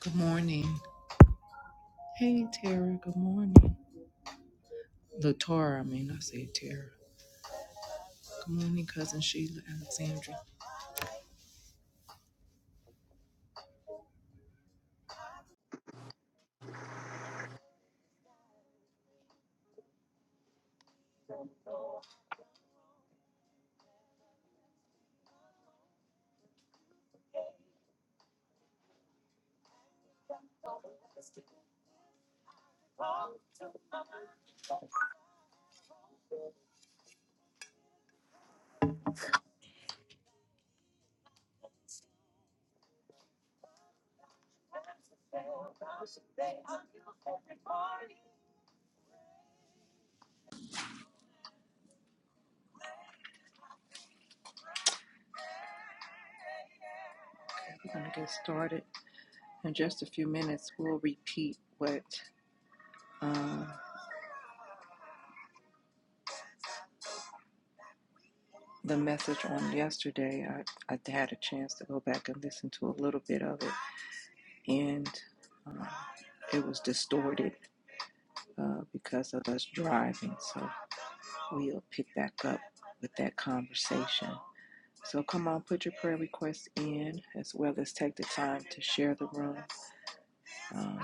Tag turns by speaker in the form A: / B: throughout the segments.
A: Good morning. Hey, Tara. Good morning. Latara, I mean, I said Tara. Good morning, Cousin Sheila Alexandra. Okay, we're going to get started. In just a few minutes, we'll repeat what um, the message on yesterday. I, I had a chance to go back and listen to a little bit of it, and um, it was distorted uh, because of us driving. So we'll pick back up with that conversation So come on, put your prayer requests in as well as take the time to share the room. Um,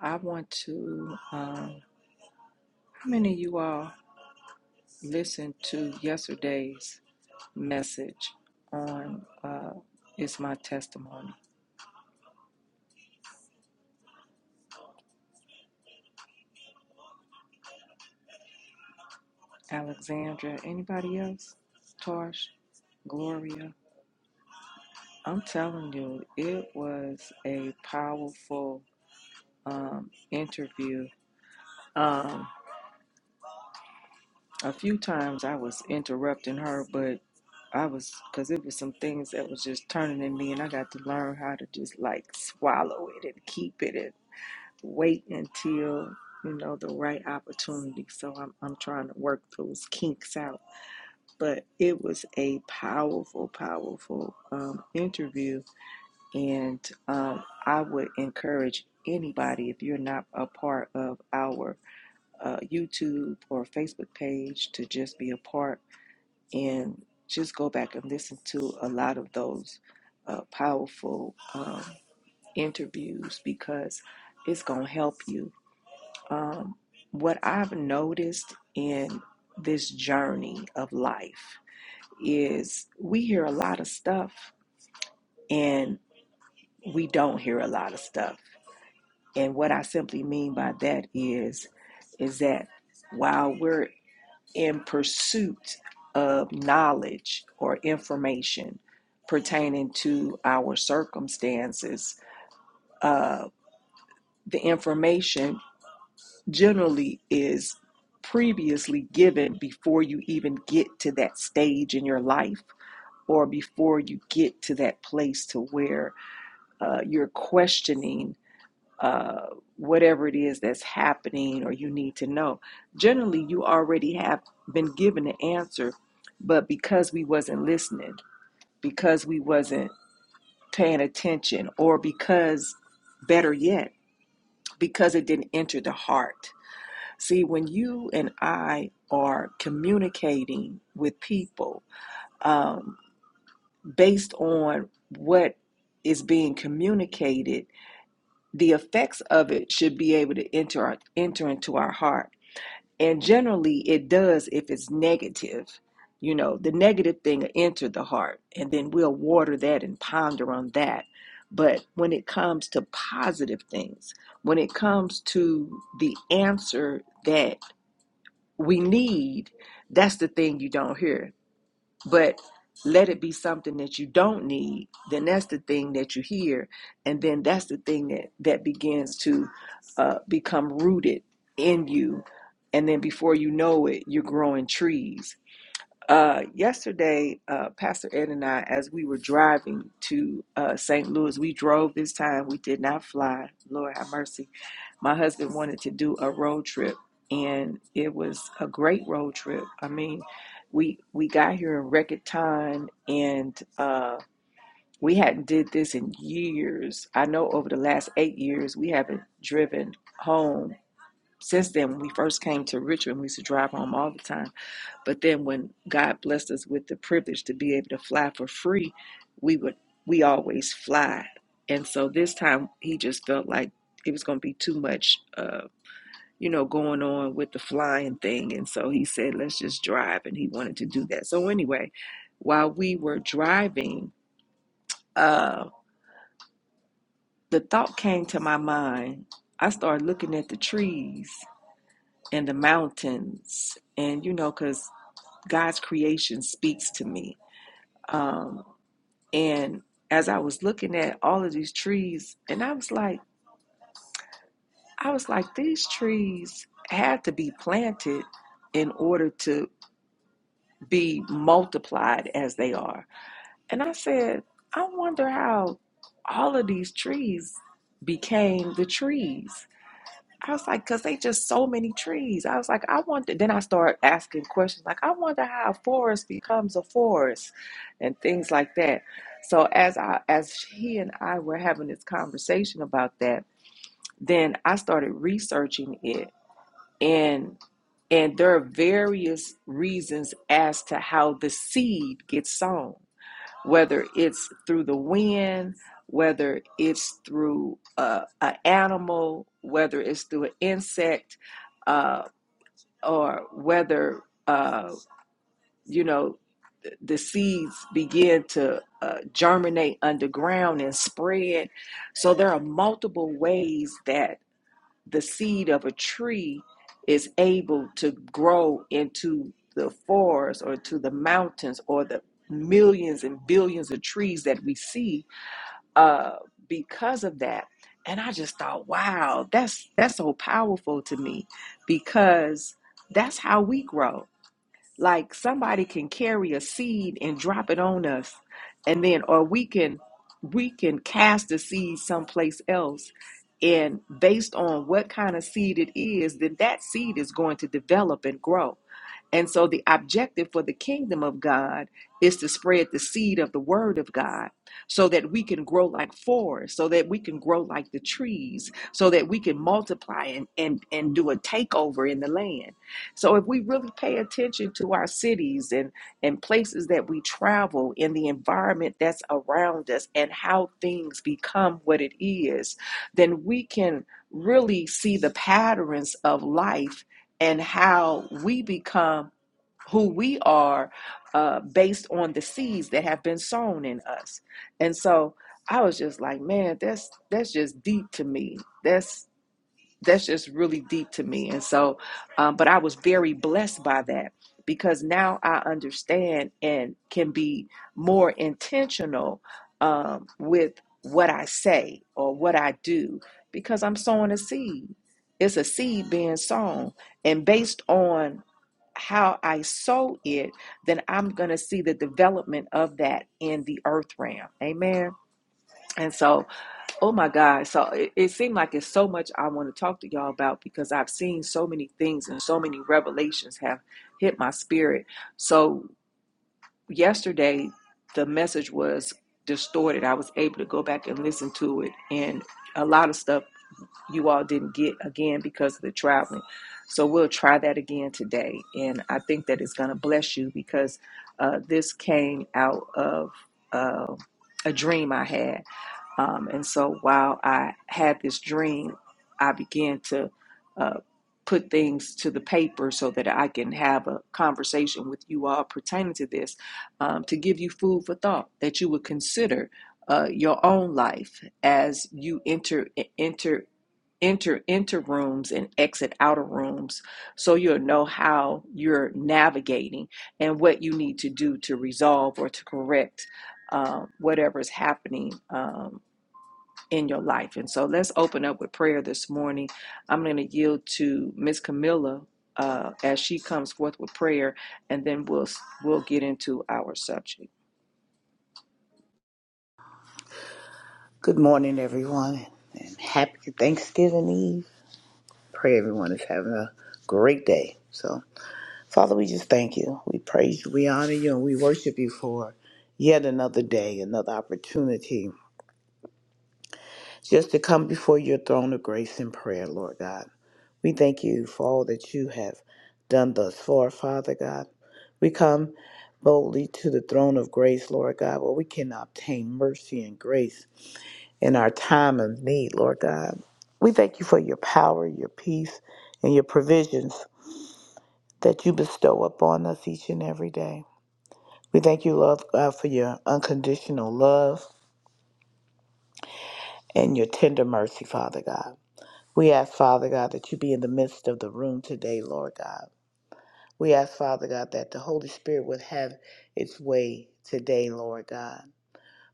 A: I want to, um, how many of you all listened to yesterday's message on uh, It's My Testimony? Alexandra, anybody else? Tarsh, Gloria? I'm telling you, it was a powerful um, interview. Um, A few times I was interrupting her, but I was, because it was some things that was just turning in me, and I got to learn how to just like swallow it and keep it and wait until, you know, the right opportunity. So I'm, I'm trying to work those kinks out. But it was a powerful, powerful um, interview, and um, I would encourage anybody, if you're not a part of our uh, YouTube or Facebook page, to just be a part and just go back and listen to a lot of those uh, powerful um, interviews because it's going to help you. Um, what I've noticed in this journey of life is we hear a lot of stuff and we don't hear a lot of stuff. And what I simply mean by that is, is that while we're in pursuit of knowledge or information pertaining to our circumstances, uh, the information generally is previously given before you even get to that stage in your life or before you get to that place to where uh, you're questioning uh, whatever it is that's happening or you need to know generally you already have been given the answer but because we wasn't listening because we wasn't paying attention or because better yet because it didn't enter the heart see when you and i are communicating with people um, based on what is being communicated the effects of it should be able to enter enter into our heart and generally it does if it's negative you know the negative thing will enter the heart and then we'll water that and ponder on that but when it comes to positive things when it comes to the answer that we need that's the thing you don't hear but let it be something that you don't need, then that's the thing that you hear. And then that's the thing that, that begins to uh, become rooted in you. And then before you know it, you're growing trees uh, yesterday, uh, Pastor Ed and I, as we were driving to uh, St. Louis, we drove this time. We did not fly. Lord have mercy. My husband wanted to do a road trip, and it was a great road trip. I mean, we we got here in record time, and uh, we hadn't did this in years. I know over the last eight years, we haven't driven home. Since then, when we first came to Richmond, we used to drive home all the time but then when God blessed us with the privilege to be able to fly for free, we would we always fly. And so this time he just felt like it was going to be too much uh you know going on with the flying thing and so he said let's just drive and he wanted to do that. So anyway, while we were driving, uh the thought came to my mind. I started looking at the trees and the mountains and you know cuz God's creation speaks to me Um, And as I was looking at all of these trees, and I was like, I was like, these trees had to be planted in order to be multiplied as they are. And I said, I wonder how all of these trees became the trees. I was like, because they just so many trees. I was like, I wonder. Then I started asking questions like, I wonder how a forest becomes a forest, and things like that. So as I as he and I were having this conversation about that, then I started researching it, and and there are various reasons as to how the seed gets sown whether it's through the wind, whether it's through uh, an animal, whether it's through an insect, uh, or whether uh, you know the seeds begin to uh, germinate underground and spread. So there are multiple ways that the seed of a tree is able to grow into the forest or to the mountains or the millions and billions of trees that we see uh, because of that. And I just thought, wow, that's that's so powerful to me because that's how we grow like somebody can carry a seed and drop it on us, and then or we can we can cast the seed someplace else. And based on what kind of seed it is, then that seed is going to develop and grow. And so the objective for the kingdom of God is to spread the seed of the word of God so that we can grow like forests, so that we can grow like the trees, so that we can multiply and, and, and do a takeover in the land. So if we really pay attention to our cities and, and places that we travel in the environment that's around us and how things become what it is, then we can really see the patterns of life and how we become who we are uh, based on the seeds that have been sown in us. And so I was just like, man, that's that's just deep to me. That's that's just really deep to me and so um, but i was very blessed by that because now i understand and can be more intentional um, with what i say or what i do because i'm sowing a seed it's a seed being sown and based on how i sow it then i'm going to see the development of that in the earth realm amen and so Oh my God. So it, it seemed like it's so much I want to talk to y'all about because I've seen so many things and so many revelations have hit my spirit. So yesterday, the message was distorted. I was able to go back and listen to it, and a lot of stuff you all didn't get again because of the traveling. So we'll try that again today. And I think that it's going to bless you because uh, this came out of uh, a dream I had um, and so while I had this dream, I began to uh, put things to the paper so that I can have a conversation with you all pertaining to this um, to give you food for thought that you would consider uh, your own life as you enter, enter, enter, enter rooms and exit outer rooms so you'll know how you're navigating and what you need to do to resolve or to correct um, whatever is happening. Um, in your life. And so let's open up with prayer this morning. I'm going to yield to Miss Camilla uh, as she comes forth with prayer, and then we'll we'll get into our subject.
B: Good morning, everyone, and happy Thanksgiving Eve. Pray everyone is having a great day. So, Father, we just thank you. We praise you, we honor you, and we worship you for yet another day, another opportunity just to come before your throne of grace in prayer, Lord God. We thank you for all that you have done thus far, Father God. We come boldly to the throne of grace, Lord God, where we can obtain mercy and grace in our time of need, Lord God. We thank you for your power, your peace, and your provisions that you bestow upon us each and every day. We thank you, Lord God, for your unconditional love and your tender mercy, Father God. We ask, Father God, that you be in the midst of the room today, Lord God. We ask, Father God, that the Holy Spirit would have its way today, Lord God.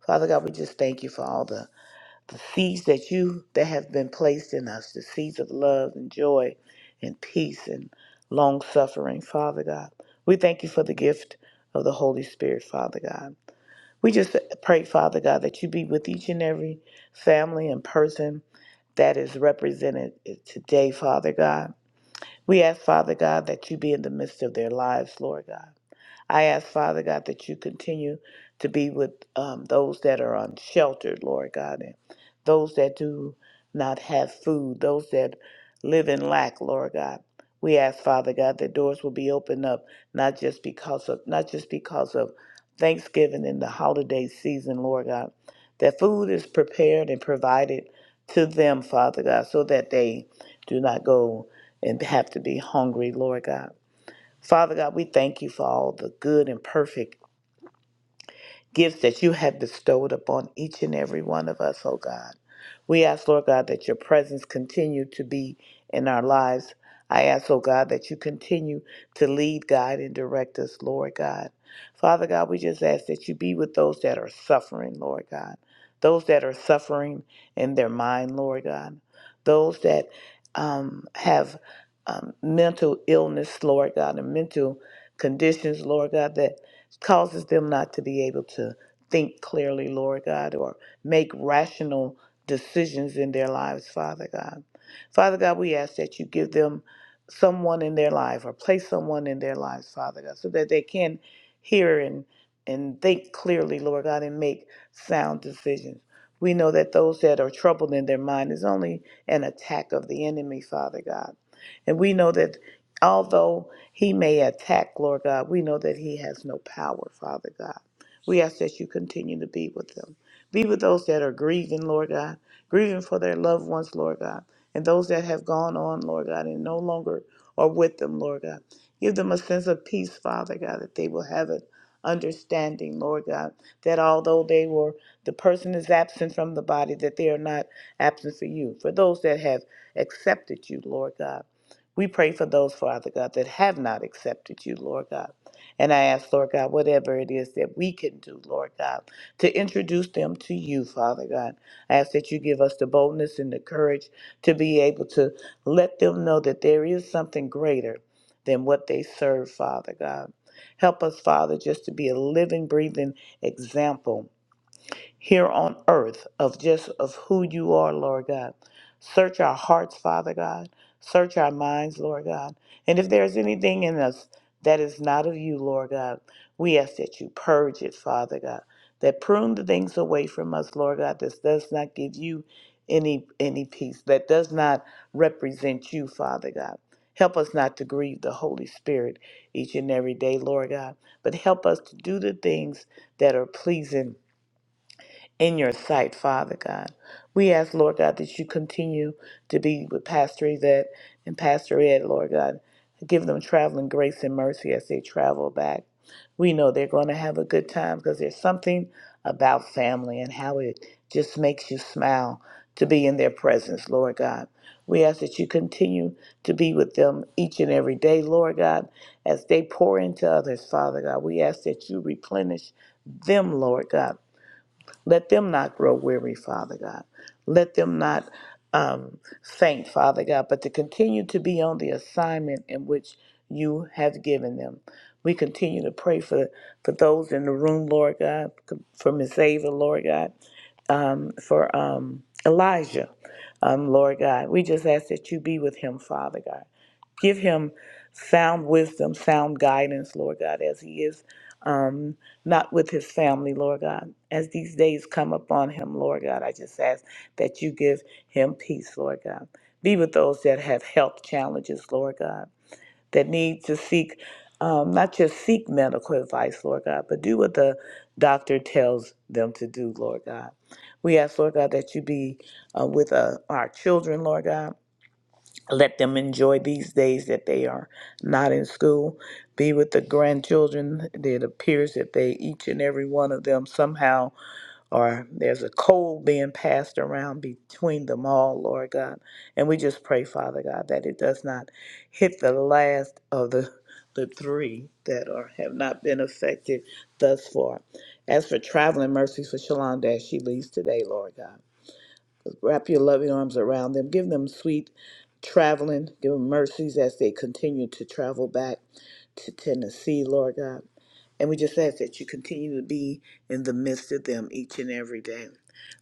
B: Father God, we just thank you for all the the seeds that you that have been placed in us, the seeds of love and joy and peace and long suffering, Father God. We thank you for the gift of the Holy Spirit, Father God. We just pray, Father God, that you be with each and every family and person that is represented today, Father God. We ask, Father God, that you be in the midst of their lives, Lord God. I ask, Father God, that you continue to be with um, those that are unsheltered, Lord God, and those that do not have food, those that live in lack, Lord God. We ask, Father God, that doors will be opened up, not just because of not just because of Thanksgiving and the holiday season, Lord God, that food is prepared and provided to them, Father God, so that they do not go and have to be hungry, Lord God. Father God, we thank you for all the good and perfect gifts that you have bestowed upon each and every one of us, oh God. We ask, Lord God, that your presence continue to be in our lives. I ask, oh God, that you continue to lead, guide, and direct us, Lord God. Father God, we just ask that you be with those that are suffering, Lord God. Those that are suffering in their mind, Lord God. Those that um, have um, mental illness, Lord God, and mental conditions, Lord God, that causes them not to be able to think clearly, Lord God, or make rational decisions in their lives, Father God. Father God, we ask that you give them someone in their life or place someone in their lives, Father God, so that they can hear and and think clearly, Lord God, and make sound decisions. We know that those that are troubled in their mind is only an attack of the enemy, Father God. And we know that although he may attack, Lord God. We know that he has no power, Father God. We ask that you continue to be with them. Be with those that are grieving, Lord God, grieving for their loved ones, Lord God, and those that have gone on, Lord God, and no longer are with them, Lord God. Give them a sense of peace, Father God, that they will have an understanding, Lord God, that although they were, the person is absent from the body, that they are not absent for you. For those that have accepted you, Lord God, we pray for those, Father God, that have not accepted you, Lord God. And I ask, Lord God, whatever it is that we can do, Lord God, to introduce them to you, Father God. I ask that you give us the boldness and the courage to be able to let them know that there is something greater than what they serve, Father God. Help us, Father, just to be a living, breathing example here on earth of just of who you are, Lord God. Search our hearts, Father God. Search our minds, Lord God. And if there's anything in us that is not of you, Lord God, we ask that you purge it, Father God. That prune the things away from us, Lord God, that does not give you any any peace, that does not represent you, Father God. Help us not to grieve the Holy Spirit each and every day, Lord God, but help us to do the things that are pleasing in your sight, Father God. We ask, Lord God, that you continue to be with Pastor Yvette and Pastor Ed, Lord God. Give them traveling grace and mercy as they travel back. We know they're going to have a good time because there's something about family and how it just makes you smile to be in their presence, Lord God. We ask that you continue to be with them each and every day, Lord God, as they pour into others, Father God. We ask that you replenish them, Lord God let them not grow weary, Father God. Let them not um, faint, Father God, but to continue to be on the assignment in which you have given them. We continue to pray for, for those in the room, Lord God, for Miss Ava, Lord God, um, for um, Elijah, um, Lord God. We just ask that you be with him, Father God give him sound wisdom, sound guidance, Lord God, as he is um, not with his family, Lord God. As these days come upon him, Lord God, I just ask that you give him peace, Lord God. Be with those that have health challenges, Lord God, that need to seek, um, not just seek medical advice, Lord God, but do what the doctor tells them to do, Lord God. We ask, Lord God, that you be uh, with uh, our children, Lord God let them enjoy these days that they are not in school be with the grandchildren it appears that they each and every one of them somehow are there's a cold being passed around between them all lord god and we just pray father god that it does not hit the last of the the three that are have not been affected thus far as for traveling mercies for shalom as she leaves today lord god Wrap your loving arms around them. Give them sweet traveling. Give them mercies as they continue to travel back to Tennessee, Lord God. And we just ask that you continue to be in the midst of them each and every day.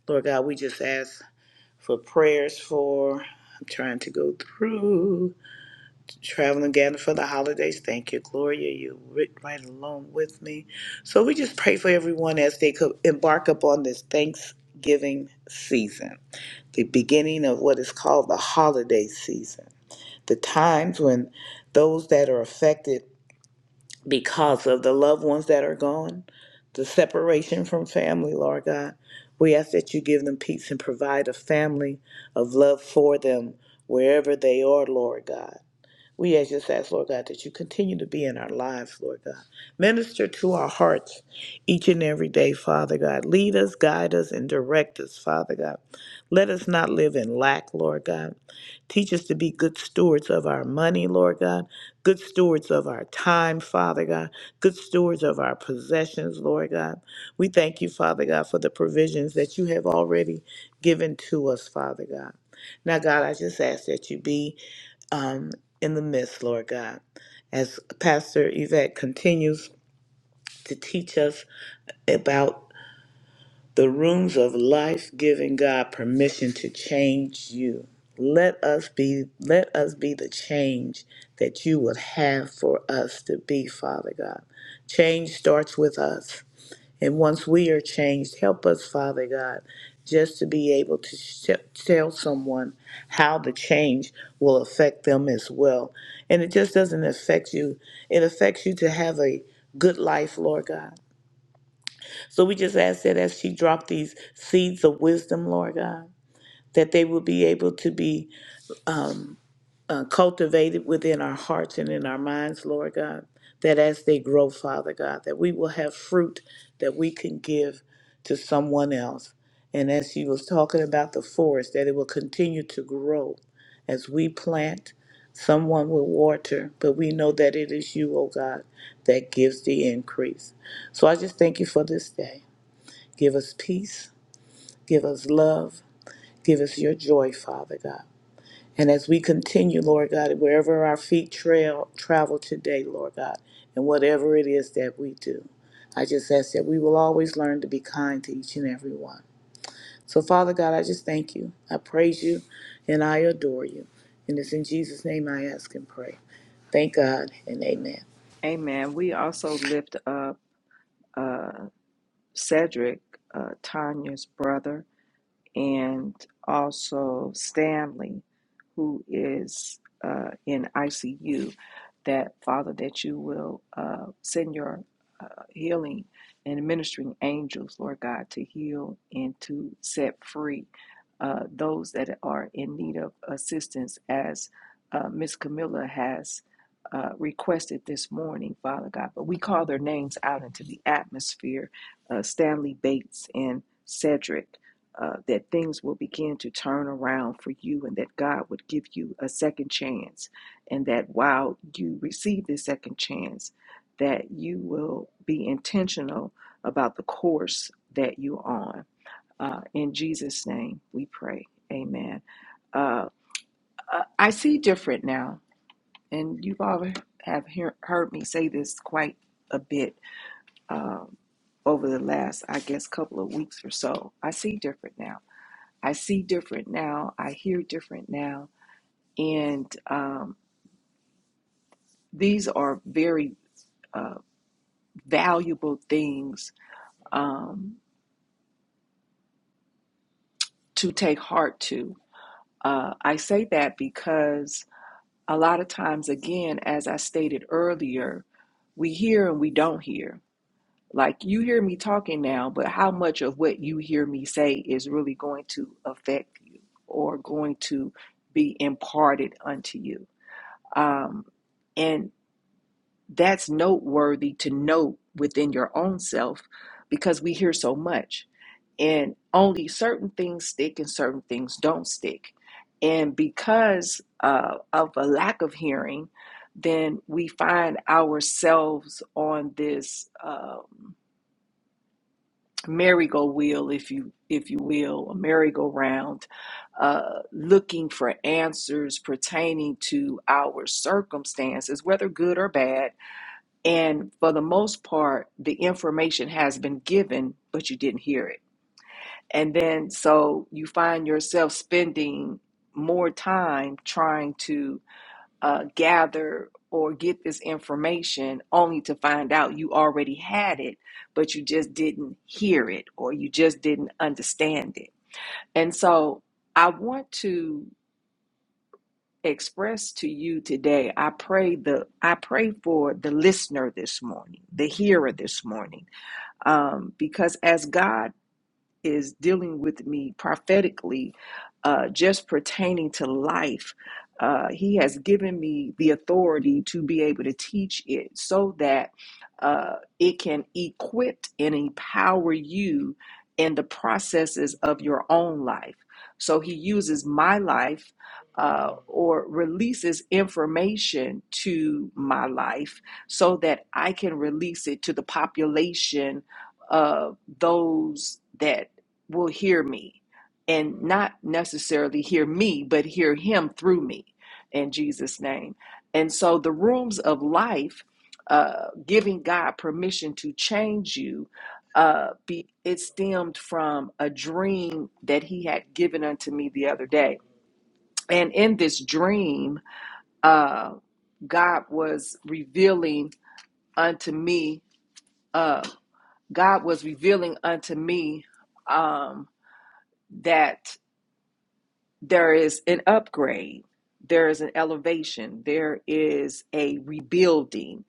B: Lord God, we just ask for prayers for. I'm trying to go through traveling again for the holidays. Thank you, Gloria. You're ri- right along with me. So we just pray for everyone as they co- embark upon this Thanksgiving season the beginning of what is called the holiday season, the times when those that are affected because of the loved ones that are gone, the separation from family, Lord God, we ask that you give them peace and provide a family of love for them wherever they are, Lord God. We as just ask, Lord God, that you continue to be in our lives, Lord God. Minister to our hearts each and every day, Father God. Lead us, guide us, and direct us, Father God. Let us not live in lack, Lord God. Teach us to be good stewards of our money, Lord God. Good stewards of our time, Father God. Good stewards of our possessions, Lord God. We thank you, Father God, for the provisions that you have already given to us, Father God. Now, God, I just ask that you be um, in the midst, Lord God. As Pastor Yvette continues to teach us about the rooms of life, giving God permission to change you. Let us be let us be the change that you would have for us to be, Father God. Change starts with us. And once we are changed, help us, Father God, just to be able to sh- tell someone how the change will affect them as well. And it just doesn't affect you, it affects you to have a good life, Lord God. So we just ask that as she dropped these seeds of wisdom, Lord God, that they will be able to be uh, cultivated within our hearts and in our minds, Lord God, that as they grow, Father God, that we will have fruit that we can give to someone else. And as she was talking about the forest, that it will continue to grow as we plant, someone will water, but we know that it is you, O God, that gives the increase. So I just thank you for this day. Give us peace, give us love, give us your joy, Father God. And as we continue, Lord God, wherever our feet trail travel today, Lord God, and whatever it is that we do, I just ask that we will always learn to be kind to each and every one. So, Father God, I just thank you. I praise you and I adore you. And it's in Jesus' name I ask and pray. Thank God and amen.
A: Amen. We also lift up uh, Cedric, uh, Tanya's brother. and also Stanley, who is uh, in ICU, that Father, that you will uh, send your uh, healing and ministering angels, Lord God, to heal and to set free uh, those that are in need of assistance, as uh, Miss Camilla has. Uh, requested this morning, Father God, but we call their names out into the atmosphere uh, Stanley Bates and Cedric uh, that things will begin to turn around for you and that God would give you a second chance. And that while you receive this second chance, that you will be intentional about the course that you're on. Uh, in Jesus' name, we pray. Amen. Uh, uh, I see different now, and you've all have hear, heard me say this quite a bit um, over the last, I guess, couple of weeks or so. I see different now I see different now. I hear different now. And um, these are very uh, valuable things um, to take heart to. Uh, I say that because a lot of times, again, as I stated earlier, we hear and we don't hear. Like you hear me talking now, but how much of what you hear me say is really going to affect you or going to be imparted unto you? Um, and That's noteworthy to note within your own self because we hear so much and only certain things stick and certain things don't stick. And because uh, of a lack of hearing, then we find ourselves on this um, merry-go-wheel, if you if you will, a merry-go-round, uh, looking for answers pertaining to our circumstances, whether good or bad and for the most part, the information has been given, but you didn't hear it. And then so you find yourself spending more time trying to uh, gather or get this information only to find out you already had it, but you just didn't hear it or you just didn't understand it. And so I want to express to you today i pray the i pray for the listener this morning the hearer this morning Um, because as God is dealing with me prophetically, uh, just pertaining to life. Uh, he has given me the authority to be able to teach it so that uh, it can equip and empower you in the processes of your own life. So he uses my life uh, or releases information to my life so that I can release it to the population of those that will hear me and not necessarily hear me, but hear him through me in Jesus' name. And so the rooms of life, uh, giving God permission to change you, uh, be, it stemmed from a dream that he had given unto me the other day. And in this dream, uh, God was revealing unto me, uh, God was revealing unto me um, that there is an upgrade, there is an elevation, there is a rebuilding.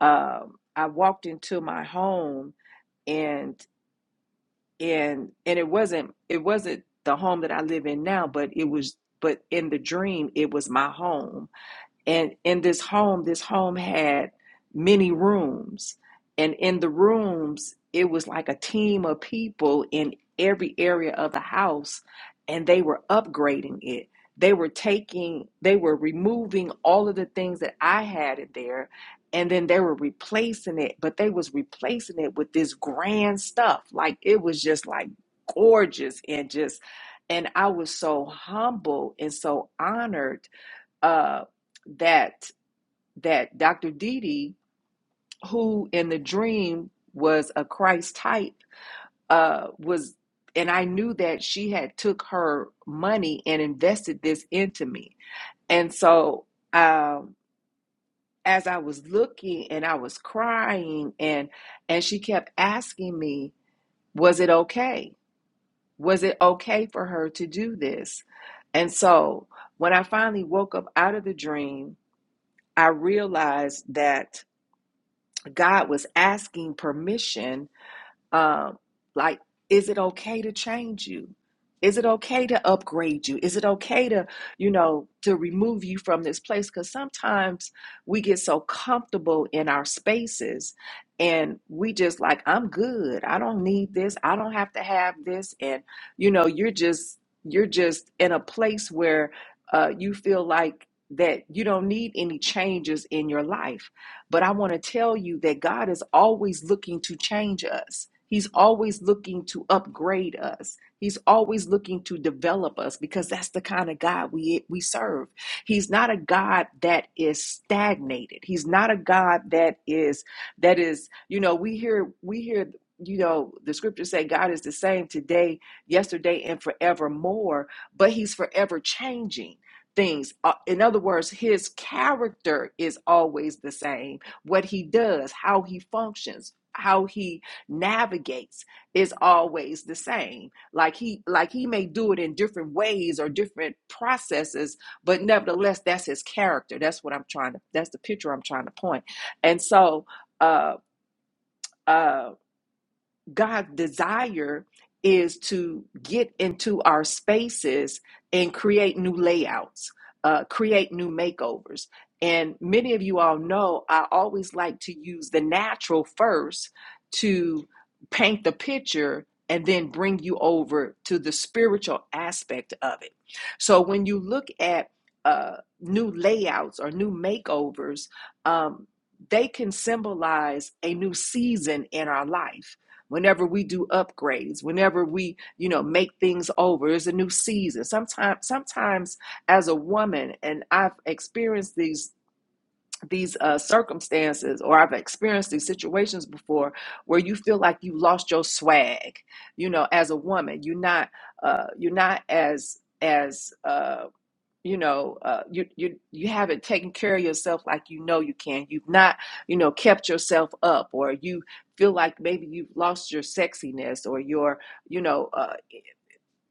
A: Um, I walked into my home and and and it wasn't it wasn't the home that I live in now, but it was but in the dream it was my home and in this home this home had many rooms and in the rooms it was like a team of people in every area of the house and they were upgrading it they were taking they were removing all of the things that i had in there and then they were replacing it but they was replacing it with this grand stuff like it was just like gorgeous and just and i was so humble and so honored uh, that that Dr. Didi, who in the dream was a Christ type, uh, was and I knew that she had took her money and invested this into me. And so um, as I was looking and I was crying and and she kept asking me, was it okay? Was it okay for her to do this? And so when I finally woke up out of the dream, I realized that God was asking permission, um, like, is it okay to change you? Is it okay to upgrade you? Is it okay to, you know, to remove you from this place? Because sometimes we get so comfortable in our spaces and we just like, I'm good. I don't need this. I don't have to have this. And, you know, you're just, you're just in a place where uh, you feel like that you don't need any changes in your life but I want to tell you that God is always looking to change us. He's always looking to upgrade us. He's always looking to develop us because that's the kind of God we we serve. He's not a God that is stagnated. He's not a God that is that is, you know, we hear we hear you know, the scriptures say God is the same today, yesterday and forevermore, but he's forever changing things. Uh, in other words, his character is always the same what he does, how he functions, how he navigates is always the same. Like he like he may do it in different ways or different processes, but nevertheless that's his character. That's what I'm trying to that's the picture I'm trying to point. And so uh uh. God's desire is to get into our spaces and create new layouts, uh, create new makeovers. And many of you all know I always like to use the natural first to paint the picture and then bring you over to the spiritual aspect of it. So when you look at uh, new layouts or new makeovers, um, they can symbolize a new season in our life whenever we do upgrades whenever we you know make things over it's a new season sometimes sometimes as a woman and i've experienced these these uh, circumstances or i've experienced these situations before where you feel like you lost your swag you know as a woman you're not uh, you're not as as uh, you know uh, you you you haven't taken care of yourself like you know you can you've not you know kept yourself up or you feel like maybe you've lost your sexiness or your you know uh,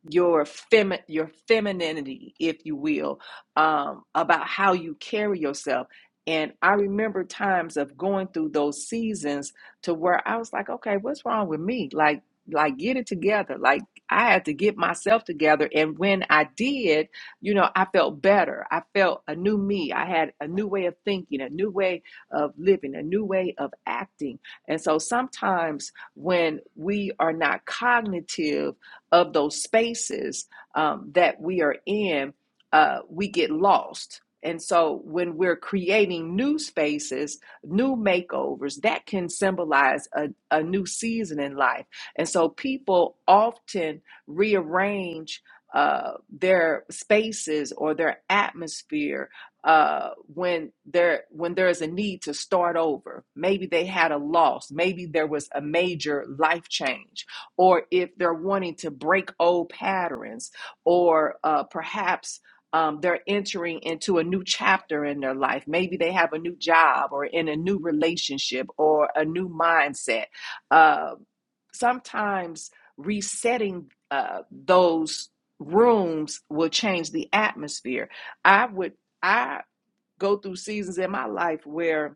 A: your femi- your femininity, if you will, um, about how you carry yourself. And I remember times of going through those seasons to where I was like, okay, what's wrong with me? Like, like get it together. Like I had to get myself together. And when I did, you know, I felt better. I felt a new me. I had a new way of thinking, a new way of living, a new way of acting. And so sometimes when we are not cognitive of those spaces um, that we are in, uh, we get lost. And so when we're creating new spaces, new makeovers, that can symbolize a, a new season in life. And so people often rearrange uh, their spaces or their atmosphere uh, when there when there is a need to start over. Maybe they had a loss. Maybe there was a major life change or if they're wanting to break old patterns, or uh, perhaps um, they're entering into a new chapter in their life. Maybe they have a new job, or in a new relationship, or a new mindset. Uh, sometimes resetting uh, those rooms will change the atmosphere. I would, I go through seasons in my life where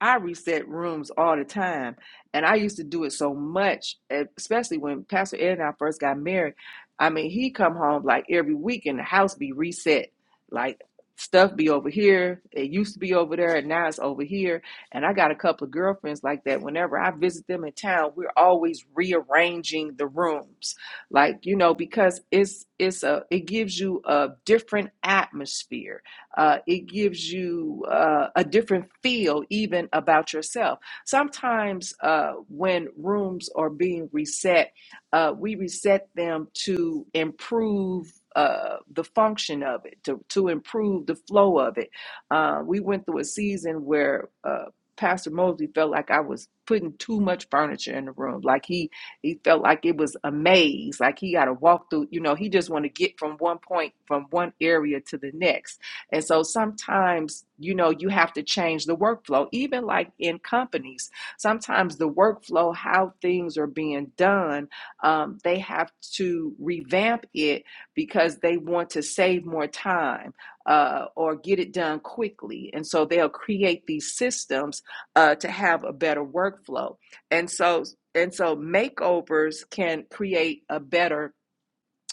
A: I reset rooms all the time. And I used to do it so much, e-, especially when Pastor Ed and I first got married. I mean, he come home like every week and the house be reset. Like stuff be over here. It used to be over there and now it's over here. And I got a couple of girlfriends like that. Whenever I visit them in town, we're always rearranging the rooms. Like, you know, because it's it's a it gives you a different atmosphere uh, it gives you uh, a different feel even about yourself. Sometimes uh, when rooms are being reset, uh, we reset them to improve. Uh, the function of it to, to improve the flow of it. Uh, we went through a season where uh, Pastor Mosley felt like I was putting too much furniture in the room. Like he he felt like it was a maze, like he got to walk through. You know, he just want to get from one point, from one area to the next and so sometimes, you know, you have to change the workflow, even like in companies. Sometimes the workflow, how things are being done, um, they have to revamp it because they want to save more time uh, or get it done quickly. And so they'll create these systems uh, to have a better workflow. And so, and so makeovers can create a better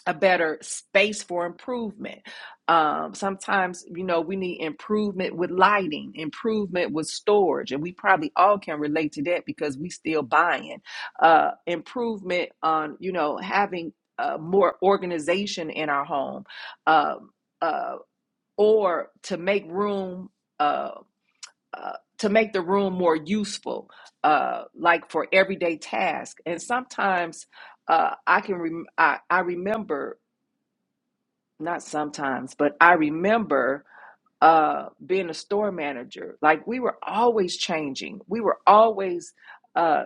A: a better space for improvement. Um, sometimes, you know, we need improvement with lighting, improvement with storage, and we probably all can relate to that because we still buying. Uh, improvement on, you know, having uh, more organization in our home, um, uh, or to make room. Uh, uh, to make the room more useful, uh, like for everyday tasks, and sometimes uh, I can rem- I, I remember not sometimes, but I remember uh, being a store manager. Like we were always changing. We were always uh,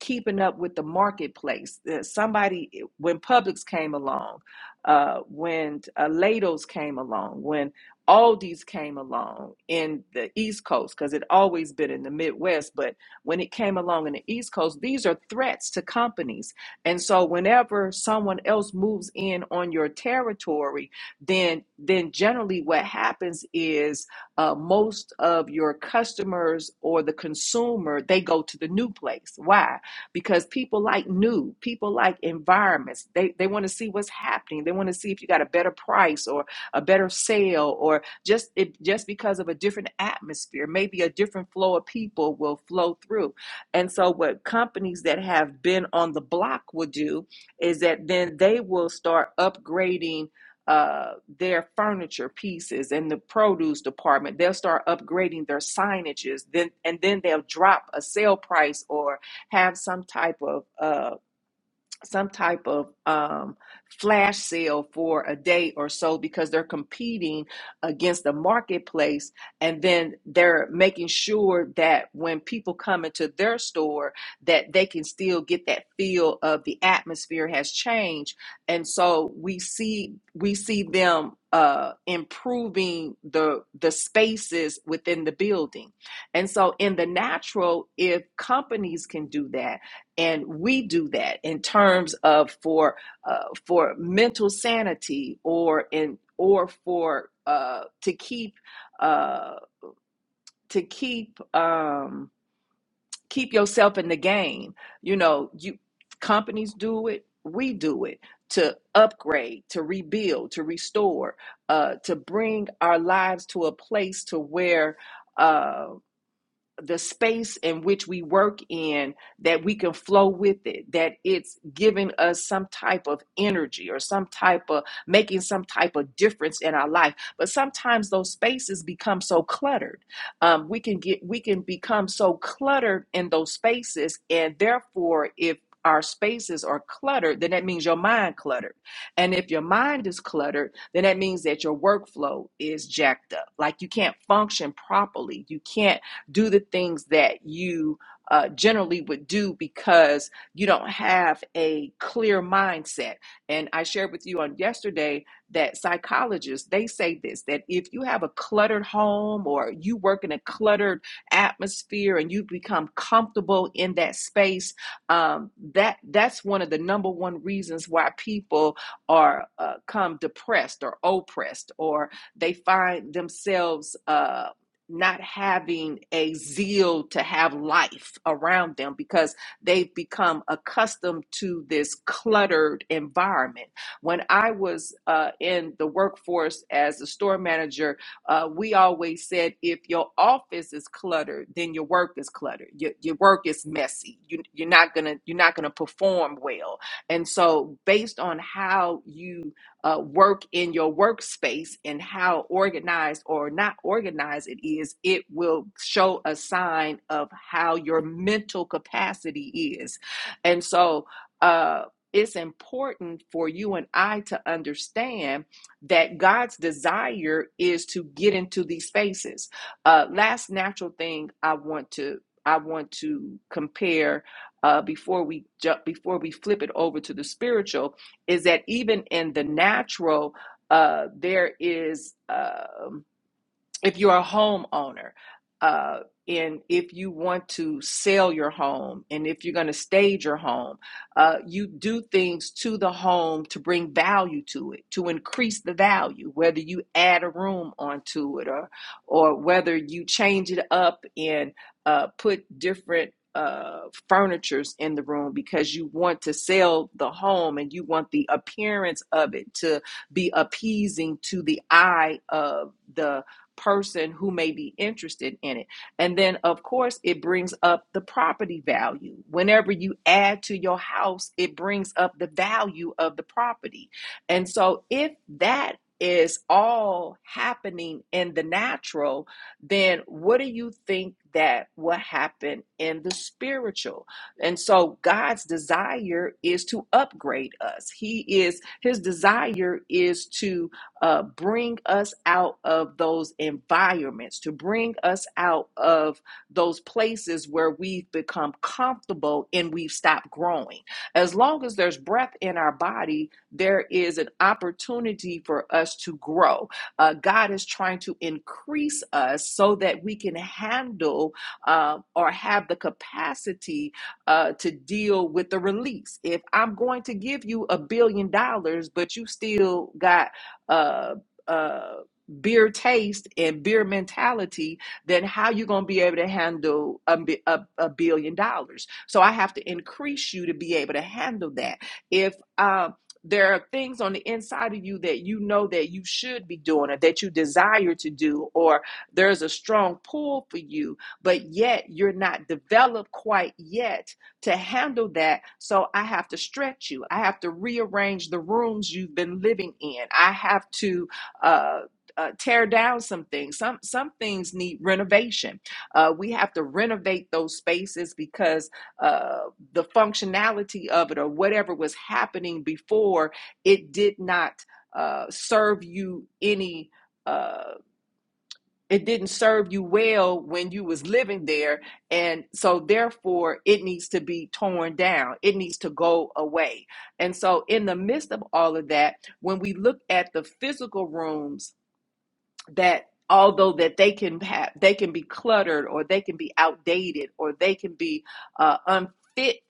A: keeping up with the marketplace. Uh, Somebody, eh, when Publix came along, uh, when uh, Lados came along, when Aldi's came along in the East Coast, because it always been in the Midwest, but when it came along in the East Coast, these are threats to companies. And so whenever someone else moves in on your territory, then then generally what happens is uh, most of your customers or the consumer they go to the new place why because people like new people like environments they, they want to see what's happening they want to see if you got a better price or a better sale or just it, just because of a different atmosphere maybe a different flow of people will flow through and so what companies that have been on the block will do is that then they will start upgrading uh, their furniture pieces and the produce department. They'll start upgrading their signages, then and then they'll drop a sale price or have some type of uh some type of um, flash sale for a day or so because they're competing against the marketplace and then they're making sure that when people come into their store that they can still get that feel of the atmosphere has changed and so we see we see them uh, improving the the spaces within the building and so in the natural if companies can do that and we do that in terms of for uh, for mental sanity or in or for uh, to keep uh, to keep um, keep yourself in the game. You know, you companies do it, we do it to upgrade, to rebuild, to restore, uh, to bring our lives to a place to where Uh, the space in which we work in that we can flow with it that it's giving us some type of energy or some type of making some type of difference in our life but sometimes those spaces become so cluttered um, we can get we can become so cluttered in those spaces and therefore if our spaces are cluttered then that means your mind cluttered and if your mind is cluttered then that means that your workflow is jacked up like you can't function properly you can't do the things that you uh, generally would do because you don't have a clear mindset. And I shared with you on yesterday that psychologists they say this that if you have a cluttered home or you work in a cluttered atmosphere and you become comfortable in that space, um, that that's one of the number one reasons why people are uh, come depressed or oppressed or they find themselves. Uh, not having a zeal to have life around them because they've become accustomed to this cluttered environment. When I was uh, in the workforce as a store manager, uh, we always said if your office is cluttered, then your work is cluttered. Your, your work is messy. You, you're not gonna you're not gonna perform well. And so, based on how you uh, work in your workspace and how organized or not organized it is, it will show a sign of how your mental capacity is. And so uh, it's important for you and I to understand that God's desire is to get into these spaces. Uh, last natural thing I want to I want to compare uh, before we jump before we flip it over to the spiritual is that even in the natural, uh, there is. um if you're a homeowner uh, and if you want to sell your home and if you're going to stage your home uh, you do things to the home to bring value to it to increase the value whether you add a room onto it or or whether you change it up and uh, put different uh, furnitures in the room because you want to sell the home and you want the appearance of it to be appeasing to the eye of the person who may be interested in it. And then, of course, it brings up the property value. Whenever you add to your house, it brings up the value of the property. And so, if that is all happening in the natural, then what do you think that will happen in the spiritual? And so God's desire is to upgrade us. He is his desire is to uh, bring us out of those environments, to bring us out of those places where we've become comfortable and we've stopped growing. As long as there's breath in our body, there is an opportunity for us to grow. Uh, God is trying to increase us so that we can handle uh, or have the capacity uh, to deal with the release. If I'm going to give you a billion dollars, but you still got uh, uh, beer taste and beer mentality, then how you going to be able to handle a, a, a billion dollars? So I have to increase you to be able to handle that. If um, there are things on the inside of you that you know that you should be doing or that you desire to do, or there's a strong pull for you, but yet you're not developed quite yet to handle that. So I have to stretch you. I have to rearrange the rooms you've been living in. I have to uh, uh, tear down some things. Some some things need renovation. Uh, we have to renovate those spaces because uh, the functionality of it or whatever was happening before it did not uh, serve you any. Uh, it didn't serve you well when you was living there and so therefore it needs to be torn down it needs to go away and so in the midst of all of that when we look at the physical rooms that although that they can have they can be cluttered or they can be outdated or they can be uh, unfit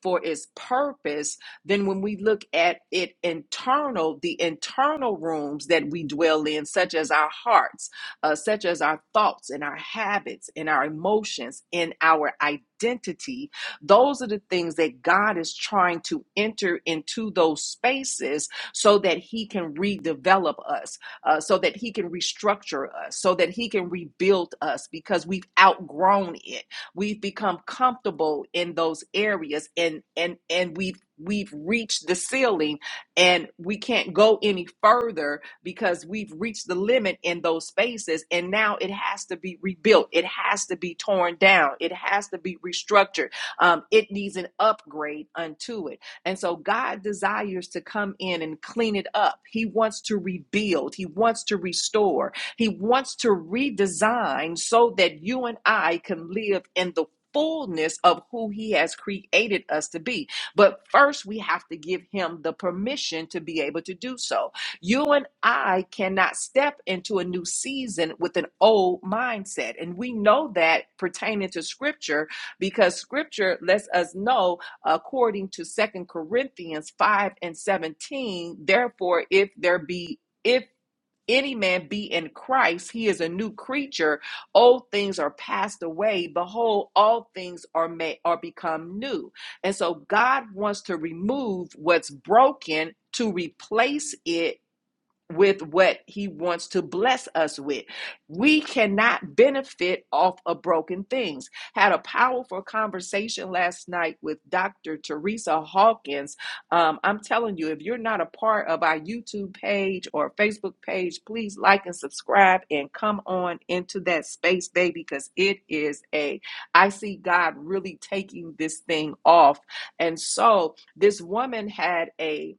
A: for its purpose then when we look at it internal the internal rooms that we dwell in such as our hearts uh, such as our thoughts and our habits and our emotions and our identity those are the things that god is trying to enter into those spaces so that he can redevelop us uh, so that He can restructure us, so that He can rebuild us because we've outgrown it. We've become comfortable in those areas, and and and we've we've reached the ceiling, and we can't go any further because we've reached the limit in those spaces, and now it has to be rebuilt. It has to be torn down. It has to be restructured. Um, it needs an upgrade unto it. And so God desires to come in and clean it up. He wants to rebuild, He wants to restore, He wants to redesign so that you and I can live in the fullness of who he has created us to be but first we have to give him the permission to be able to do so you and i cannot step into a new season with an old mindset and we know that pertaining to scripture because scripture lets us know according to second corinthians 5 and 17 therefore if there be if any man be in christ he is a new creature old things are passed away behold all things are made are become new and so god wants to remove what's broken to replace it with what he wants to bless us with. We cannot benefit off of broken things. Had a powerful conversation last night with Dr. Teresa Hawkins. Um, I'm telling you, if you're not a part of our YouTube page or Facebook page, please like and subscribe and come on into that space, baby, because it is a, I see God really taking this thing off. And so this woman had a,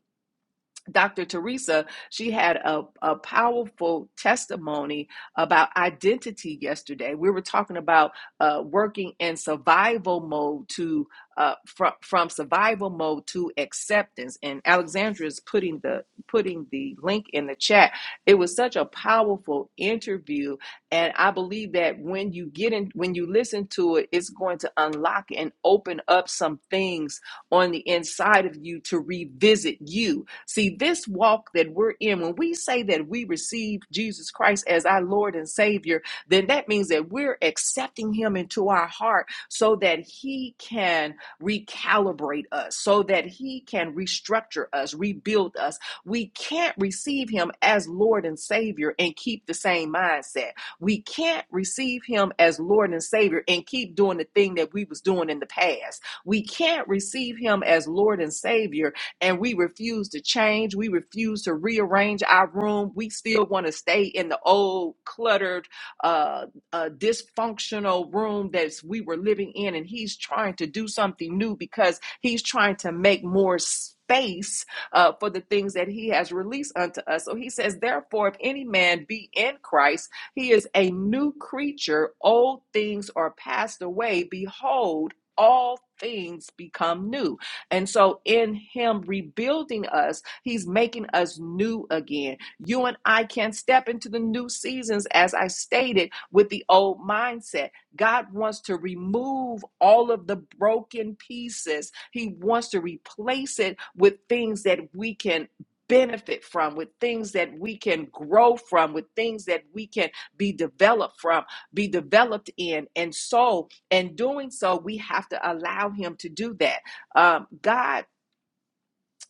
A: Dr. Teresa, she had a, a powerful testimony about identity yesterday. We were talking about uh, working in survival mode to uh, from from survival mode to acceptance. And Alexandra is putting the putting the link in the chat. It was such a powerful interview, and I believe that when you get in, when you listen to it, it's going to unlock and open up some things on the inside of you to revisit you. See, this walk that we're in, when we say that we receive Jesus Christ as our Lord and Savior, then that means that we're accepting Him into our heart so that He can recalibrate us, so that He can restructure us, rebuild us. We can't receive Him as Lord and Savior and keep the same mindset. We can't receive Him as Lord and Savior and keep doing the thing that we was doing in the past we can't receive Him as Lord and Savior, and we refuse to change. We refuse to rearrange our room. We still want to stay in the old, cluttered, uh, uh, dysfunctional room that we were living in. And He's trying to do something new because He's trying to make more space uh, for the things that He has released unto us. So He says, Therefore, if any man be in Christ, he is a new creature. Old things are passed away. Behold, all things become new. And so, in Him rebuilding us, He's making us new again. You and I can step into the new seasons, as I stated, with the old mindset. God wants to remove all of the broken pieces, He wants to replace it with things that we can. Benefit from, with things that we can grow from, with things that we can be developed from, be developed in. And so, in doing so, we have to allow Him to do that. Um, God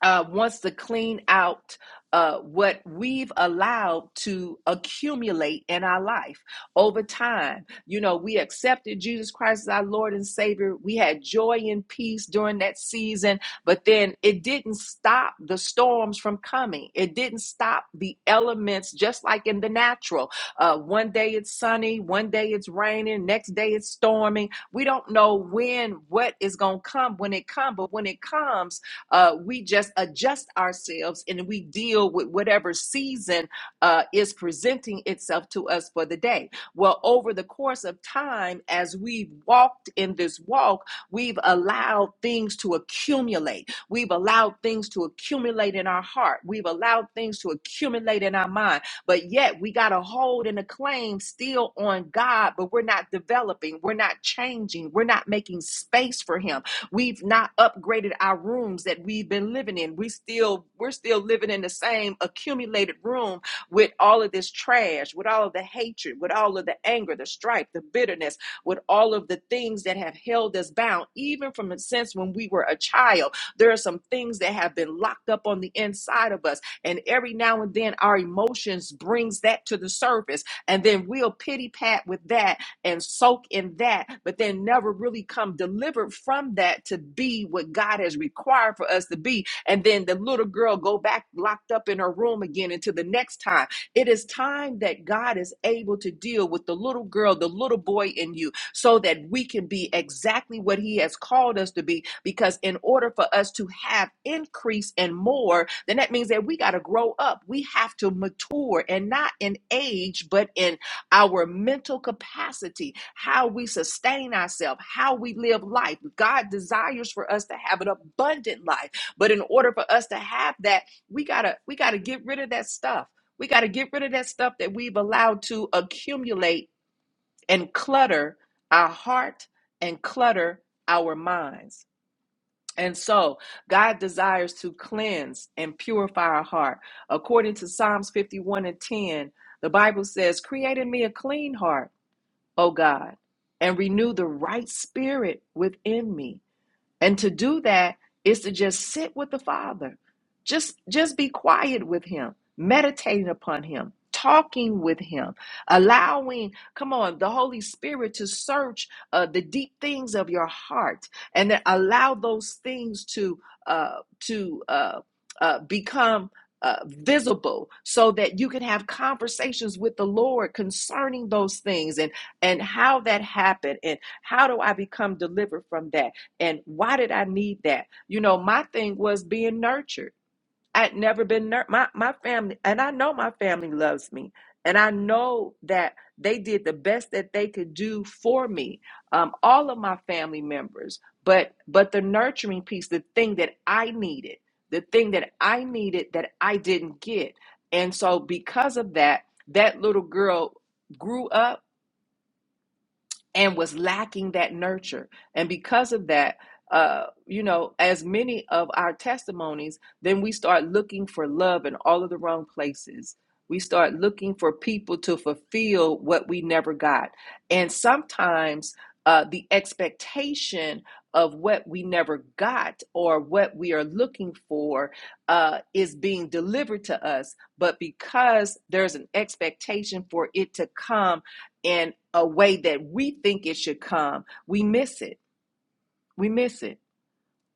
A: uh, wants to clean out uh, what we've allowed to accumulate in our life over time. You know, we accepted Jesus Christ as our Lord and Savior. We had joy and peace during that season, but then it didn't stop the storms from coming. It didn't stop the elements, just like in the natural. Uh, one day it's sunny, one day it's raining, next day it's storming. We don't know when what is going to come when it comes, but when it comes, uh, we just adjust ourselves and we deal with whatever season uh, is presenting itself to us for the day. Well, over the course of time, as we've walked in this walk, we've allowed things to accumulate. We've allowed things to accumulate in our heart. We've allowed things to accumulate in our mind. But yet we got a hold and a claim still on God, but we're not developing. We're not changing. We're not making space for Him We've not upgraded our rooms that we've been living in. We still we're still living in the same accumulated room with all of this trash, with all of the hatred, with all of the anger, the strife, the bitterness, with all of the things that have held us bound even from a sense when we were a child. There are some things that have been locked up on the inside of us and every now and then our emotions brings that to the surface and then we'll pity pat with that and soak in that, but then never really come delivered from that to be what God has required for us to be. And then the little girl go back locked up in her room again until the next time. It is time that God is able to deal with the little girl, the little boy in you, so that we can be exactly what He has called us to be. Because in order for us to have increase and more, then that means that we got to grow up. We have to mature and not in age, but in our mental capacity, how we sustain ourselves, how we live life. God desires for us to have an abundant life. But in order for us to have that, we gotta we gotta get rid of that stuff. We gotta get rid of that stuff that we've allowed to accumulate and clutter our heart and clutter our minds. And so God desires to cleanse and purify our heart. According to Psalms 51 and 10, the Bible says, Create in me a clean heart O God, and renew the right spirit within me. And to do that is to just sit with the Father. Just just be quiet with him, meditating upon him, talking with him, allowing, come on, the Holy Spirit to search uh, the deep things of your heart and then allow those things to uh to uh, uh become uh, visible so that you can have conversations with the Lord concerning those things and and how that happened and how do I become delivered from that and why did I need that? You know, my thing was being nurtured. I'd never been nur- my my family, and I know my family loves me, and I know that they did the best that they could do for me. Um, all of my family members, but but the nurturing piece, the thing that I needed, the thing that I needed that I didn't get, and so because of that, that little girl grew up and was lacking that nurture. And because of that, uh, you know, as many of our testimonies, then we start looking for love in all of the wrong places. We start looking for people to fulfill what we never got. And sometimes uh, the expectation of what we never got or what we are looking for uh, is being delivered to us. But because there's an expectation for it to come, in a way that we think it should come, we miss it. We miss it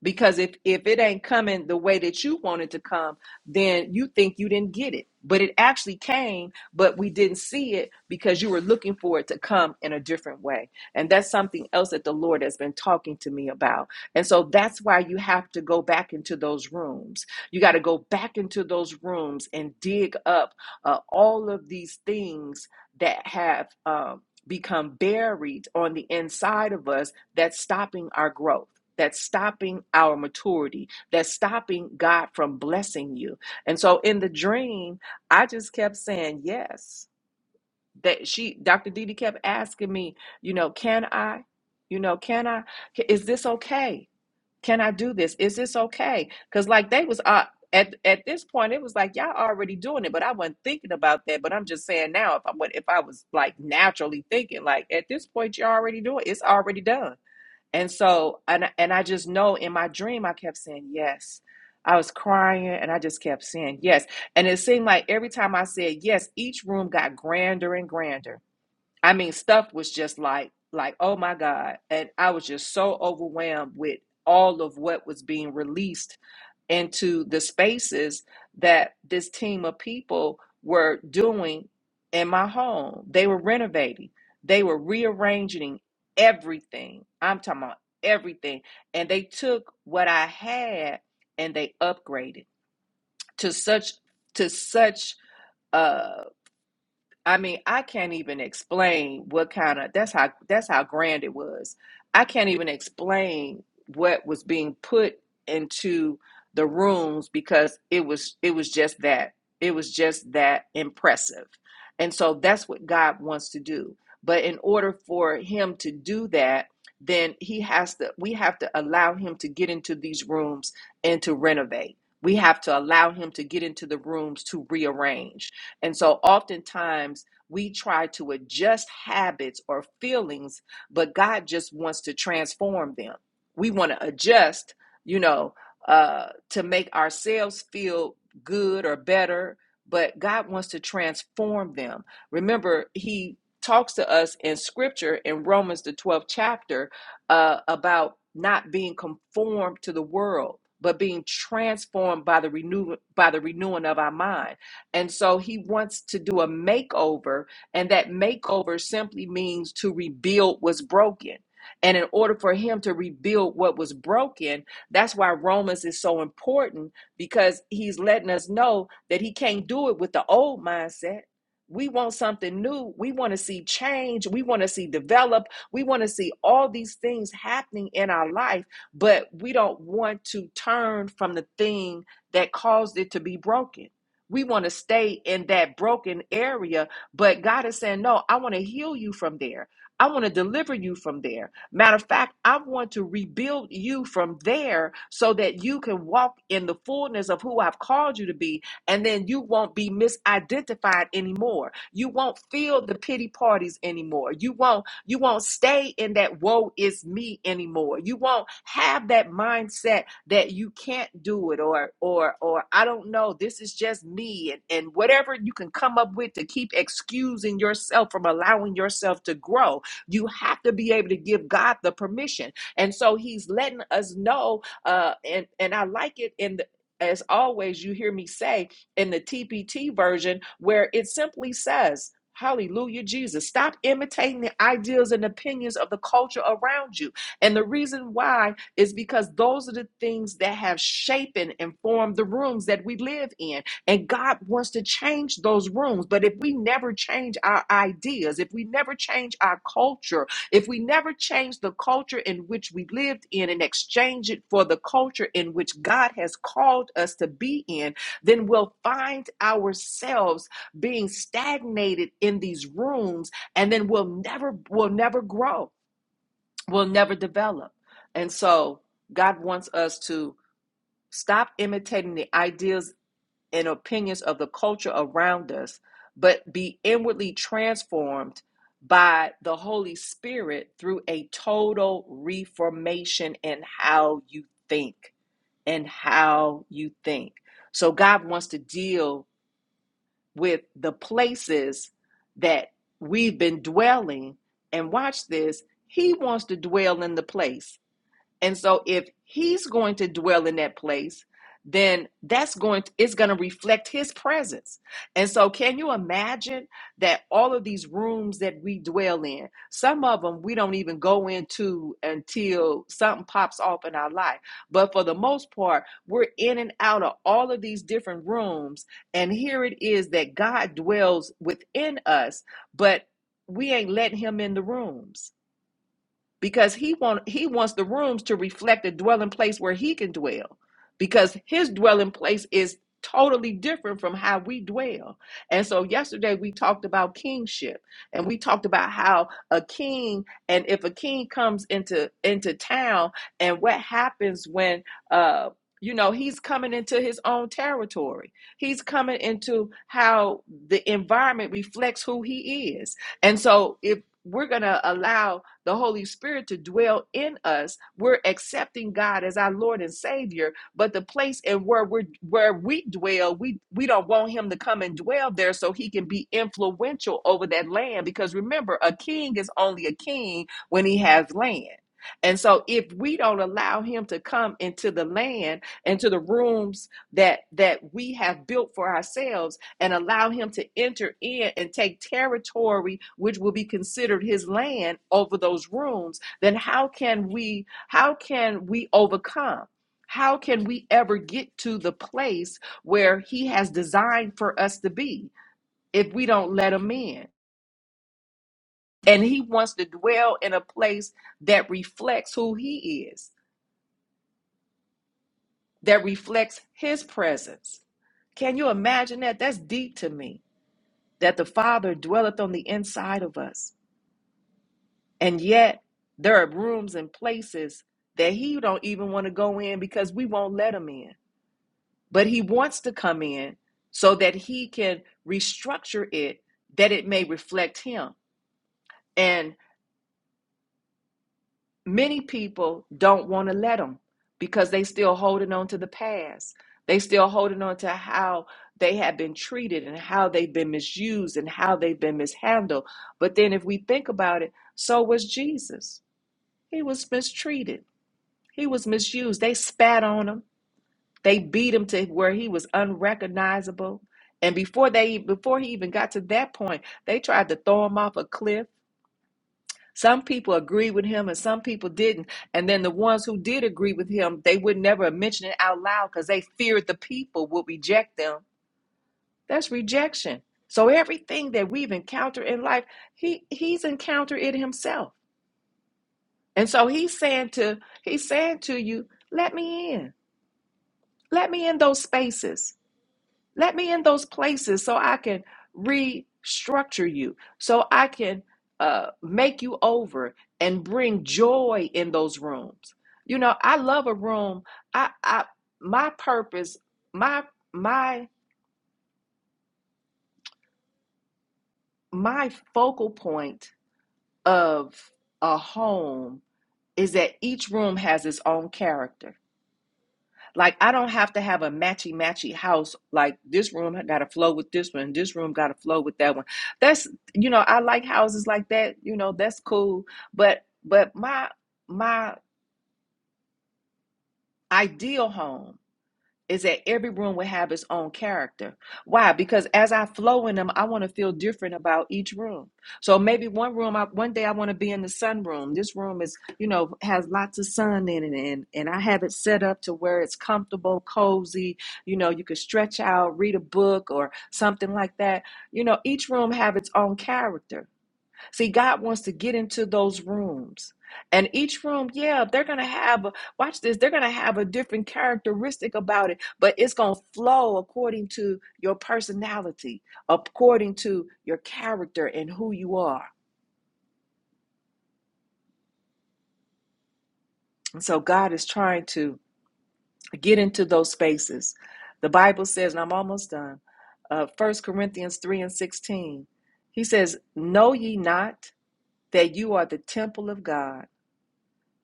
A: because if if it ain't coming the way that you want it to come then you think you didn't get it but it actually came but we didn't see it because you were looking for it to come in a different way and that's something else that the lord has been talking to me about and so that's why you have to go back into those rooms you got to go back into those rooms and dig up uh, all of these things that have um, become buried on the inside of us that's stopping our growth that's stopping our maturity, that's stopping God from blessing you. And so in the dream, I just kept saying yes. That she, Dr. Didi kept asking me, you know, can I, you know, can I, is this okay? Can I do this? Is this okay? Because like they was uh, at at this point, it was like y'all already doing it, but I wasn't thinking about that. But I'm just saying now, if I would, if I was like naturally thinking, like at this point, you're already doing, it's already done. And so, and and I just know in my dream, I kept saying yes. I was crying, and I just kept saying yes. And it seemed like every time I said yes, each room got grander and grander. I mean, stuff was just like like oh my god, and I was just so overwhelmed with all of what was being released into the spaces that this team of people were doing in my home. They were renovating, they were rearranging everything. I'm talking about everything. And they took what I had and they upgraded to such to such uh. I mean, I can't even explain what kind of that's how that's how grand it was. I can't even explain what was being put into the rooms because it was it was just that. It was just that impressive. And so that's what God wants to do. But in order for him to do that, then he has to we have to allow him to get into these rooms and to renovate. We have to allow him to get into the rooms to rearrange and so oftentimes we try to adjust habits or feelings, but God just wants to transform them. We want to adjust, you know, uh, to make ourselves feel good or better, but God wants to transform them. Remember, He talks to us in scripture in Romans, the 12th chapter, uh, about not being conformed to the world. But being transformed by the renew by the renewing of our mind and so he wants to do a makeover, and that makeover simply means to rebuild what's broken. And in order for him to rebuild what was broken, that's why Romans is so important because he's letting us know that he can't do it with the old mindset. We want something new. We want to see change. We want to see develop. We want to see all these things happening in our life, but we don't want to turn from the thing that caused it to be broken. We want to stay in that broken area, but God is saying, No, I want to heal you from there. I want to deliver you from there. Matter of fact, I want to rebuild you from there so that you can walk in the fullness of who I've called you to be and then you won't be misidentified anymore. You won't feel the pity parties anymore. You won't you won't stay in that woe is me anymore. You won't have that mindset that you can't do it or or or I don't know, this is just me and, and whatever you can come up with to keep excusing yourself from allowing yourself to grow. You have to be able to give God the permission. And so he's letting us know uh and and I like it in the as always you hear me say in the TPT version where it simply says, Hallelujah, Jesus. Stop imitating the ideas and opinions of the culture around you. And the reason why is because those are the things that have shaped and formed the rooms that we live in. And God wants to change those rooms. But if we never change our ideas, if we never change our culture, if we never change the culture in which we lived in and exchange it for the culture in which God has called us to be in, then we'll find ourselves being stagnated in these rooms and then we'll never we'll never grow we'll never develop and so god wants us to stop imitating the ideas and opinions of the culture around us but be inwardly transformed by the holy spirit through a total reformation in how you think and how you think so god wants to deal with the places that we've been dwelling. And watch this, he wants to dwell in the place and so if he's going to dwell in that place, then that's going to, it's going to reflect his presence. And so can you imagine that all of these rooms that we dwell in, some of them we don't even go into until something pops off in our life. But for the most part, we're in and out of all of these different rooms and here it is that God dwells within us, but we ain't letting him in the rooms because he want he wants the rooms to reflect a dwelling place where he can dwell because his dwelling place is totally different from how we dwell. And so yesterday we talked about kingship and we talked about how a king and if a king comes into into town and what happens when uh you know he's coming into his own territory. He's coming into how the environment reflects who he is. And so if we're going to allow the Holy Spirit to dwell in us, we're accepting God as our Lord and Savior. But the place and where we are where we dwell, we we don't want Him to come and dwell there so He can be influential over that land. Because remember, a king is only a king when he has land. And so if we don't allow him to come into the land, into the rooms that that we have built for ourselves, and allow him to enter in and take territory which will be considered his land over those rooms then how can we how can we overcome how can we ever get to the place where he has designed for us to be if we don't let him in and he wants to dwell in a place that reflects who he is that reflects his presence can you imagine that that's deep to me that the father dwelleth on the inside of us And yet there are rooms and places that he don't even want to go in because we won't let him in. But he wants to come in so that he can restructure it that it may reflect him. And many people don't want to let him because they still holding on to the past. They still holding on to how they have been treated and how they've been misused and how they've been mishandled. But then if we think about it, so was Jesus. He was mistreated He was misused. They spat on him. They beat him to where he was unrecognizable. And before they before he even got to that point, they tried to throw him off a cliff. Some people agreed with him and some people didn't. And then the ones who did agree with him, they would never mention it out loud because they feared the people would reject them. That's rejection. So everything that we've encountered in life, he he's encountered it himself. And so he's saying to he's saying to you, let me in. Let me in those spaces. Let me in those places so I can restructure you, so I can uh, make you over and bring joy in those rooms. You know, I love a room. I, I, my purpose, my, my, my focal point of a home is that each room has its own character Like I don't have to have a matchy matchy house. Like this room got to flow with this one. This room got to flow with that one. That's you know I like houses like that. You know that's cool. But but my my ideal home is that every room will have its own character. Why? Because as I flow in them, I want to feel different about each room. So maybe one room, I, one day I want to be in the sun room. This room is, you know, has lots of sun in it, and and I have it set up to where it's comfortable, cozy. You know, you could stretch out, read a book, or something like that. You know, each room have its own character. See, God wants to get into those rooms. And each room, yeah, they're going to have, a, watch this, they're going to have a different characteristic about it, but it's going to flow according to your personality, according to your character and who you are. And so God is trying to get into those spaces. The Bible says, and I'm almost done, uh, 1 Corinthians 3 and 16, he says, Know ye not that you are the temple of God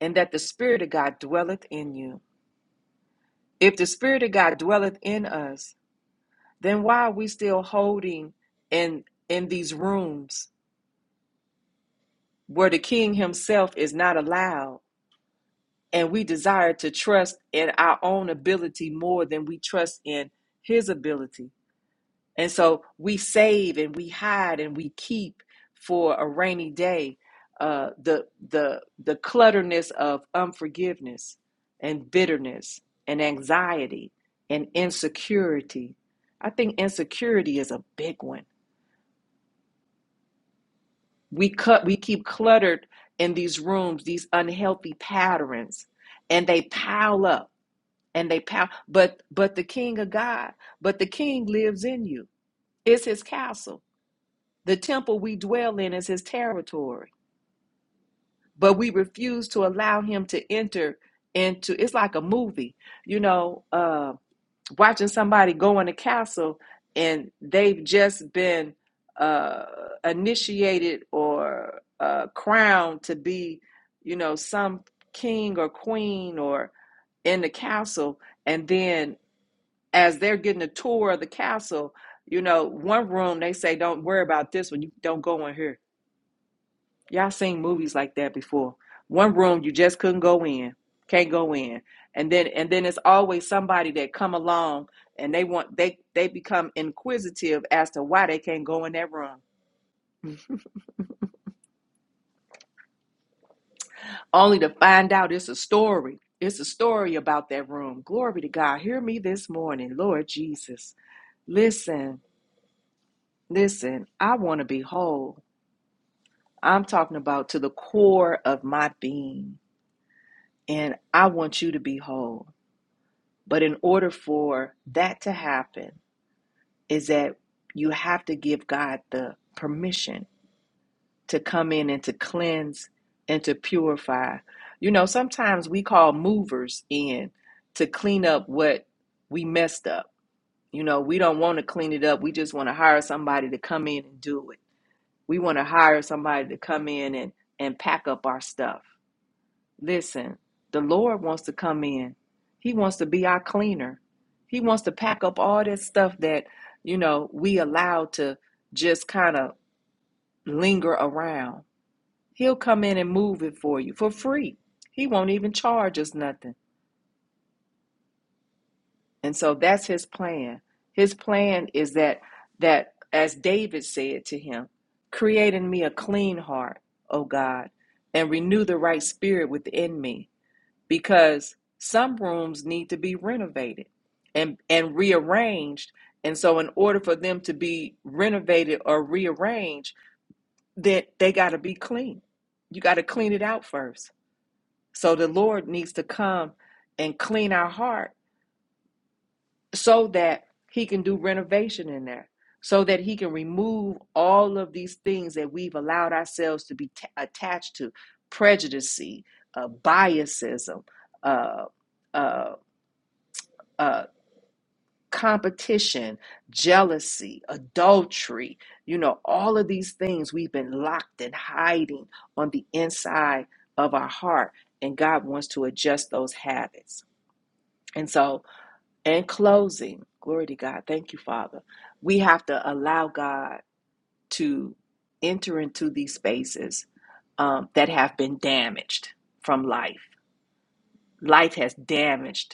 A: and that the Spirit of God dwelleth in you? If the Spirit of God dwelleth in us, then why are we still holding in in these rooms where the King Himself is not allowed, and we desire to trust in our own ability more than we trust in His ability? And so we save and we hide and we keep for a rainy day uh, the the the clutterness of unforgiveness and bitterness and anxiety and insecurity. I think insecurity is a big one. We cut we keep cluttered in these rooms, these unhealthy patterns, and they pile up and they pile but but the king of God, but the king lives in you. It's his castle The temple we dwell in is his territory, but we refuse to allow him to enter into it's like a movie, you know, uh, watching somebody go in a castle and they've just been uh, initiated or uh, crowned to be, you know, some king or queen or in the castle. And then as they're getting a tour of the castle, you know, one room they say, don't worry about this one, you don't go in here Y'all seen movies like that before. One room you just couldn't go in, can't go in. And then and then it's always somebody that come along and they want they they become inquisitive as to why they can't go in that room. Only to find out it's a story. It's a story about that room. Glory to God. Hear me this morning, Lord Jesus. Listen, listen, I want to be whole. I'm talking about to the core of my being. And I want you to be whole. But in order for that to happen, is that you have to give God the permission to come in and to cleanse and to purify. You know, sometimes we call movers in to clean up what we messed up. You know, we don't want to clean it up. We just want to hire somebody to come in and do it. We want to hire somebody to come in and and pack up our stuff. Listen, the Lord wants to come in. He wants to be our cleaner. He wants to pack up all this stuff that, you know, we allow to just kind of linger around. He'll come in and move it for you for free. He won't even charge us nothing. And so that's his plan. His plan is that that as David said to him, create in me a clean heart, O God, and renew the right spirit within me. because some rooms need to be renovated and and rearranged and so in order for them to be renovated or rearranged that they they got to be clean you got to clean it out first so the lord needs to come and clean our heart so that he can do renovation in there so that he can remove all of these things that we've allowed ourselves to be ta attached to prejudice uh, biasism uh, uh, uh, competition, jealousy, adultery, you know, all of these things we've been locked and hiding on the inside of our heart. And God wants to adjust those habits. And so, in closing, glory to God. Thank you, Father. We have to allow God to enter into these spaces um, that have been damaged from life. Life has damaged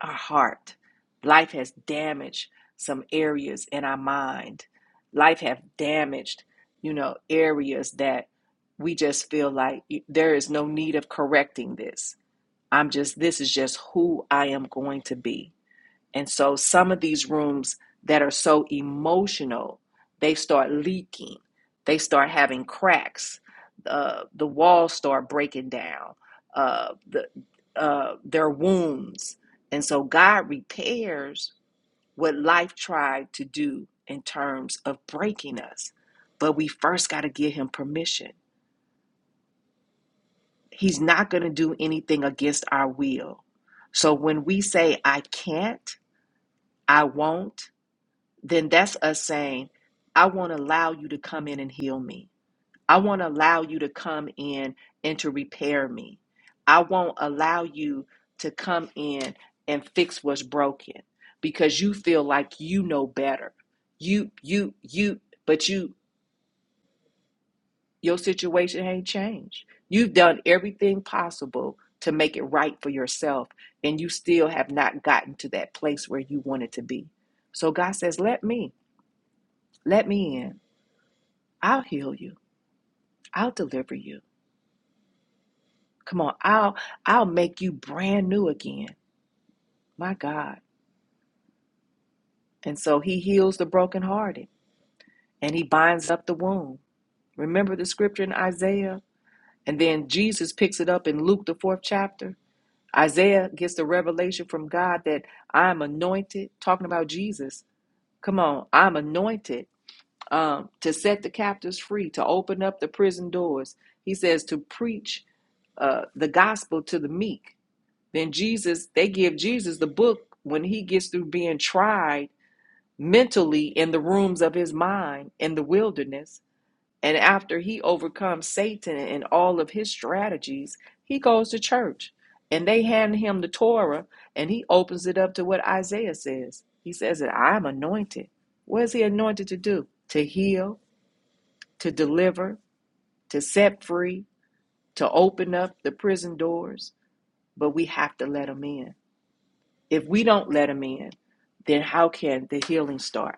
A: our heart. Life has damaged some areas in our mind. Life have damaged, you know, areas that we just feel like there is no need of correcting this. I'm just this is just who I am going to be. And so some of these rooms that are so emotional, they start leaking, they start having cracks, uh, the walls start breaking down, uh, the, uh, their wounds. And so God repairs what life tried to do in terms of breaking us. But we first got to give him permission. He's not going to do anything against our will. So when we say, I can't, I won't, then that's us saying, I want to allow you to come in and heal me. I want to allow you to come in and to repair me. I won't allow you to come in and fix what's broken because you feel like you know better. You, you, you, but you, your situation ain't changed. You've done everything possible to make it right for yourself, and you still have not gotten to that place where you wanted to be. So God says, Let me, let me in. I'll heal you. I'll deliver you. Come on, I'll I'll make you brand new again. My God. And so he heals the brokenhearted and he binds up the wound. Remember the scripture in Isaiah? And then Jesus picks it up in Luke the fourth chapter. Isaiah gets the revelation from God that I'm anointed, talking about Jesus. Come on, I'm anointed um, to set the captives free, to open up the prison doors. He says to preach uh, the gospel to the meek Then Jesus, they give Jesus the book when he gets through being tried mentally in the rooms of his mind in the wilderness. And after he overcomes Satan and all of his strategies, he goes to church and they hand him the Torah and he opens it up to what Isaiah says. He says that I'm anointed. What is he anointed to do? To heal, to deliver, to set free, to open up the prison doors. But we have to let him in. If we don't let him in, then how can the healing start?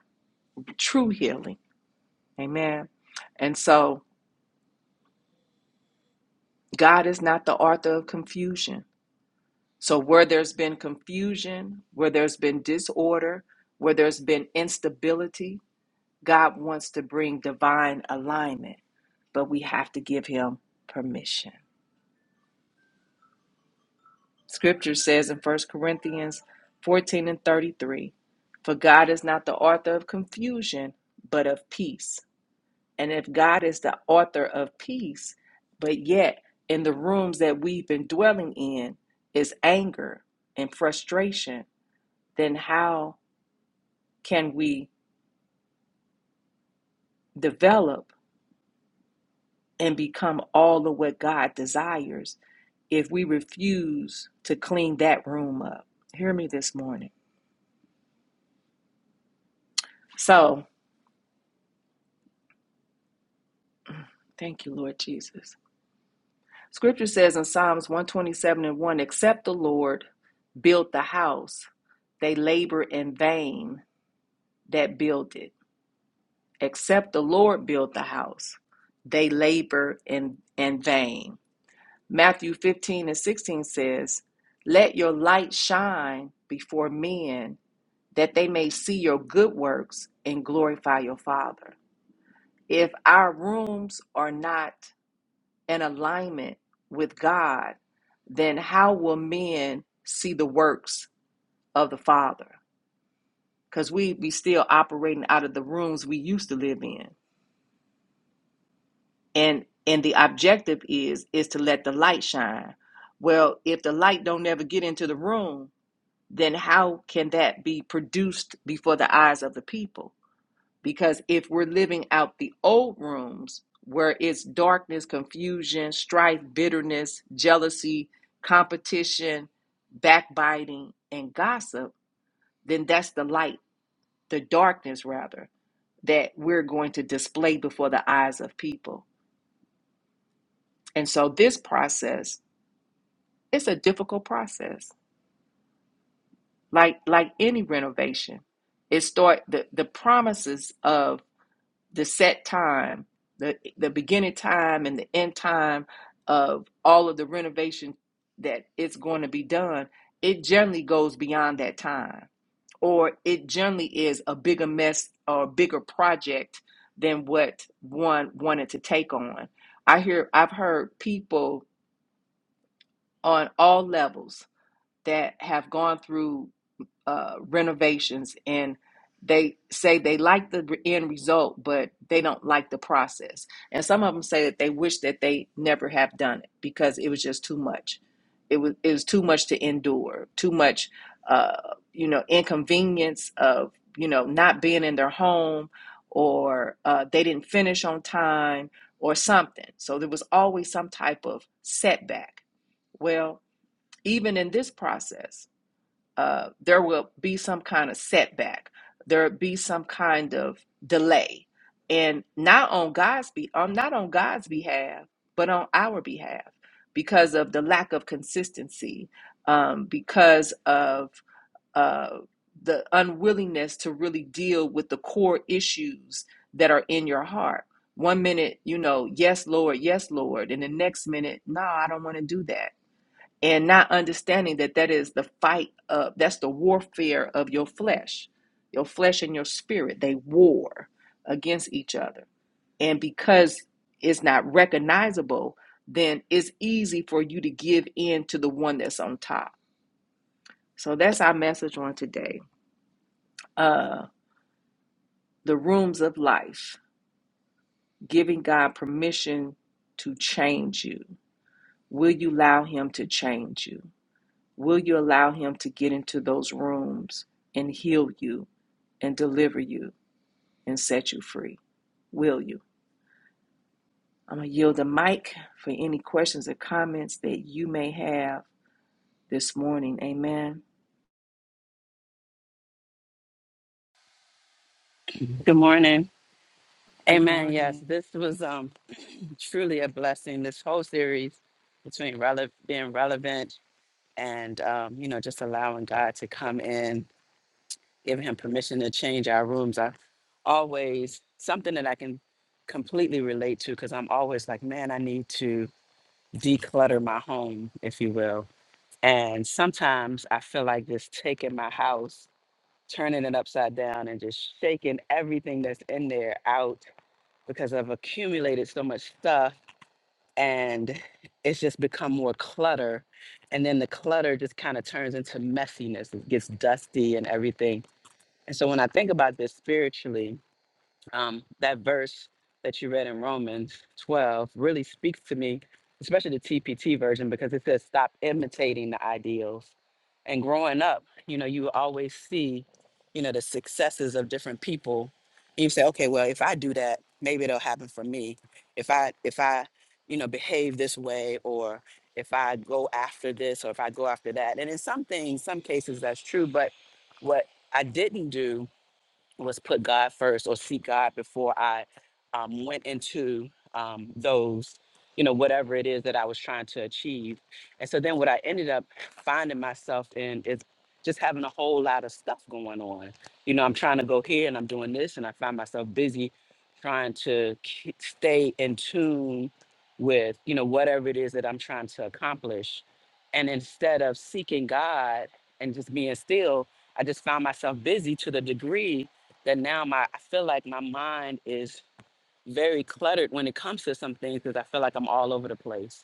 A: True healing. Amen. And so God is not the author of confusion. So where there's been confusion, where there's been disorder, where there's been instability, God wants to bring divine alignment, but we have to give him permission. Scripture says in First Corinthians 14 and 33, for God is not the author of confusion, but of peace And if God is the author of peace, but yet in the rooms that we've been dwelling in is anger and frustration, then how can we develop and become all of what God desires if we refuse to clean that room up? Hear me this morning. So, thank you, Lord Jesus. Scripture says in Psalms 127 and 1 Except the Lord built the house, they labor in vain that build it. Except the Lord build the house, they labor in, in vain. Matthew 15 and 16 says, Let your light shine before men, that they may see your good works and glorify your Father. If our rooms are not in alignment with God, then how will men see the works of the Father? Because we be still operating out of the rooms we used to live in. and and the objective is is to let the light shine well if the light don't ever get into the room then how can that be produced before the eyes of the people because if we're living out the old rooms where it's darkness confusion strife bitterness jealousy competition backbiting and gossip then that's the light the darkness rather that we're going to display before the eyes of people and so this process it's a difficult process like like any renovation it start the, the promises of the set time the the beginning time and the end time of all of the renovation that it's going to be done it generally goes beyond that time or it generally is a bigger mess or a bigger project than what one wanted to take on i hear i've heard people on all levels that have gone through uh, renovations and they say they like the end result, but they don't like the process. And some of them say that they wish that they never have done it because it was just too much. It was it was too much to endure, too much, uh, you know, inconvenience of you know not being in their home, or uh, they didn't finish on time, or something. So there was always some type of setback. Well, even in this process, uh, there will be some kind of setback. There will be some kind of delay, and not on God's be um, not on God's behalf, but on our behalf because of the lack of consistency, um, because of uh, the unwillingness to really deal with the core issues that are in your heart. One minute, you know, yes, Lord, yes, Lord, and the next minute, no, I don't want to do that and not understanding that that is the fight of that's the warfare of your flesh your flesh and your spirit they war against each other and because it's not recognizable then it's easy for you to give in to the one that's on top so that's our message on today uh the rooms of life giving god permission to change you will you allow him to change you Will you allow Him to get into those rooms and heal you and deliver you and set you free? Will you? I'm going to yield the mic for any questions or comments that you may have this morning. Amen.
C: Good morning.
A: Good
C: Amen. Yes,
A: morning.
C: this was um truly a blessing. This whole series between rele- being relevant and um, you know just allowing God to come in, giving Him permission to change our rooms. I always something that I can completely relate to because I'm always like, man, I need to declutter my home, if you will. And sometimes I feel like just taking my house, turning it upside down, and just shaking everything that's in there out because I've accumulated so much stuff and it's just become more clutter. And then the clutter just kind of turns into messiness. It gets dusty and everything. And so when I think about this spiritually, um, that verse that you read in Romans 12 really speaks to me, especially the TPT version, because it says, stop imitating the ideals. And growing up, you know, you always see, you know, the successes of different people. And you say, okay, well, if I do that, maybe it'll happen for me. If I, if I, you know, behave this way, or if I go after this, or if I go after that. And in some things, some cases, that's true. But what I didn't do was put God first or seek God before I um, went into um, those, you know, whatever it is that I was trying to achieve. And so then what I ended up finding myself in is just having a whole lot of stuff going on. You know, I'm trying to go here and I'm doing this, and I find myself busy trying to k- stay in tune with, you know, whatever it is that I'm trying to accomplish. And instead of seeking God and just being still, I just found myself busy to the degree that now my I feel like my mind is very cluttered when it comes to some things because I feel like I'm all over the place.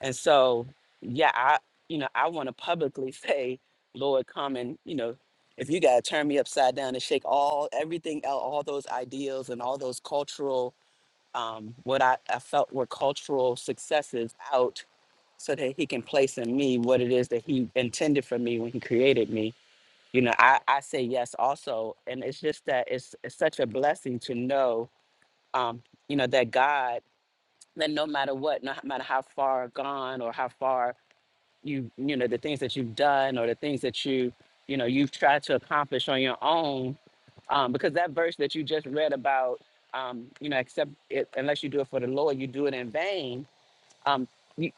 C: And so, yeah, I you know, I want to publicly say, Lord, come and, you know, if you gotta turn me upside down and shake all everything out, all those ideals and all those cultural um what I, I felt were cultural successes out so that he can place in me what it is that he intended for me when he created me you know i i say yes also and it's just that it's, it's such a blessing to know um you know that god that no matter what no matter how far gone or how far you you know the things that you've done or the things that you you know you've tried to accomplish on your own um because that verse that you just read about um you know except it, unless you do it for the lord you do it in vain um, you,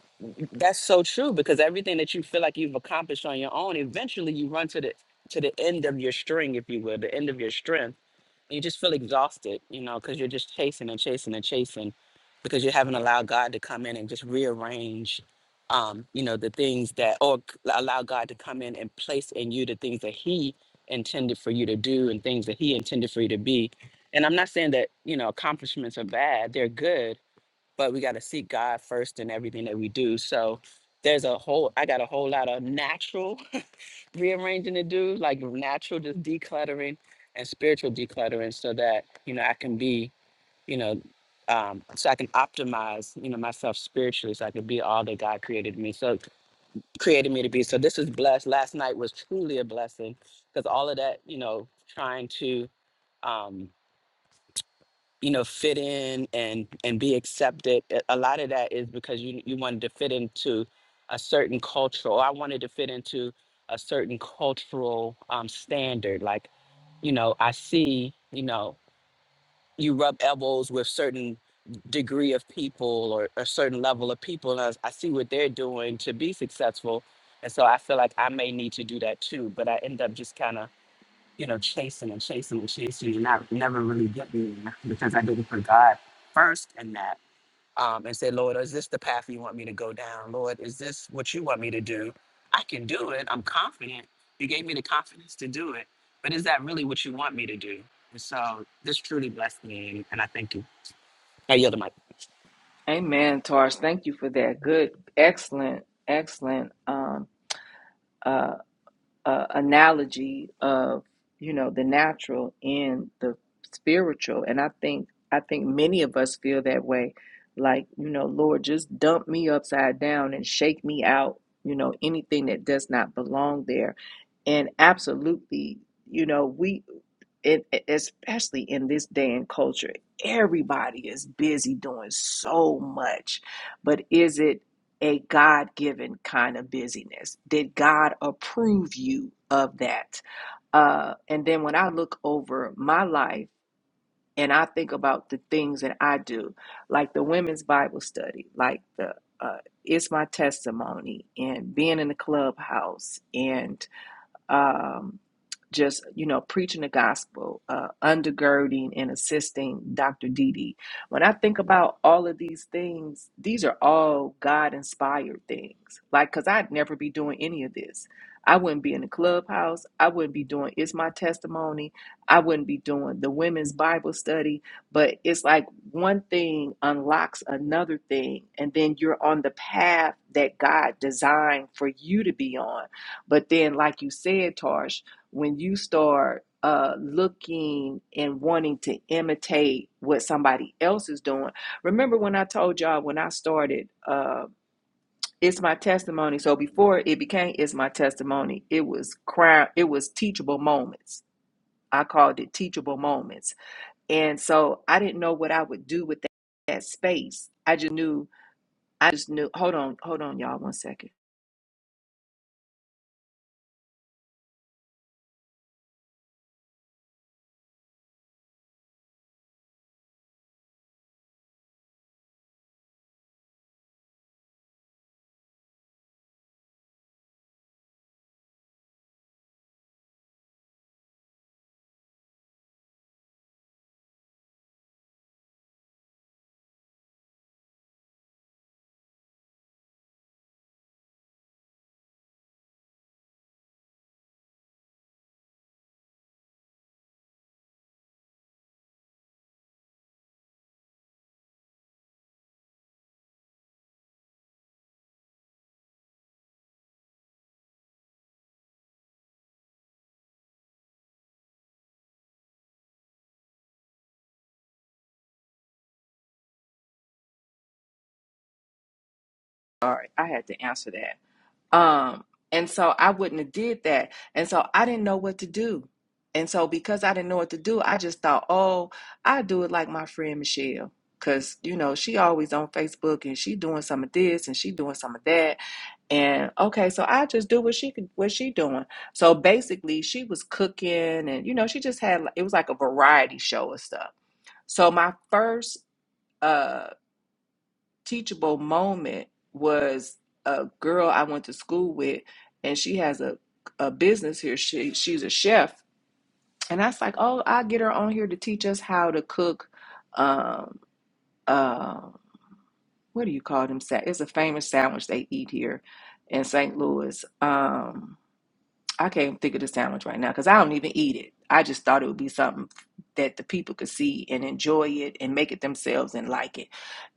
C: that's so true because everything that you feel like you've accomplished on your own, eventually you run to the to the end of your string, if you will, the end of your strength, and you just feel exhausted, you know, because you're just chasing and chasing and chasing because you haven't allowed God to come in and just rearrange, um, you know, the things that or c- allow God to come in and place in you the things that He intended for you to do and things that He intended for you to be. And I'm not saying that you know accomplishments are bad; they're good but we got to seek God first in everything that we do. So there's a whole, I got a whole lot of natural rearranging to do, like natural just decluttering and spiritual decluttering so that, you know, I can be, you know, um, so I can optimize, you know, myself spiritually so I can be all that God created me. So created me to be. So this is blessed. Last night was truly a blessing because all of that, you know, trying to, um, you know fit in and and be accepted a a lot of that is because you you wanted to fit into a certain culture or i wanted to fit into a certain cultural um, standard like you know i see you know you rub elbows with certain degree of people or a certain level of people and I, I see what they're doing to be successful and so i feel like i may need to do that too but i end up just kind of you know, chasing and chasing and chasing and not never really getting there because I did it for God first and that. Um, and said, Lord, is this the path you want me to go down? Lord, is this what you want me to do? I can do it. I'm confident. You gave me the confidence to do it. But is that really what you want me to do? And so this truly blessed me. And I thank you. I yield to my
A: Amen, Tars. Thank you for that. Good, excellent, excellent um, Uh. uh, analogy of you know the natural and the spiritual and i think i think many of us feel that way like you know lord just dump me upside down and shake me out you know anything that does not belong there and absolutely you know we it, especially in this day and culture everybody is busy doing so much but is it a God given kind of busyness? Did God approve you of that? Uh, and then when I look over my life and I think about the things that I do, like the women's Bible study, like the uh, it's my testimony, and being in the clubhouse, and um, just you know preaching the gospel uh, undergirding and assisting dr dd when i think about all of these things these are all god inspired things like because i'd never be doing any of this i wouldn't be in the clubhouse i wouldn't be doing it's my testimony i wouldn't be doing the women's bible study but it's like one thing unlocks another thing and then you're on the path that god designed for you to be on but then, like you said, Tarsh, when you start uh, looking and wanting to imitate what somebody else is doing, remember when I told y'all when I started, uh, it's my testimony. So before it became it's my testimony, it was crime. It was teachable moments. I called it teachable moments, and so I didn't know what I would do with that, that space. I just knew. I just knew. Hold on, hold on, y'all. One second. All right, I had to answer that. Um, and so I wouldn't have did that. And so I didn't know what to do. And so because I didn't know what to do, I just thought, oh, I do it like my friend Michelle. Cause you know, she always on Facebook and she doing some of this and she doing some of that. And okay, so I just do what she could what she doing. So basically she was cooking and you know, she just had it was like a variety show of stuff. So my first uh teachable moment was a girl I went to school with, and she has a a business here. She she's a chef, and I was like, oh, I will get her on here to teach us how to cook. Um, uh, what do you call them? Sa- It's a famous sandwich they eat here in St. Louis. Um, I can't think of the sandwich right now because I don't even eat it. I just thought it would be something that the people could see and enjoy it and make it themselves and like it.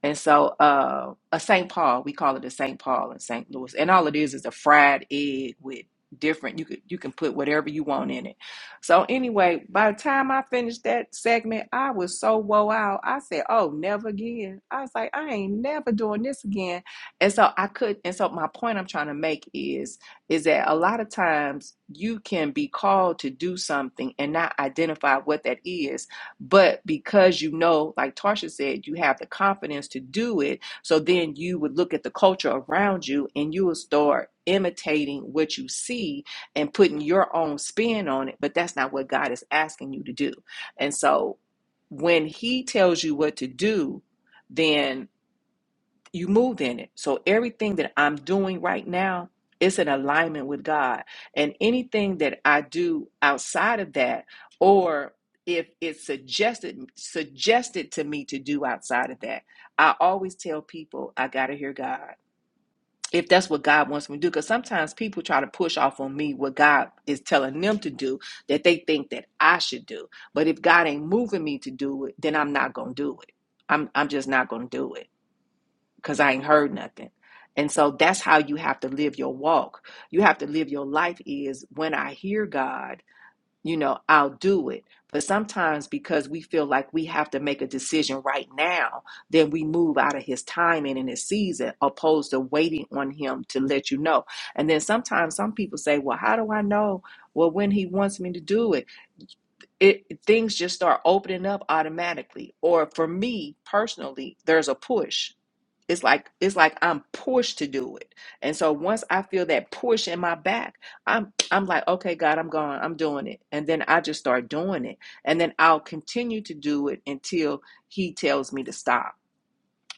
A: And so, uh, a St. Paul, we call it a St. Paul in St. Louis, and all it is is a fried egg with different. You could you can put whatever you want in it. So anyway, by the time I finished that segment, I was so woe out. I said, "Oh, never again." I was like, "I ain't never doing this again." And so I could. And so my point I'm trying to make is is that a lot of times you can be called to do something and not identify what that is. But because you know, like Tarsha said, you have the confidence to do it. So then you would look at the culture around you and you will start imitating what you see and putting your own spin on it. But that's not what God is asking you to do. And so when He tells you what to do, then you move in it. So everything that I'm doing right now is in alignment with God. And anything that I do outside of that, or if it's suggested suggested to me to do outside of that, I always tell people I gotta hear God. If that's what God wants me to do, because sometimes people try to push off on me what God is telling them to do that they think that I should do. But if God ain't moving me to do it, then I'm not gonna do it. I'm I'm just not gonna do it because I ain't heard nothing. And so that's how you have to live your walk. You have to live your life is when I hear God, you know, I'll do it. But sometimes because we feel like we have to make a decision right now, then we move out of his timing and his season, opposed to waiting on him to let you know. And then sometimes some people say, Well, how do I know? Well, when he wants me to do it, it things just start opening up automatically. Or for me personally, there's a push it's like it's like I'm pushed to do it. And so once I feel that push in my back, I'm I'm like, okay, God, I'm going, I'm doing it. And then I just start doing it. And then I'll continue to do it until he tells me to stop.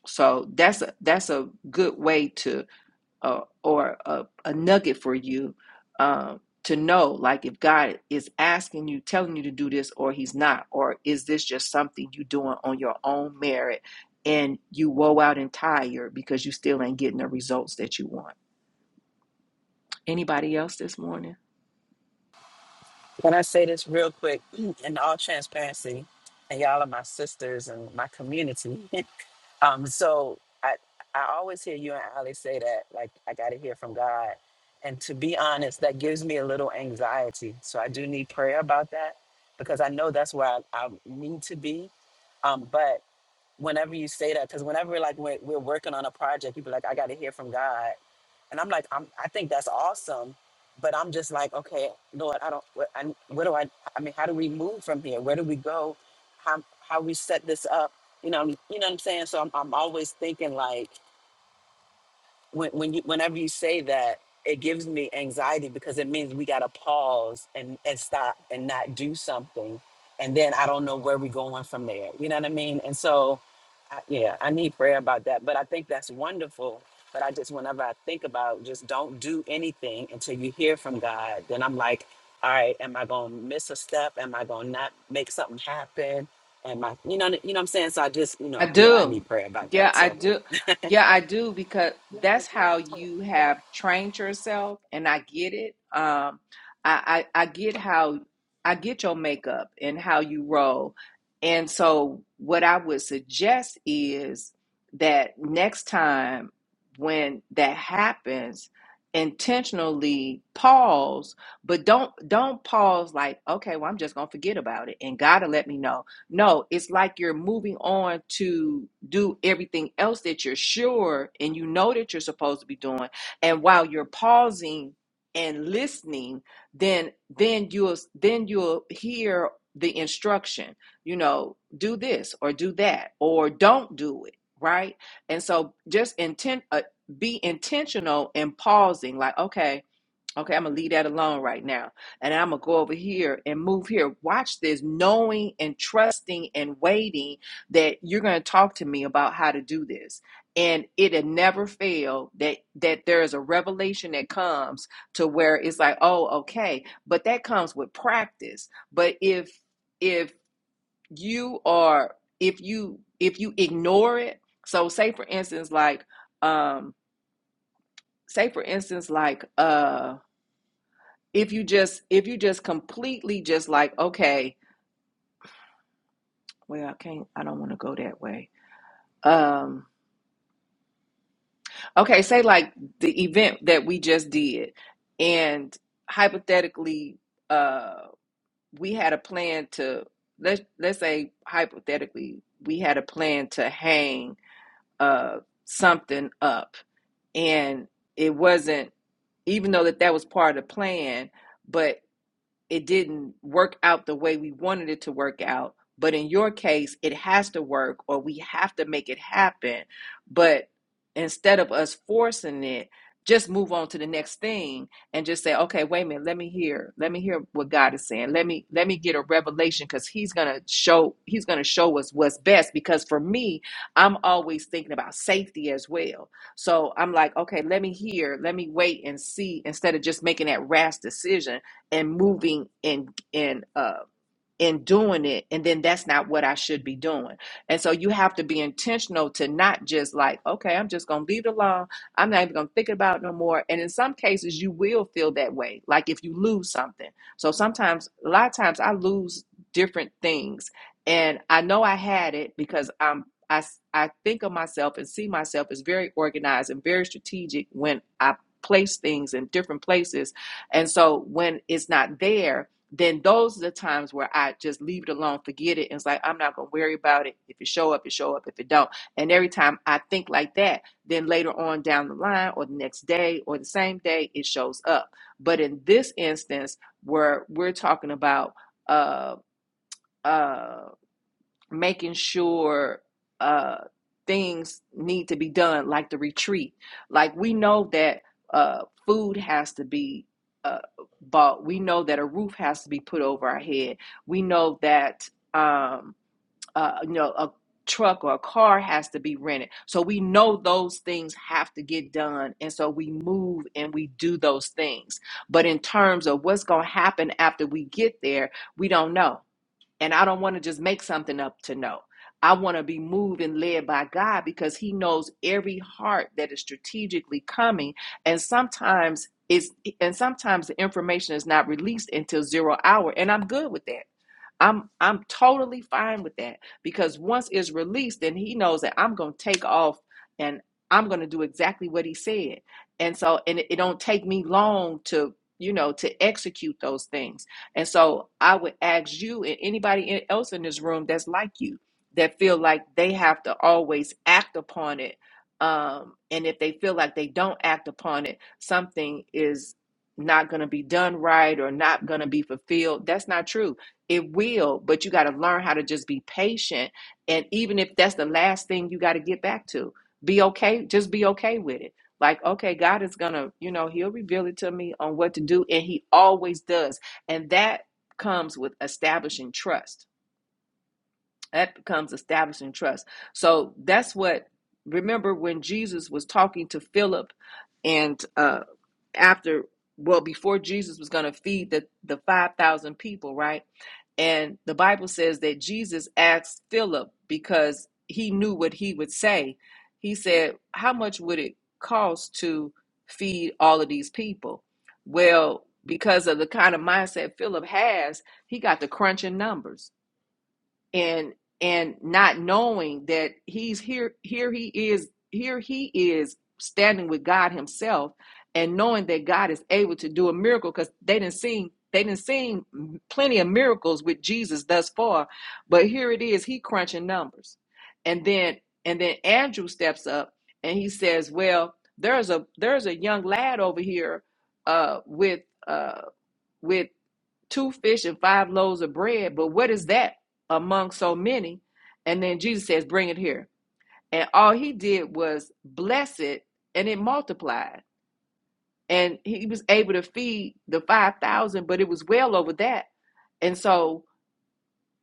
A: So that's a that's a good way uh, or a, a nugget for you um, to know like if God is asking you, telling you to do this, or He's not, or is this just something you doing on your own merit and you woe out and tired because you still ain't getting the results that you want. Anybody else this morning?
C: Can I say this real quick in all transparency? And y'all are my sisters and my community. um, so I I always hear you and Ali say that, like, I gotta hear from God. And to be honest, that gives me a little anxiety. So I do need prayer about that because I know that's where I, I need to be. Um, but whenever you say that because whenever like we're, we're working on a project you be like i got to hear from god and i'm like I'm, i think that's awesome but i'm just like okay lord i don't what, I, what do i i mean how do we move from here where do we go how how we set this up you know you know what i'm saying so i'm, I'm always thinking like when when you whenever you say that, it gives me anxiety because it means we gotta pause and and stop and not do something, and then I don't know where we're going from there. You know what I mean? And so, I, yeah, I need prayer about that. But I think that's wonderful. But I just whenever I think about just don't do anything until you hear from God, then I'm like, all right, am I gonna miss a step? Am I gonna not make something happen? Am I, you know, you know what I'm saying? So I just, you
A: I
C: know, yeah, I need
A: do.
C: prayer about
A: Yeah,
C: that.
A: I
C: So
A: do. Yeah, I do because that's how you have trained yourself, and I get it. Um, I, I I get how I get your makeup and how you roll, and so what I would suggest is that next time when that happens, intentionally pause, but don't don't pause like okay, well I'm just gonna forget about it, and God will let me know no, it's like you're moving on to do everything else that you're sure and you know that you're supposed to be doing. And while you're pausing and listening, then then you'll then you'll hear the instruction, you know, do this or do that or don't do it, right? And so just intent uh, be intentional in pausing like okay Okay, I'm gonna leave that alone right now. And I'm gonna go over here and move here. Watch this, knowing and trusting and waiting that you're gonna talk to me about how to do this. And it had never failed that that there is a revelation that comes to where it's like, oh, okay, but that comes with practice. But if if you are if you if you ignore it, so say for instance, like um, say for instance, like uh if you just if you just completely just like okay well i can't i don't want to go that way um okay say like the event that we just did and hypothetically uh we had a plan to let's let's say hypothetically we had a plan to hang uh something up and it wasn't even though that that was part of the plan but. it didn't work out the way we wanted it to work out. But in your case, it has to work or we have to make it happen. But instead of us forcing it, just move on to the next thing and just say, okay, wait a minute, let me hear, let me hear what God is saying. Let me let me get a revelation because He's gonna show He's gonna show us what's best. Because for me, I'm always thinking about safety as well. So I'm like, okay, let me hear, let me wait and see instead of just making that rash decision and moving and and uh, in doing it and then that's not what I should be doing. And so you have to be intentional to not just like, okay, I'm just going to leave it alone. I'm not even going to think about it no more. And in some cases you will feel that way. Like if you lose something. So sometimes a lot of times I lose different things and I know I had it because I'm I s- I think of myself and see myself as very organized and very strategic when I place things in different places. And so when it's not there, then those are the times where I just leave it alone, forget it. And it's like, I'm not going to worry about it. If it show up, it show up. If it don't. And every time I think like that, then later on down the line or the next day or the same day, it shows up. But in this instance where we're talking about, uh, uh, making sure uh, things need to be done, like the retreat. Like we know that uh, food has to be uh, bought. We know that a roof has to be put over our head. We know that um, uh, you know a truck or a car has to be rented. So we know those things have to get done, and so we move and we do those things. But in terms of what's going to happen after we get there, we don't know and I don't want to just make something up to know. I want to be moved and led by God because He knows every heart that is strategically coming. And sometimes it's and sometimes the information is not released until zero hour. And I'm good with that. I'm I'm totally fine with that because once it's released, then he knows that I'm gonna take off and I'm gonna do exactly what he said. And so and it, it don't take me long to you know to execute those things. And so I would ask you and anybody in- else in this room that's like you that feel like they have to always act upon it. Um, and if they feel like they don't act upon it, something is not going to be done right or not going to be fulfilled. That's not true it will, but you got to learn how to just be patient. And even if that's the last thing you got to get back to, be okay. Just be okay with it. Like, okay, God is going to, you know, He'll reveal it to me on what to do. And He always does. And that comes with establishing trust. That becomes establishing trust. So that's what, remember when Jesus was talking to Philip and uh, after well before jesus was going to feed the the 5000 people right and the bible says that jesus asked philip because he knew what he would say he said how much would it cost to feed all of these people well because of the kind of mindset philip has he got the crunching numbers and and not knowing that he's here here he is here he is standing with god himself and knowing that god is able to do a miracle because they didn't see they didn't see plenty of miracles with jesus thus far but here it is he crunching numbers and then and then andrew steps up and he says well there's a there's a young lad over here uh with uh with two fish and five loaves of bread, but what is that among so many? And then Jesus says, Bring it here. And all he did was bless it and it multiplied. And he was able to feed the 5,000, but it was well over that. And so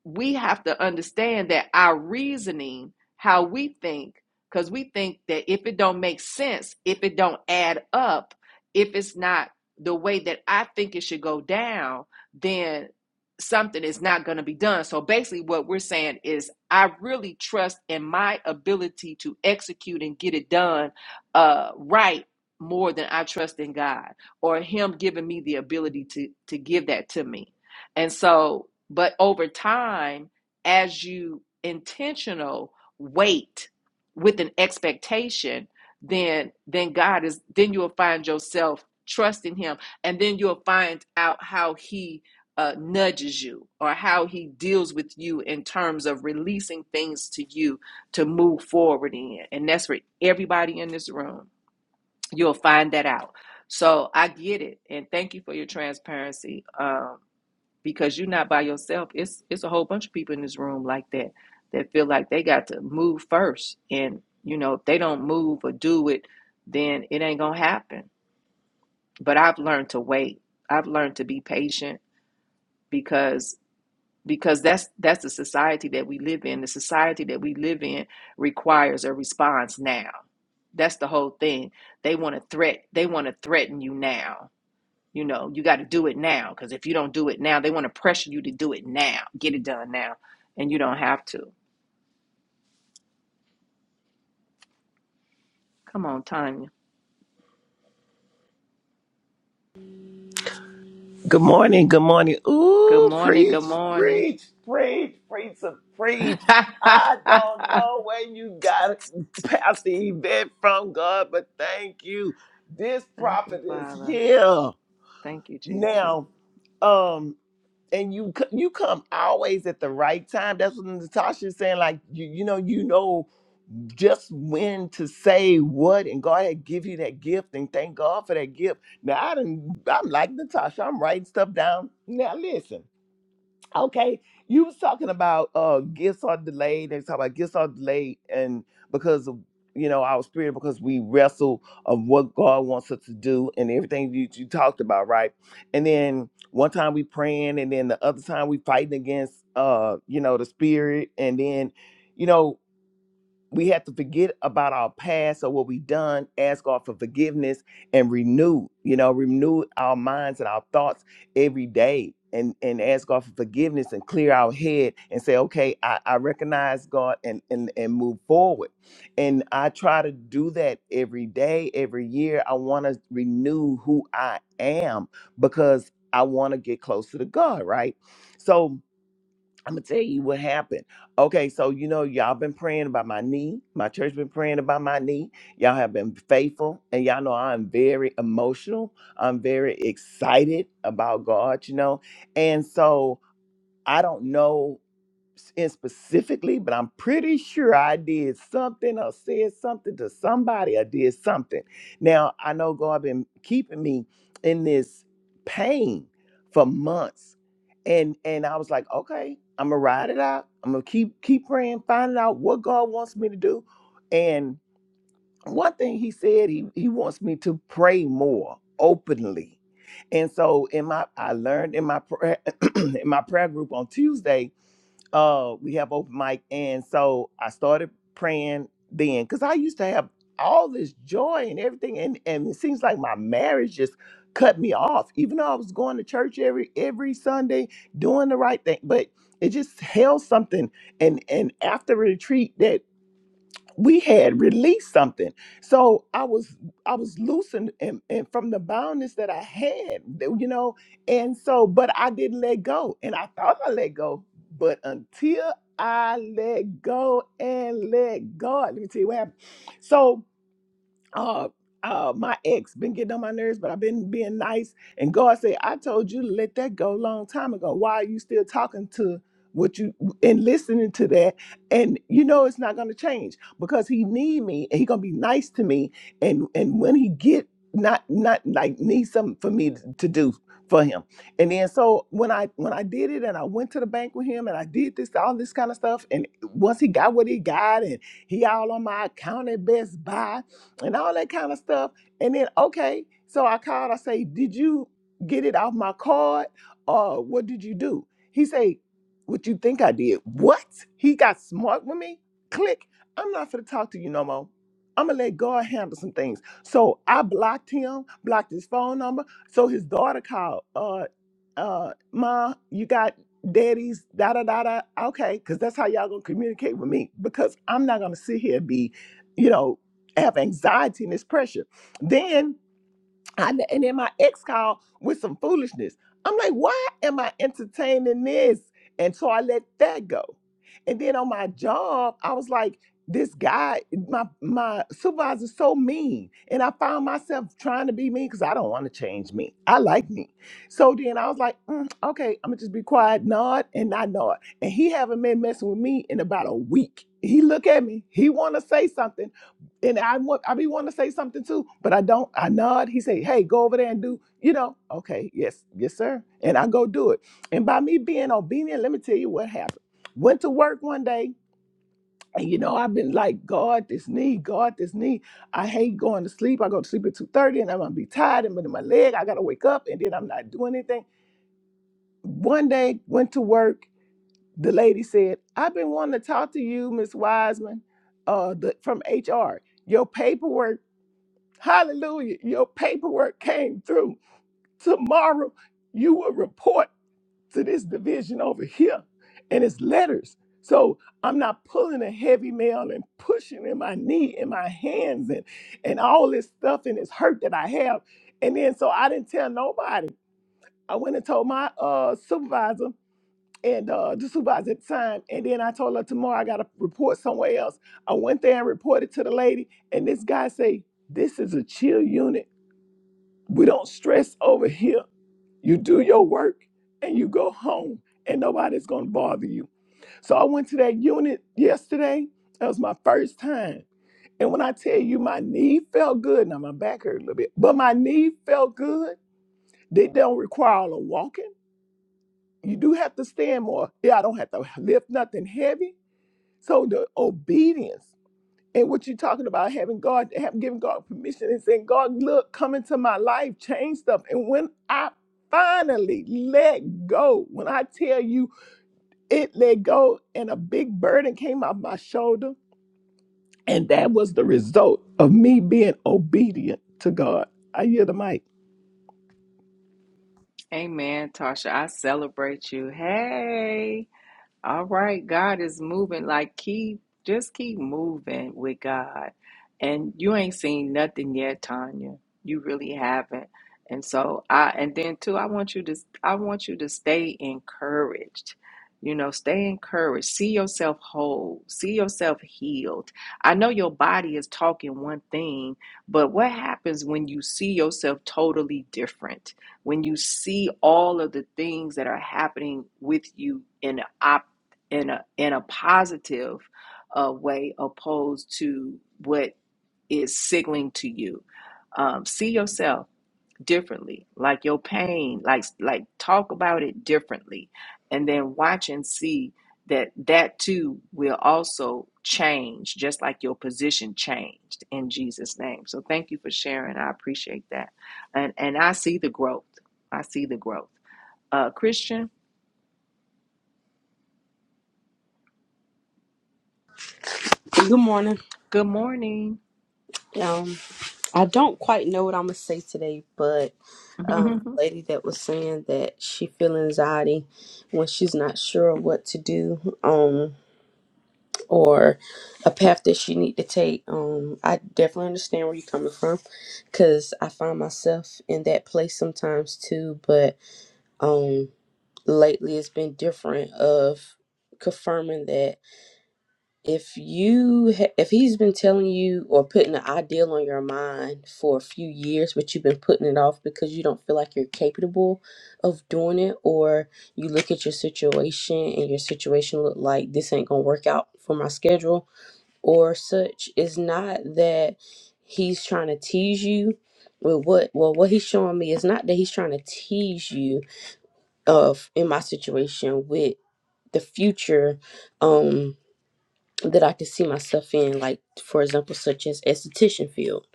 A: we have to understand that our reasoning, how we think, because we think that if it don't make sense, if it don't add up, if it's not the way that I think it should go down, then something is not going to be done. So basically, what we're saying is, I really trust in my ability to execute and get it done uh, right more than I trust in God or Him giving me the ability to to give that to me. And so, but over time, as you intentional wait with an expectation, then then God is then you'll find yourself trusting him and then you'll find out how he uh, nudges you or how he deals with you in terms of releasing things to you to move forward in and that's for everybody in this room you'll find that out so i get it and thank you for your transparency um, because you're not by yourself. It's it's a whole bunch of people in this room like that that feel like they got to move first, and you know if they don't move or do it, then it ain't gonna happen. But I've learned to wait. I've learned to be patient because because that's that's the society that we live in. The society that we live in requires a response now. That's the whole thing. They want to threat. They want to threaten you now you know, you got to do it now because if you don't do it now, they want to pressure you to do it now. Get it done now. And you don't have to. Come on, Tanya.
D: Good morning, good morning.
A: Good
D: Ooh,
A: morning.
D: preach,
A: Good morning.
D: preach, preach, preach, and preach. I don't
A: Thank
D: know where you got Pastor Yvette from God, but thank you. This
A: you,
D: prophet is
A: Father.
D: here
A: Thank you, Jesus.
D: now. Um, and you c- you come always at the right time. That's what Natasha's saying. Like you, you know, you know just when to say what, and God had give you that gift, and thank God for that gift. Now I didn't. I'm like Natasha. I'm writing stuff down. Now listen, okay. You was talking about uh gifts are delayed. They talk about gifts are delayed, and because of you know our spirit, because we wrestle of what God wants us to do, and everything you, you talked about, right? And then one time we praying, and then the other time we fighting against uh you know the spirit, and then you know we have to forget about our past or what we have done ask god for forgiveness and renew you know renew our minds and our thoughts every day and and ask god for forgiveness and clear our head and say okay i, I recognize god and, and and move forward and i try to do that every day every year i want to renew who i am because i want to get closer to god right so I'm gonna tell you what happened. Okay, so you know y'all been praying about my knee. My church been praying about my knee. Y'all have been faithful, and y'all know I'm very emotional. I'm very excited about God, you know, and so I don't know in specifically, but I'm pretty sure I did something or said something to somebody or did something. Now, I know God been keeping me in this pain for months. And and I was like, okay, I'm gonna ride it out. I'm gonna keep keep praying, finding out what God wants me to do. And one thing he said, he he wants me to pray more openly. And so in my I learned in my prayer in my prayer group on Tuesday uh we have open mic and so i started praying then because i used to have all this joy and everything and and it seems like my marriage just cut me off even though i was going to church every every sunday doing the right thing but it just held something and and after retreat that we had released something. So I was I was loosened and, and from the boundness that I had, you know, and so but I didn't let go. And I thought I let go, but until I let go and let God, let me tell you what happened. So uh, uh, my ex been getting on my nerves, but I've been being nice. And God said, I told you to let that go a long time ago. Why are you still talking to what you and listening to that? And you know it's not gonna change because he need me and he gonna be nice to me. And and when he get not not like need something for me to, to do for him. And then so when I when I did it and I went to the bank with him and I did this all this kind of stuff and once he got what he got and he all on my account at Best Buy and all that kind of stuff. And then, okay, so I called, I say, Did you get it off my card? Or what did you do? He say, What you think I did? What? He got smart with me? Click. I'm not gonna talk to you no more. I'm gonna let God handle some things. So I blocked him, blocked his phone number. So his daughter called, uh, uh, Ma, you got daddy's da da da da. Okay, because that's how y'all gonna communicate with me. Because I'm not gonna sit here and be, you know, have anxiety and this pressure. Then I and then my ex called with some foolishness. I'm like, why am I entertaining this? And so I let that go. And then on my job, I was like, this guy, my my supervisor's so mean. And I found myself trying to be mean because I don't want to change me. I like me. So then I was like, "Mm, okay, I'm gonna just be quiet, nod, and not nod. And he haven't been messing with me in about a week. He look at me, he wanna say something and I want I be wanting to say something too, but I don't. I nod. He say, "Hey, go over there and do." You know, okay, yes, yes, sir. And I go do it. And by me being obedient, let me tell you what happened. Went to work one day, and you know I've been like, God, this knee, God, this knee. I hate going to sleep. I go to sleep at two thirty, and I'm gonna be tired and in my leg. I gotta wake up, and then I'm not doing anything. One day, went to work. The lady said, "I've been wanting to talk to you, Miss Wiseman, uh, the, from HR." Your paperwork Hallelujah. Your paperwork came through. Tomorrow, you will report to this division over here, and it's letters. So I'm not pulling a heavy mail and pushing in my knee and my hands and, and all this stuff and this hurt that I have. And then so I didn't tell nobody. I went and told my uh, supervisor and uh, the supervisor at the time. And then I told her tomorrow I got to report somewhere else. I went there and reported to the lady. And this guy say, this is a chill unit we don't stress over here. You do your work and you go home, and nobody's gonna bother you. So I went to that unit yesterday. That was my first time. And when I tell you my knee felt good, now my back hurt a little bit, but my knee felt good. They don't require a lot walking. You do have to stand more. Yeah, I don't have to lift nothing heavy. So the obedience and what you're talking about, having God, having giving God permission and saying, God, look, come into my life, change stuff. And when I finally let go, when I tell you it let go and a big burden came off my shoulder, and that was the result of me being obedient to God. I hear the mic.
A: Amen, Tasha. I celebrate you. Hey. All right, God is moving. Like keep just keep moving with God. And you ain't seen nothing yet, Tanya. You really haven't. And so I and then too, I want you to I want you to stay encouraged. You know, stay encouraged. See yourself whole. See yourself healed. I know your body is talking one thing, but what happens when you see yourself totally different? when you see all of the things that are happening with you in the opposite in a in a positive uh, way opposed to what is signaling to you um, see yourself differently like your pain like like talk about it differently and then watch and see that that too will also change just like your position changed in jesus name so thank you for sharing i appreciate that and and i see the growth i see the growth uh christian
E: Good morning.
A: good morning
E: Um, I don't quite know what I'm gonna say today, but um, lady that was saying that she feel anxiety when she's not sure what to do, um, or a path that she need to take. Um, I definitely understand where you're coming from, cause I find myself in that place sometimes too. But um, lately it's been different of confirming that if you ha- if he's been telling you or putting an ideal on your mind for a few years but you've been putting it off because you don't feel like you're capable of doing it or you look at your situation and your situation look like this ain't gonna work out for my schedule or such it's not that he's trying to tease you with what well what he's showing me is not that he's trying to tease you of in my situation with the future um that I can see myself in, like for example, such as esthetician field.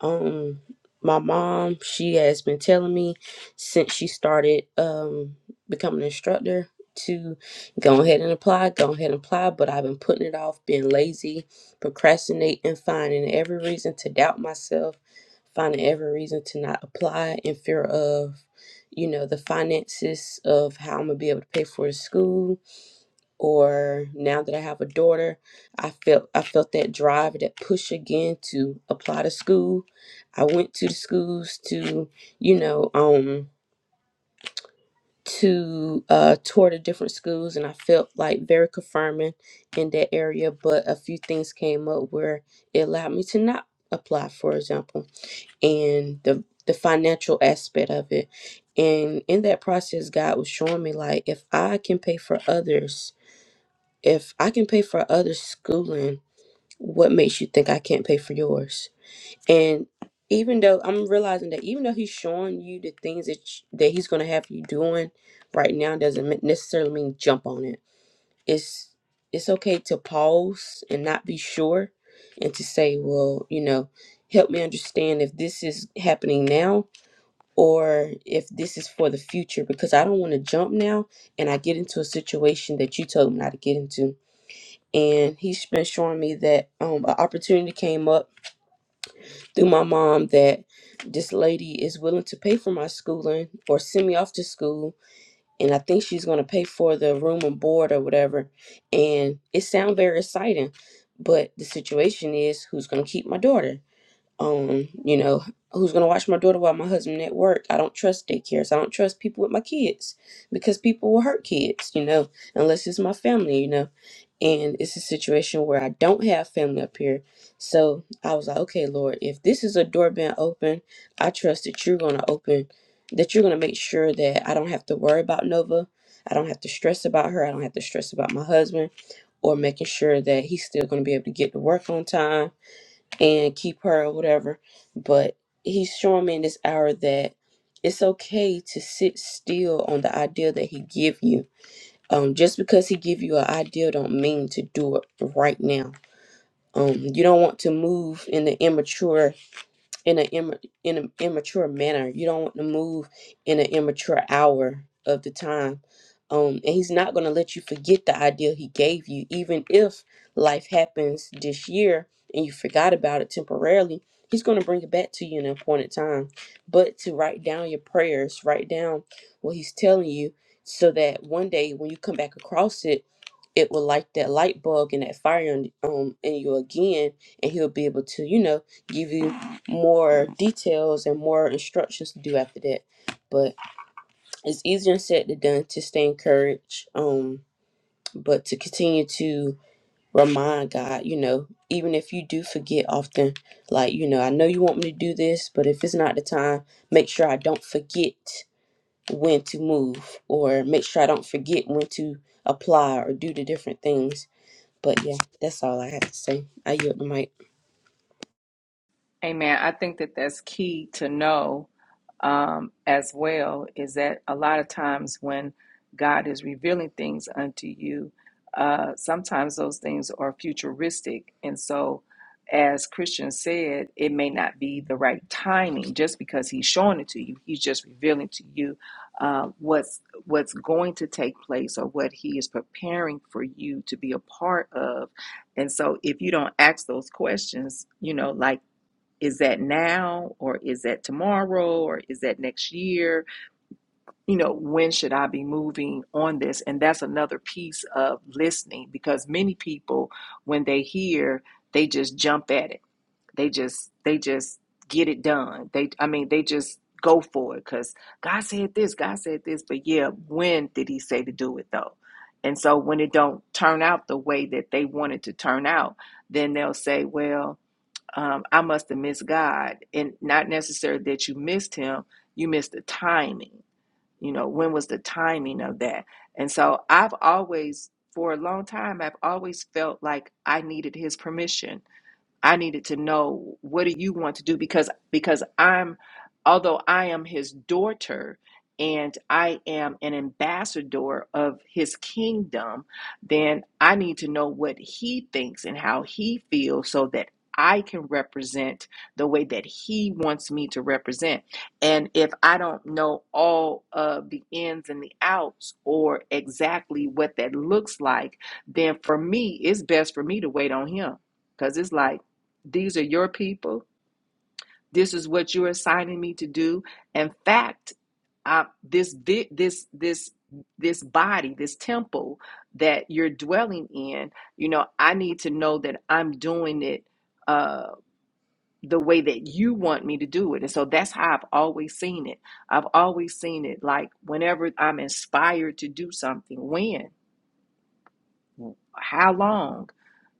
E: Um, my mom, she has been telling me since she started um becoming an instructor to go ahead and apply, go ahead and apply, but I've been putting it off, being lazy, procrastinate, and finding every reason to doubt myself, finding every reason to not apply in fear of, you know, the finances of how I'm gonna be able to pay for the school or now that I have a daughter, I felt I felt that drive, that push again to apply to school. I went to the schools to, you know, um to uh tour the different schools and I felt like very confirming in that area, but a few things came up where it allowed me to not apply, for example, and the the financial aspect of it. And in that process, God was showing me like if I can pay for others if I can pay for other schooling, what makes you think I can't pay for yours? And even though I'm realizing that even though he's showing you the things that sh- that he's going to have you doing right now doesn't me- necessarily mean jump on it. It's it's okay to pause and not be sure and to say, well, you know, help me understand if this is happening now or if this is for the future because I don't want to jump now and I get into a situation that you told me not to get into and he's been showing me that um, an opportunity came up through my mom that this lady is willing to pay for my schooling or send me off to school and i think she's going to pay for the room and board or whatever and it sounds very exciting but the situation is who's going to keep my daughter um, you know, who's gonna watch my daughter while my husband at work? I don't trust daycares. I don't trust people with my kids because people will hurt kids, you know, unless it's my family, you know. And it's a situation where I don't have family up here. So I was like, okay, Lord, if this is a door being open, I trust that you're gonna open, that you're gonna make sure that I don't have to worry about Nova. I don't have to stress about her. I don't have to stress about my husband or making sure that he's still gonna be able to get to work on time and keep her or whatever. But he's showing me in this hour that it's okay to sit still on the idea that he give you. Um, just because he give you an idea don't mean to do it right now. Um, you don't want to move in the immature in an Im- in an immature manner. You don't want to move in an immature hour of the time. Um, and he's not going to let you forget the idea he gave you, even if life happens this year and you forgot about it temporarily. He's going to bring it back to you in an appointed time. But to write down your prayers, write down what he's telling you, so that one day when you come back across it, it will light that light bulb and that fire in, um, in you again, and he'll be able to, you know, give you more details and more instructions to do after that. But it's easier said than done to stay encouraged. Um, but to continue to remind God, you know, even if you do forget often, like, you know, I know you want me to do this, but if it's not the time, make sure I don't forget when to move or make sure I don't forget when to apply or do the different things. But yeah, that's all I have to say. I yield the mic.
A: Amen. I think that that's key to know um, as well is that a lot of times when God is revealing things unto you, uh, sometimes those things are futuristic. And so, as Christian said, it may not be the right timing just because he's showing it to you. He's just revealing to you uh, what's what's going to take place or what he is preparing for you to be a part of. And so, if you don't ask those questions, you know, like is that now or is that tomorrow or is that next year you know when should i be moving on this and that's another piece of listening because many people when they hear they just jump at it they just they just get it done they i mean they just go for it because god said this god said this but yeah when did he say to do it though and so when it don't turn out the way that they want it to turn out then they'll say well um, I must have missed God. And not necessarily that you missed him, you missed the timing. You know, when was the timing of that? And so I've always, for a long time, I've always felt like I needed his permission I needed to know what do you want to do because because I'm although I am his daughter and I am an ambassador of his kingdom, then I need to know what he thinks and how he feels so that I can represent the way that he wants me to represent. And if I don't know all of the ins and the outs or exactly what that looks like, then for me, it's best for me to wait on him. Because it's like, these are your people. This is what you're assigning me to do. In fact, uh, this this this this body, this temple that you're dwelling in, you know, I need to know that I'm doing it uh, the way that you want me to do it. And so that's how I've always seen it. I've always seen it like whenever I'm inspired to do something, when, how long,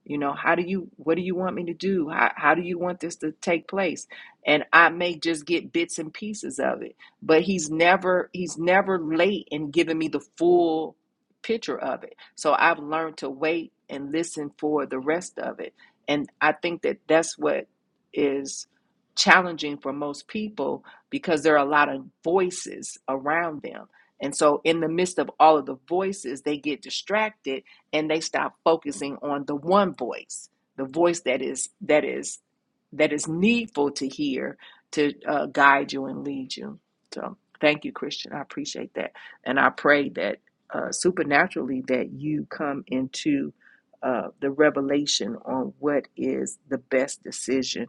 A: You know, how do you, what do you want me to do? How, how do you want this to take place? And I may just get bits and pieces of it, but he's never, he's never late in giving me the full picture of it. So I've learned to wait and listen for the rest of it. And I think that that's what is challenging for most people because there are a lot of voices around them. And so, in the midst of all of the voices, they get distracted and they stop focusing on the one voice the voice that is that is that is needful to hear to uh, guide you and lead you so thank you christian i appreciate that and i pray that uh, supernaturally that you come into uh, the revelation on what is the best decision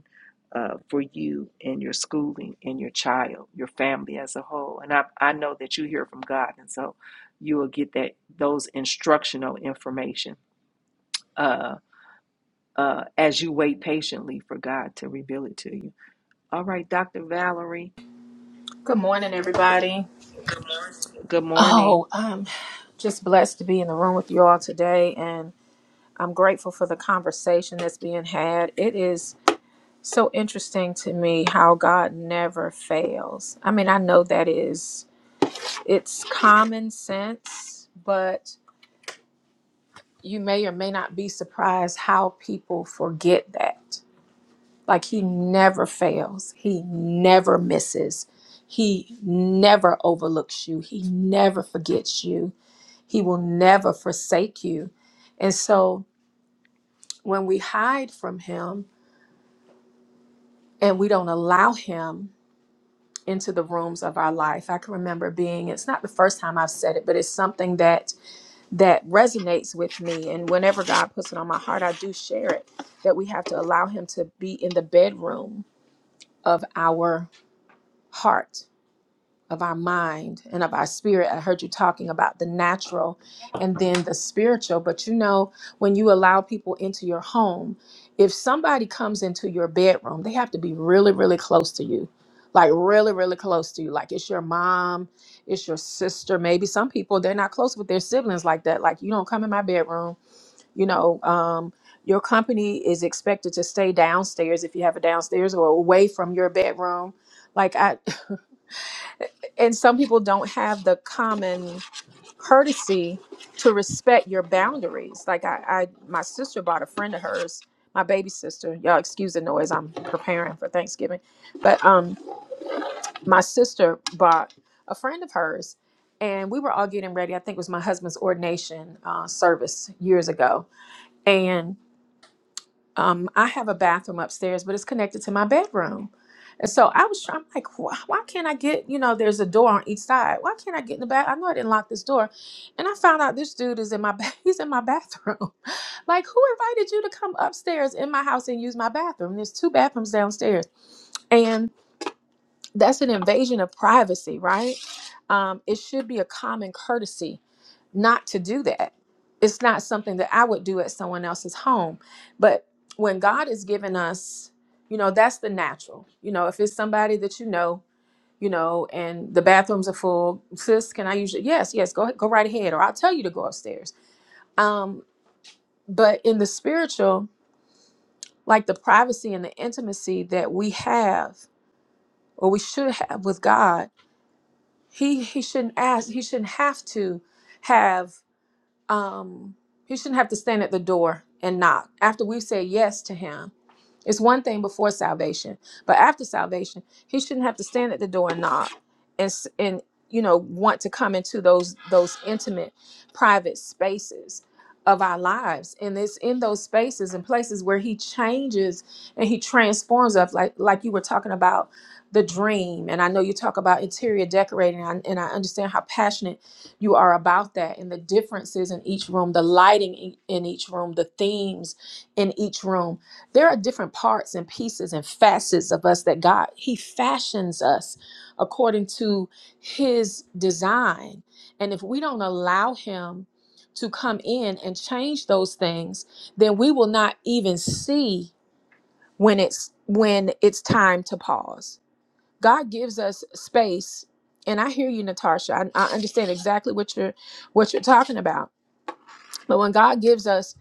A: uh, for you and your schooling and your child your family as a whole and i, I know that you hear from god and so you will get that those instructional information uh, uh, as you wait patiently for God to reveal it to you. All right, Dr. Valerie.
F: Good morning, everybody.
A: Good morning.
F: Oh, I'm just blessed to be in the room with you all today, and I'm grateful for the conversation that's being had. It is so interesting to me how God never fails. I mean, I know that is it's common sense, but you may or may not be surprised how people forget that. Like he never fails. He never misses. He never overlooks you. He never forgets you He will never forsake you. And so when we hide from Him and we don't allow Him into the rooms of our life, I can remember being, it's not the first time I've said it, but it's something that that resonates with me. And whenever God puts it on my heart, I do share it that we have to allow Him to be in the bedroom of our heart of our mind and of our spirit. I heard you talking about the natural and then the spiritual. But you know, when you allow people into your home, if somebody comes into your bedroom, they have to be really, really close to you. Like really, really close to you. Like it's your mom, it's your sister. Maybe some people they're not close with their siblings like that. Like you don't come in my bedroom. You know, um, your company is expected to stay downstairs if you have a downstairs or away from your bedroom. Like I, and some people don't have the common courtesy to respect your boundaries like i, I my sister bought a friend of hers my baby sister y'all excuse the noise i'm preparing for thanksgiving but um my sister bought a friend of hers and we were all getting ready i think it was my husband's ordination uh, service years ago and um, I have a bathroom upstairs, but it's connected to my bedroom. And so I was, try- I'm like, why, why can't I get, you know, there's a door on each side. Why can't I get in the bath? I know I didn't lock this door. And I found out this dude is in my, ba- he's in my bathroom. like who invited you to come upstairs in my house and use my bathroom? There's two bathrooms downstairs. and that's an invasion of privacy, right? Um, it should be a common courtesy not to do that. It's not something that I would do at someone else's home. But when God is giving us, you know, that's the natural. You know, if it's somebody that you know, you know, and the bathrooms are full, sis, can I usually? Yes, yes, go go right ahead, or I'll tell you to go upstairs. Um, but in the spiritual, like the privacy and the intimacy that we have, or we should have with God he he shouldn't ask he shouldn't have to have um he shouldn't have to stand at the door and knock after we say yes to him it's one thing before salvation, but after salvation, he shouldn't have to stand at the door and knock, and s- and you know want to come into those those intimate, private spaces of our lives. And it's in those spaces and places where he changes and he transforms us, like like you were talking about the dream. And I know you talk about interior decorating, and I, and I understand how passionate you are about that, and the differences in each room, the lighting in in each room, the themes in each room there are different parts and pieces and facets of us that God he fashions us according to his design and if we don't allow him to come in and change those things then we will not even see when it's when it's time to pause God gives us space and I hear you Natasha I, I understand exactly what you're what you're talking about but when God gives us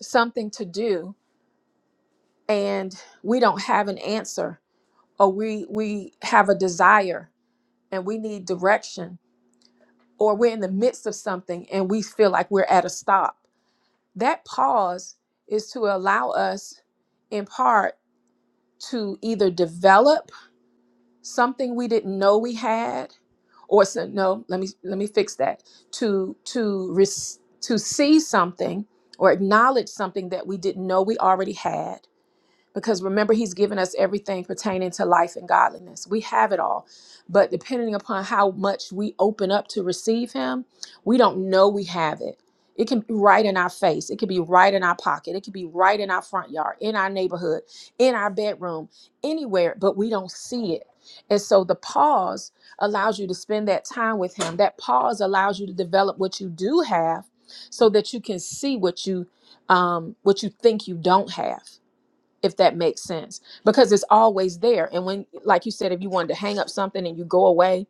F: something to do and we don't have an answer or we we have a desire and we need direction or we're in the midst of something and we feel like we're at a stop that pause is to allow us in part to either develop something we didn't know we had or s- no let me let me fix that to to res- to see something or acknowledge something that we didn't know we already had Because remember, He's given us everything pertaining to life and godliness. We have it all. But depending upon how much we open up to receive Him, we don't know we have it. It can be right in our face. It can be right in our pocket. It can be right in our front yard, in our neighborhood, in our bedroom, anywhere, but we don't see it. And so the pause allows you to spend that time with Him. That pause allows you to develop what you do have so that you can see what you um, what you think you don't have if that makes sense because it's always there and when like you said if you wanted to hang up something and you go away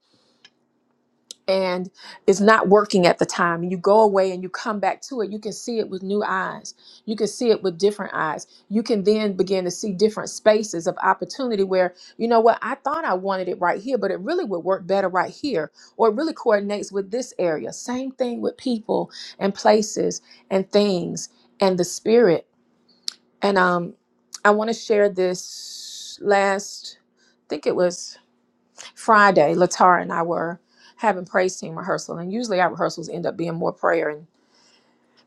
F: and it's not working at the time and you go away and you come back to it you can see it with new eyes you can see it with different eyes you can then begin to see different spaces of opportunity where you know what i thought i wanted it right here but it really would work better right here or it really coordinates with this area same thing with people and places and things and the spirit and um, I want to share this last, I think it was Friday, Latara and I were having praise team rehearsal. And usually our rehearsals end up being more prayer and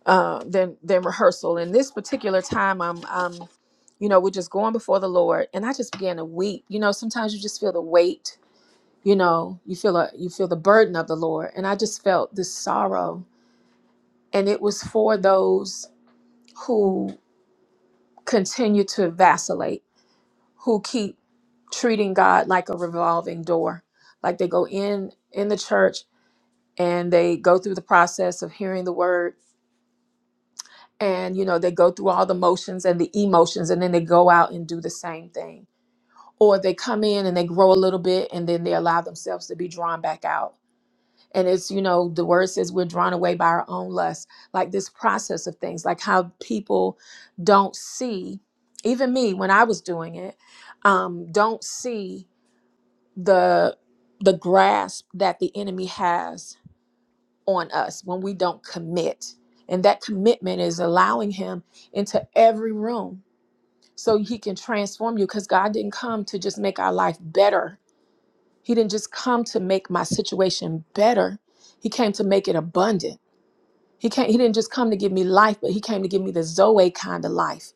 F: uh, than than rehearsal. And this particular time, I'm, um, you know, we're just going before the Lord, and I just began to weep. You know, sometimes you just feel the weight. You know, you feel a, you feel the burden of the Lord, and I just felt this sorrow, and it was for those who continue to vacillate who keep treating God like a revolving door. Like they go in in the church and they go through the process of hearing the word and you know they go through all the motions and the emotions and then they go out and do the same thing. Or they come in and they grow a little bit and then they allow themselves to be drawn back out. And it's, you know, the word says we're drawn away by our own lust. Like this process of things, like how people don't see, even me when I was doing it, um, don't see the the grasp that the enemy has on us when we don't commit and that commitment is allowing him into every room so he can transform you because god didn't come to just make our life better he didn't just come to make my situation better he came to make it abundant he came he didn't just come to give me life but he came to give me the zoe kind of life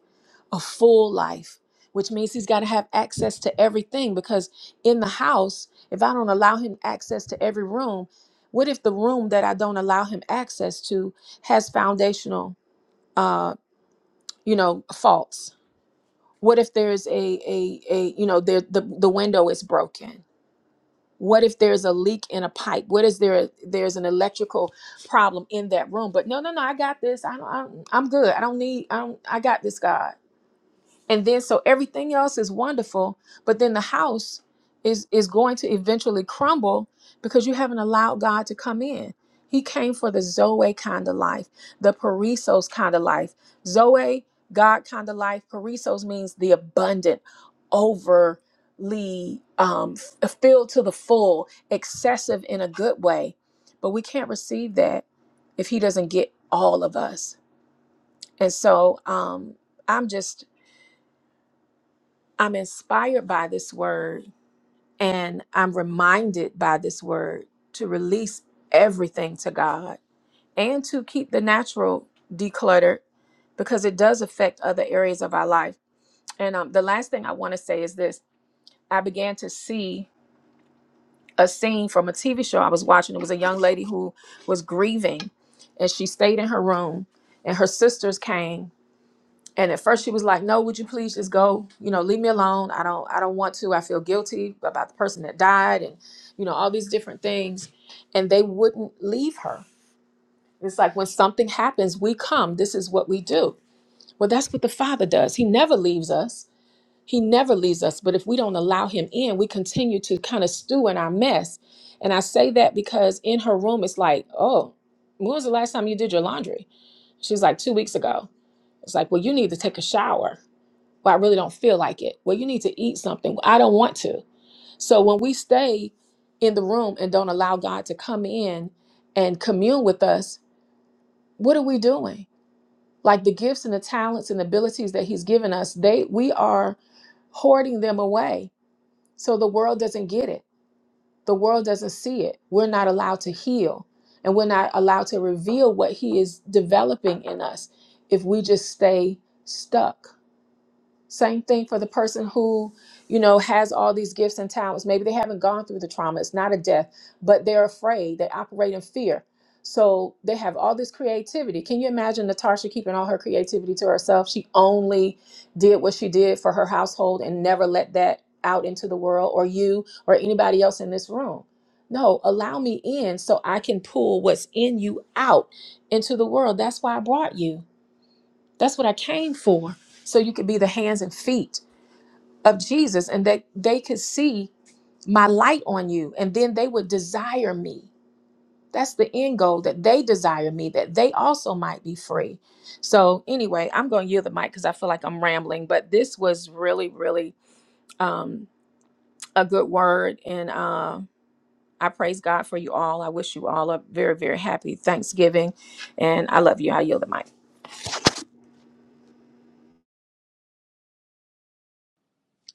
F: a full life, which means he's got to have access to everything because in the house, if I don't allow him access to every room, what if the room that I don't allow him access to has foundational uh, you know, faults? What if there's a a a you know, there the the window is broken? What if there's a leak in a pipe? What is there there's an electrical problem in that room? But no, no, no, I got this. I don't, I'm I'm good. I don't need I don't I got this, God and then so everything else is wonderful but then the house is is going to eventually crumble because you haven't allowed god to come in he came for the zoe kind of life the parisos kind of life zoe god kind of life parisos means the abundant overly um f- uh, filled to the full excessive in a good way but we can't receive that if he doesn't get all of us and so um i'm just I'm inspired by this word and I'm reminded by this word to release everything to God and to keep the natural decluttered because it does affect other areas of our life. And um, the last thing I want to say is this I began to see a scene from a TV show I was watching. It was a young lady who was grieving and she stayed in her room and her sisters came And at first she was like, "No, would you please just go? You know, leave me alone. I don't I don't want to. I feel guilty about the person that died and you know, all these different things." And they wouldn't leave her. It's like when something happens, we come. This is what we do. Well, that's what the Father does. He never leaves us. He never leaves us, but if we don't allow him in, we continue to kind of stew in our mess. And I say that because in her room it's like, "Oh, when was the last time you did your laundry?" She's like, "2 weeks ago." It's like, well, you need to take a shower. Well, I really don't feel like it. Well, you need to eat something. I don't want to. So when we stay in the room and don't allow God to come in and commune with us, what are we doing? Like the gifts and the talents and abilities that He's given us, they we are hoarding them away so the world doesn't get it. The world doesn't see it. We're not allowed to heal and we're not allowed to reveal what He is developing in us if we just stay stuck. Same thing for the person who, you know, has all these gifts and talents. Maybe they haven't gone through the trauma. It's not a death, but they're afraid. They operate in fear. So they have all this creativity. Can you imagine Natasha keeping all her creativity to herself? She only did what she did for her household and never let that out into the world or you or anybody else in this room. No, allow me in so I can pull what's in you out into the world. That's why I brought you. That's what I came for. So you could be the hands and feet of Jesus and that they could see my light on you and then they would desire me that's the end goal that they desire me that they also might be free so anyway i'm going to yield the mic because i feel like i'm rambling but this was really really um, a good word and um I praise God for you all. I wish you all a very, very happy Thanksgiving. And I love you. I yield the mic.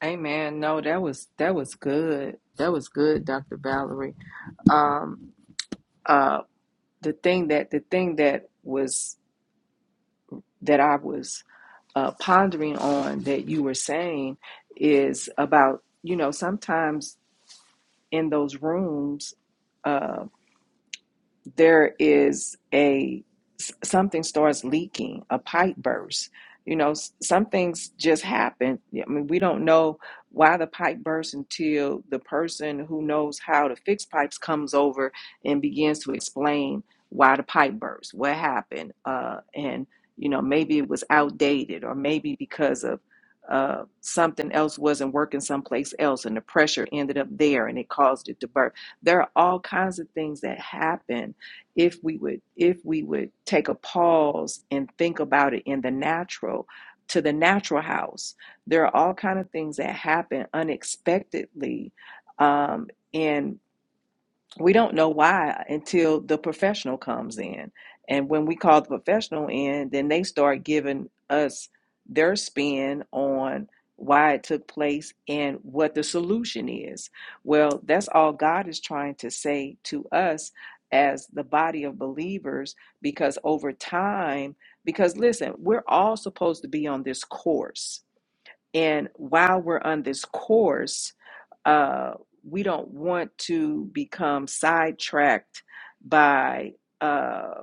A: Amen. No, that was that was good. That was good, Dr. Valerie. Um, uh, the thing that the thing that was that I was uh, pondering on that you were saying is about you know sometimes in those rooms. uh, there is a s- something starts leaking, a pipe burst. You know, s- some things just happen. Yeah, I mean, we don't know why the pipe burst until the person who knows how to fix pipes comes over and begins to explain why the pipe burst, what happened, uh, and you know, maybe it was outdated, or maybe because of uh, something else wasn't working someplace else, and the pressure ended up there, and it caused it to burst. There are all kinds of things that happen if we would if we would take a pause and think about it in the natural to the natural house there are all kinds of things that happen unexpectedly um, in we don't know why until the professional comes in. And when we call the professional in, then they start giving us their spin on why it took place and what the solution is. Well, that's all God is trying to say to us as the body of believers, because over time, because listen, we're all supposed to be on this course. And while we're on this course, uh, we don't want to become sidetracked by. uh,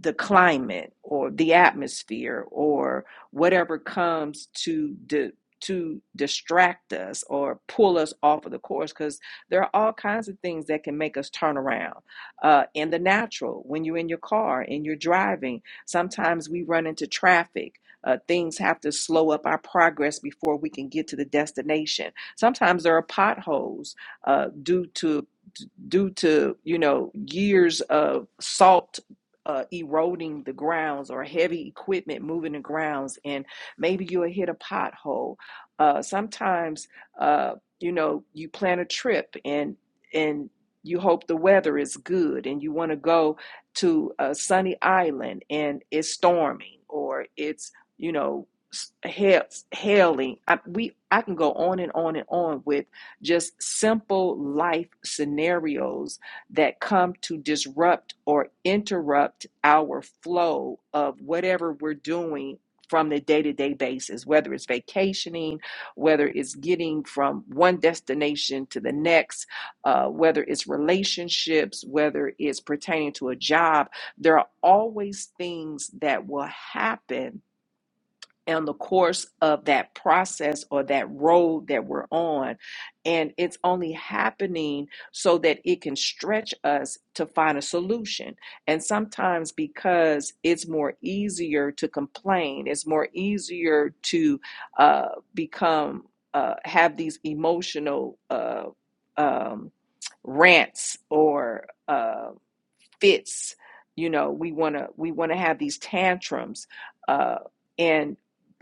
A: the climate or the atmosphere or whatever comes to di- to distract us or pull us off of the course because there are all kinds of things that can make us turn around uh, in the natural when you're in your car and you're driving sometimes we run into traffic uh, things have to slow up our progress before we can get to the destination sometimes there are potholes uh, due to due to you know years of salt uh, eroding the grounds or heavy equipment moving the grounds and maybe you'll hit a pothole uh, sometimes uh, you know you plan a trip and and you hope the weather is good and you want to go to a sunny island and it's storming or it's you know hailing I, we i can go on and on and on with just simple life scenarios that come to disrupt or interrupt our flow of whatever we're doing from the day to day basis, whether it's vacationing, whether it's getting from one destination to the next, uh, whether it's relationships, whether it's pertaining to a job. There are always things that will happen on the course of that process or that road that we're on. And it's only happening so that it can stretch us to find a solution. And sometimes because it's more easier to complain, it's more easier to uh, become, uh, have these emotional. Uh, um, rants or uh, fits you know we want to we want to have these tantrums uh and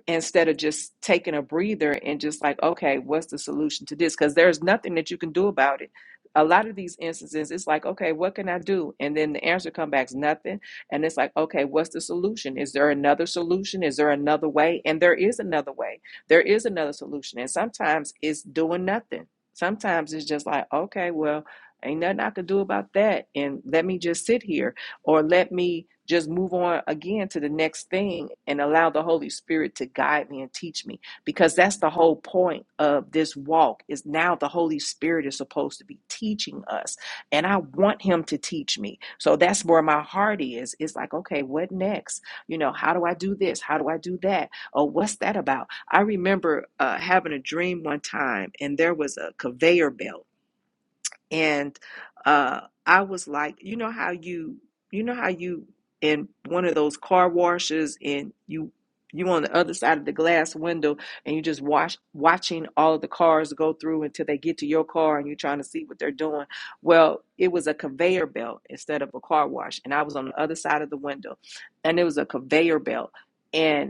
A: instead of just taking a breather and just like okay what's the solution to this because there's nothing that you can do about it a lot of these instances it's like okay what can i do and then the answer comes back is nothing and it's like okay what's the solution is there another solution is there another way and there is another way there is another solution and sometimes it's doing nothing sometimes it's just like okay well Ain't nothing I could do about that. And let me just sit here or let me just move on again to the next thing and allow the Holy Spirit to guide me and teach me. Because that's the whole point of this walk is now the Holy Spirit is supposed to be teaching us. And I want him to teach me. So that's where my heart is. It's like, okay, what next? You know, how do I do this? How do I do that? Oh, what's that about? I remember uh, having a dream one time and there was a conveyor belt and uh I was like, you know how you you know how you in one of those car washes and you you on the other side of the glass window and you just watch watching all of the cars go through until they get to your car and you're trying to see what they're doing. Well, it was a conveyor belt instead of a car wash and I was on the other side of the window and it was a conveyor belt and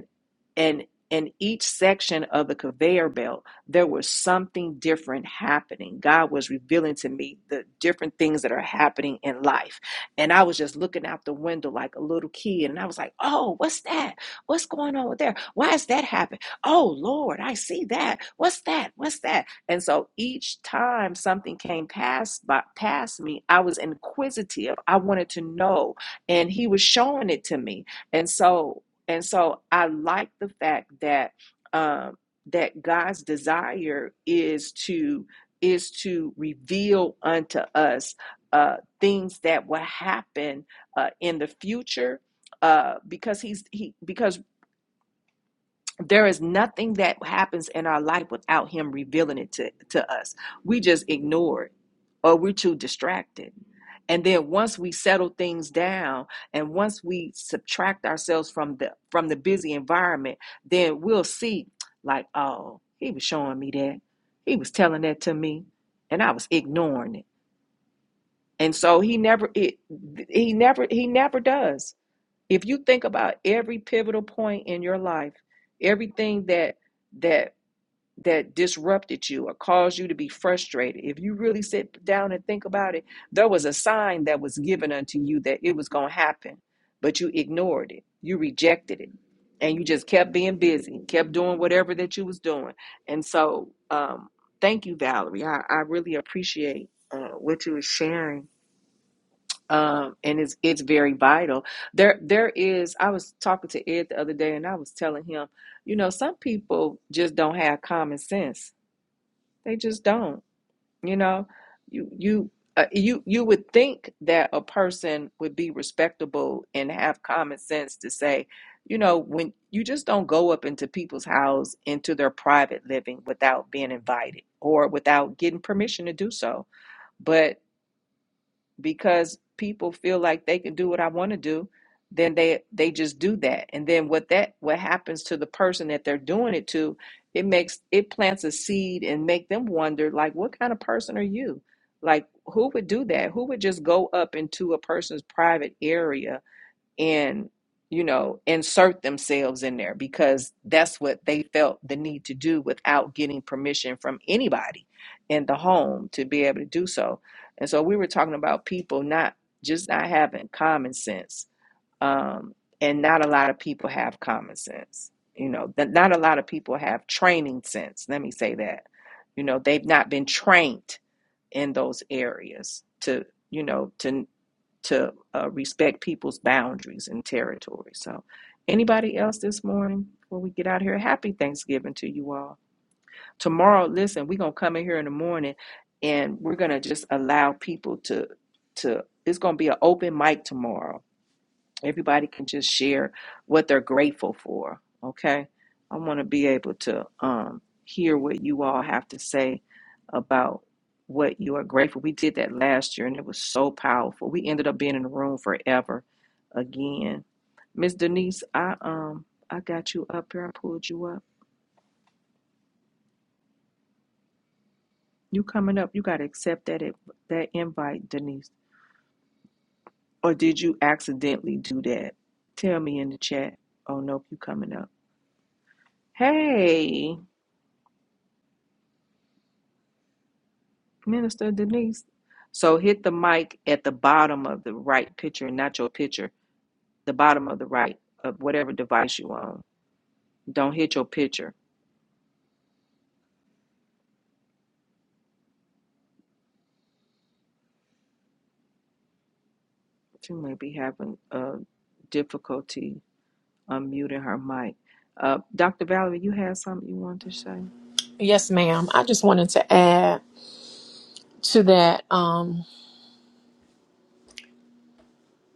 A: and in each section of the conveyor belt there was something different happening god was revealing to me the different things that are happening in life and i was just looking out the window like a little kid and i was like oh what's that what's going on there why is that happening oh lord i see that what's that what's that and so each time something came past by past me i was inquisitive i wanted to know and he was showing it to me and so and so I like the fact that um, that God's desire is to is to reveal unto us uh, things that will happen uh, in the future uh, because he's he because there is nothing that happens in our life without him revealing it to, to us we just ignore it or we're too distracted and then once we settle things down and once we subtract ourselves from the from the busy environment then we'll see like oh he was showing me that he was telling that to me and i was ignoring it and so he never it he never he never does if you think about every pivotal point in your life everything that that that disrupted you or caused you to be frustrated if you really sit down and think about it there was a sign that was given unto you that it was going to happen but you ignored it you rejected it and you just kept being busy kept doing whatever that you was doing and so um thank you valerie i, I really appreciate uh, what you were sharing um, and it's it's very vital. There there is. I was talking to Ed the other day, and I was telling him, you know, some people just don't have common sense. They just don't. You know, you you. Uh, you you would think that a person would be respectable and have common sense to say, you know, when you just don't go up into people's house into their private living without being invited or without getting permission to do so. But because people feel like they can do what I want to do, then they they just do that. And then what that what happens to the person that they're doing it to, it makes it plants a seed and make them wonder like what kind of person are you? Like who would do that? Who would just go up into a person's private area and you know insert themselves in there because that's what they felt the need to do without getting permission from anybody in the home to be able to do so and so we were talking about people not just not having common sense um, and not a lot of people have common sense you know that not a lot of people have training sense let me say that you know they've not been trained in those areas to you know to to uh, respect people's boundaries and territory. So, anybody else this morning before we get out of here? Happy Thanksgiving to you all. Tomorrow, listen, we're gonna come in here in the morning, and we're gonna just allow people to to. It's gonna be an open mic tomorrow Everybody can just share what they're grateful for. Okay. I want to be able to um, hear what you all have to say about what you are grateful. We did that last year and it was so powerful. We ended up being in the room forever again. Miss Denise, I um I got you up here. I pulled you up. You coming up. You gotta accept that it, that invite, Denise. Or did you accidentally do that? Tell me in the chat. Oh nope, you coming up. Hey. Minister Denise. So hit the mic at the bottom of the right picture, not your picture, the bottom of the right of whatever device you own. Don't hit your picture. She may be having uh, difficulty unmuting her mic. Uh, Dr. Valerie, you had something you wanted to say?
F: Yes, ma'am. I just wanted to add to that um,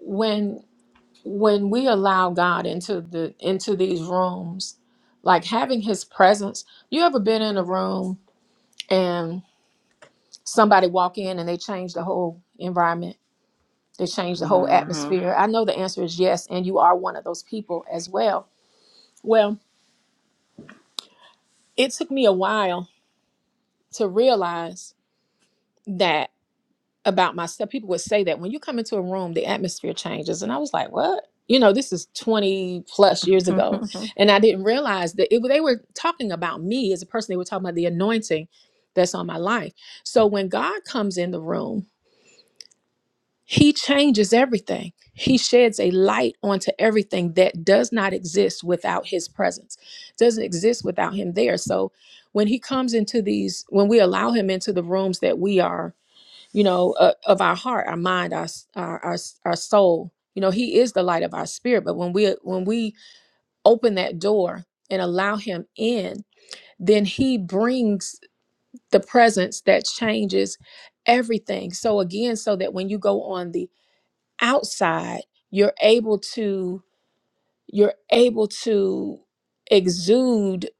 F: when when we allow God into the into these rooms, like having His presence. You ever been in a room somebody walk in and they change the whole environment they change the whole
A: hmm
F: atmosphere i know the answer is yes and you are one of those people as well well it took me a while to realize that about myself people would say that when you come into a room the atmosphere changes and i was like what you know this is 20 plus years ago and i didn't realize that it, they were talking about me as a person they were talking about the anointing that's on my life so when god comes in the room He changes everything. He sheds a light onto everything that does not exist without his presence, doesn't exist without him there. So when he comes into these, when we allow him into the rooms that we are, you know, uh, of our heart, our mind, our, s- our our s- our soul, you know, he is the light of our spirit. But when we when we open that door and allow him in, then he brings the presence that changes everything. So again, so that when you go on the outside you're able to you're able to exude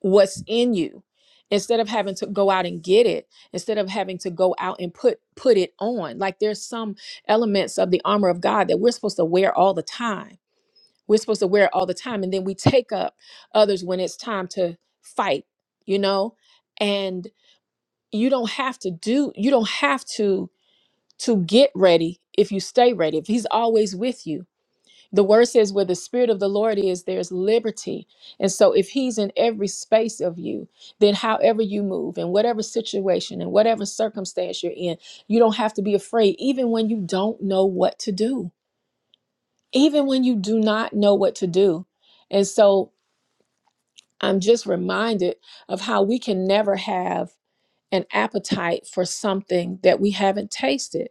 F: what's in you instead of having to go out and get it instead of having to go out and put put it on like there's some elements of the armor of god that we're supposed to wear all the time we're supposed to wear it all the time and then we take up others when it's time to fight you know and you don't have to do you don't have to to get ready if you stay ready if he's always with you the word says, where the Spirit of the Lord is, there's liberty. And so, if He's in every space of you, then however you move, in whatever situation, in whatever circumstance you're in, you don't have to be afraid, even when you don't know what to do, even when you do not know what to do. And so, I'm just reminded of how we can never have an appetite for something that we haven't tasted.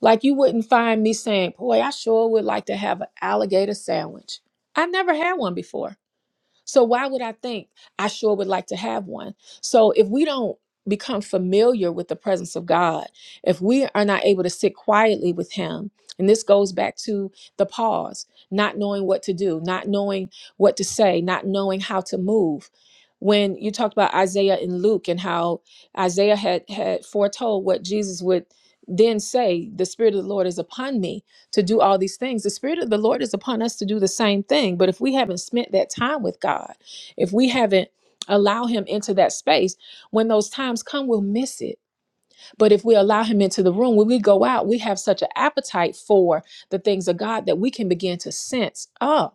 F: Like you wouldn't find me saying, Boy, I sure would like to have an alligator sandwich. I never had one before. So why would I think I sure would like to have one? So if we don't become familiar with the presence of God, if we are not able to sit quietly with him, and this goes back to the pause, not knowing what to do, not knowing what to say, not knowing how to move. When you talked about Isaiah and Luke and how Isaiah had had foretold what Jesus would then say, the spirit of the Lord is upon me to do all these things. The Spirit of the Lord is upon us to do the same thing. But if we haven't spent that time with God, if we haven't allowed Him into that space, when those times come, we'll miss it. But if we allow Him into the room, when we go out, we have such an appetite for the things of God that we can begin to sense, oh,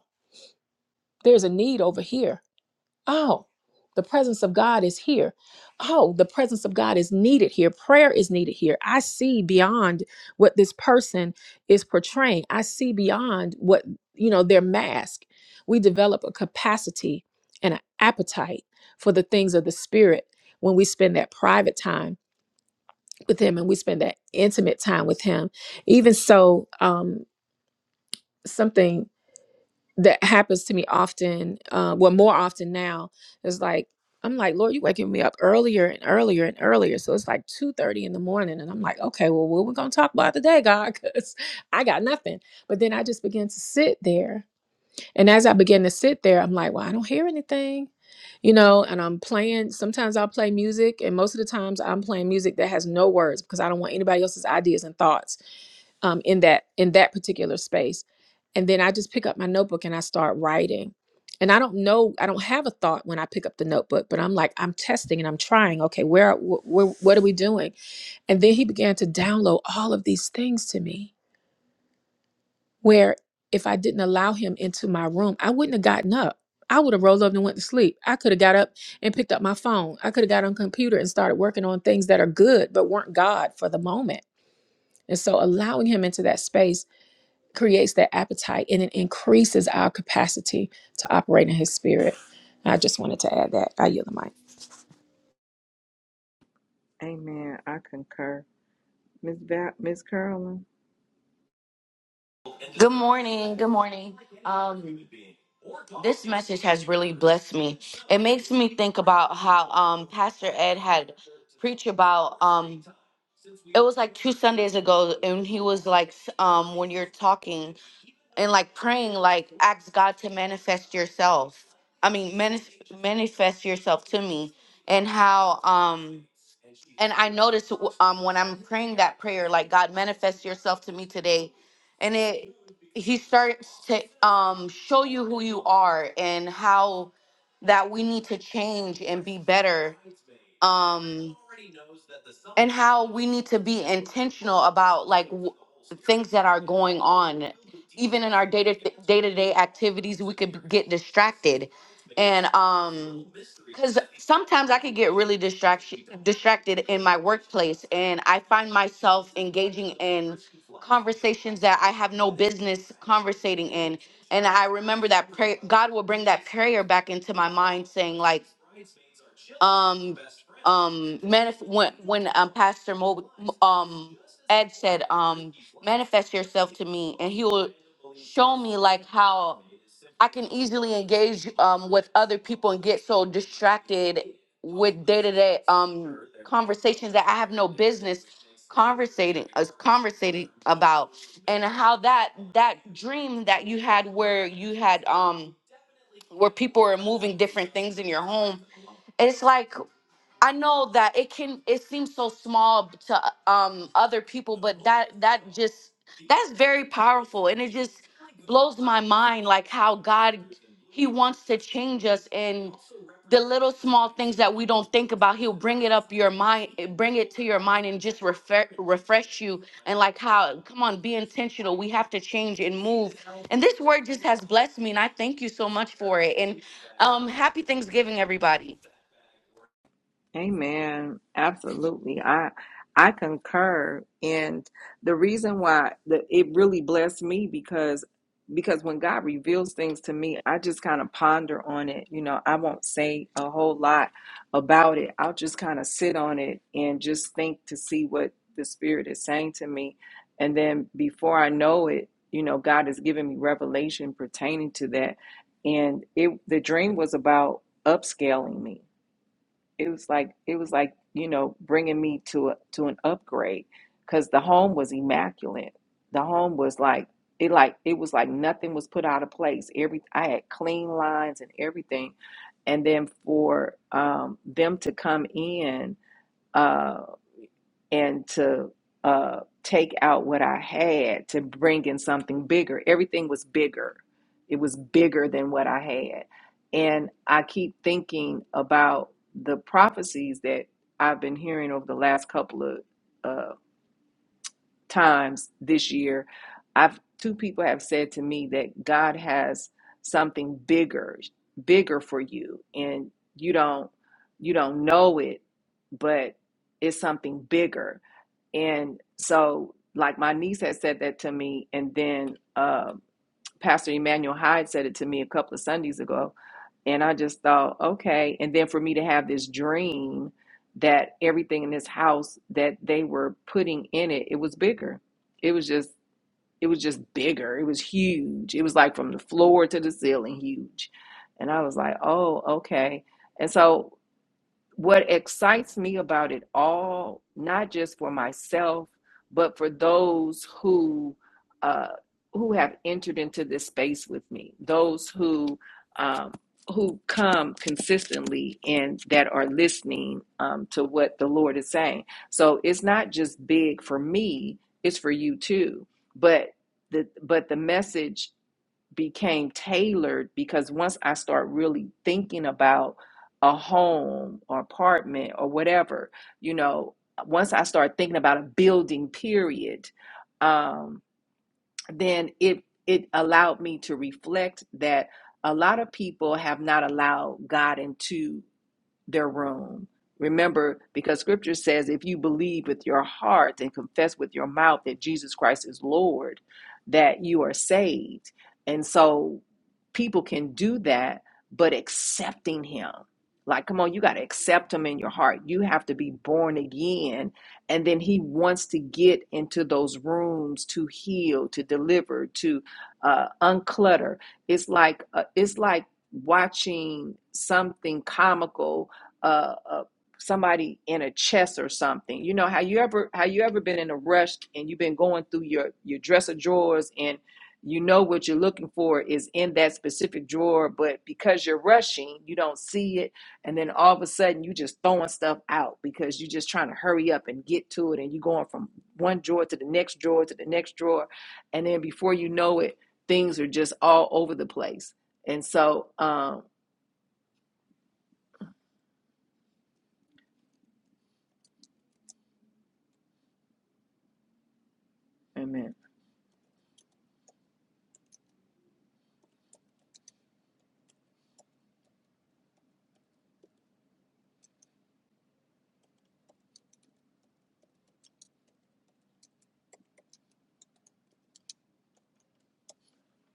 F: there's a need over here Oh, the presence of God is here. Oh, the presence of God is needed here. Prayer is needed here. I see beyond what this person is portraying. I see beyond what, you know, their mask. We develop a capacity and an appetite for the things of the spirit when we spend that private time with him and we spend that intimate time with him. Even so, um, something that happens to me often uh, well more often now It's like i'm like lord you waking me up earlier and earlier and earlier so it's like 2.30 in the morning and i'm like okay well what we gonna talk about today god because i got nothing but then i just begin to sit there and as i begin to sit there i'm like well i don't hear anything you know and i'm playing sometimes i'll play music and most of the times i'm playing music that has no words because i don't want anybody else's ideas and thoughts um, in that in that particular space and then i just pick up my notebook and i start writing and i don't know i don't have a thought when i pick up the notebook but i'm like i'm testing and i'm trying okay where, wh- where what are we doing and then he began to download all of these things to me where if i didn't allow him into my room i wouldn't have gotten up i would have rolled up and went to sleep i could have got up and picked up my phone i could have got on computer and started working on things that are good but weren't god for the moment and so allowing him into that space creates that appetite and it increases our capacity to operate in his spirit. I just wanted to add that. I yield the mic.
A: Amen. I concur. Miss Va- Miss Carolyn.
G: Good morning. Good morning. Um, this message has really blessed me. It makes me think about how um, Pastor Ed had preached about. Um, it was like two Sundays ago, and he was like, um, "When you're talking and like praying, like ask God to manifest yourself. I mean, manif- manifest yourself to me." And how um, and I notice um when I'm praying that prayer, like God manifest yourself to me today, and it He starts to um show you who you are and how that we need to change and be better. Um and how we need to be intentional about like w- the things that are going on even in our day to day to day activities we could get distracted and um because sometimes i could get really distraction distracted in my workplace and i find myself engaging in conversations that i have no business conversating in and i remember that prayer god will bring that prayer back into my mind saying like um um manif- when when um pastor Mo- um ed said um manifest yourself to me and he will show me like how i can easily engage um with other people and get so distracted with day-to-day um conversations that i have no business conversating as conversating about and how that that dream that you had where you had um where people were moving different things in your home it's like I know that it can it seems so small to um other people, but that that just that's very powerful and it just blows my mind like how God he wants to change us and the little small things that we don't think about he'll bring it up your mind bring it to your mind and just refresh refresh you and like how come on be intentional we have to change and move and this word just has blessed me and i thank you so much for it and um happy thanksgiving everybody
A: Amen. Absolutely. I I concur. And the reason why that it really blessed me because because when God reveals things to me, I just kind of ponder on it. You know, I won't say a whole lot about it. I'll just kind of sit on it and just think to see what the Spirit is saying to me. And then before I know it, you know, God has given me revelation pertaining to that. And it the dream was about upscaling me it was like it was like you know bringing me to a to an upgrade because the home was immaculate the home was like it like it was like nothing was put out of place every i had clean lines and everything and then for um, them to come in Uh, and to uh, take out what I had to bring in something bigger. Everything was bigger. It was bigger than what I had. And I keep thinking about the prophecies that I've been hearing over the last couple of uh, times this year. I've two people have said to me that God has something bigger, bigger for you, and you don't you don't know it, but it's something bigger and so, like my niece had said that to me, and then uh, Pastor Emmanuel Hyde said it to me a couple of Sundays ago, and I just thought, okay. And then for me to have this dream that everything in this house that they were putting in it, it was bigger. It was just, it was just bigger. It was huge. It was like from the floor to the ceiling, huge. And I was like, oh, okay. And so what excites me about it all, not just for myself, but for those who uh, who have entered into this space with me, those who um, who come consistently and that are listening um, to what the Lord is saying. So it's not just big for me; it's for you too. But the but the message became tailored because once I start really thinking about a home or apartment or whatever, you know, once I start thinking about a building period, um, then it it allowed me to reflect that a lot of people have not allowed God into their room. Remember, because scripture says if you believe with your heart and confess with your mouth that Jesus Christ is Lord, that you are saved. And so people can do that, but accepting Him. Like, come on, you got to accept Him in your heart. You have to be born again. And then He wants to get into those rooms to heal, to deliver, to uh, unclutter. It's like, uh, it's like, watching something comical uh, uh somebody in a chest or something. You know how you ever how you ever been in a rush and you've been going through your your dresser drawers and you know what you're looking for is in that specific drawer, but because you're rushing, you don't see it, and then all of a sudden you just throwing stuff out because you're just trying to hurry up and get to it, and you're going from one drawer to the next drawer to the next drawer, and then before you know it, things are just all over the place. And so, um, amen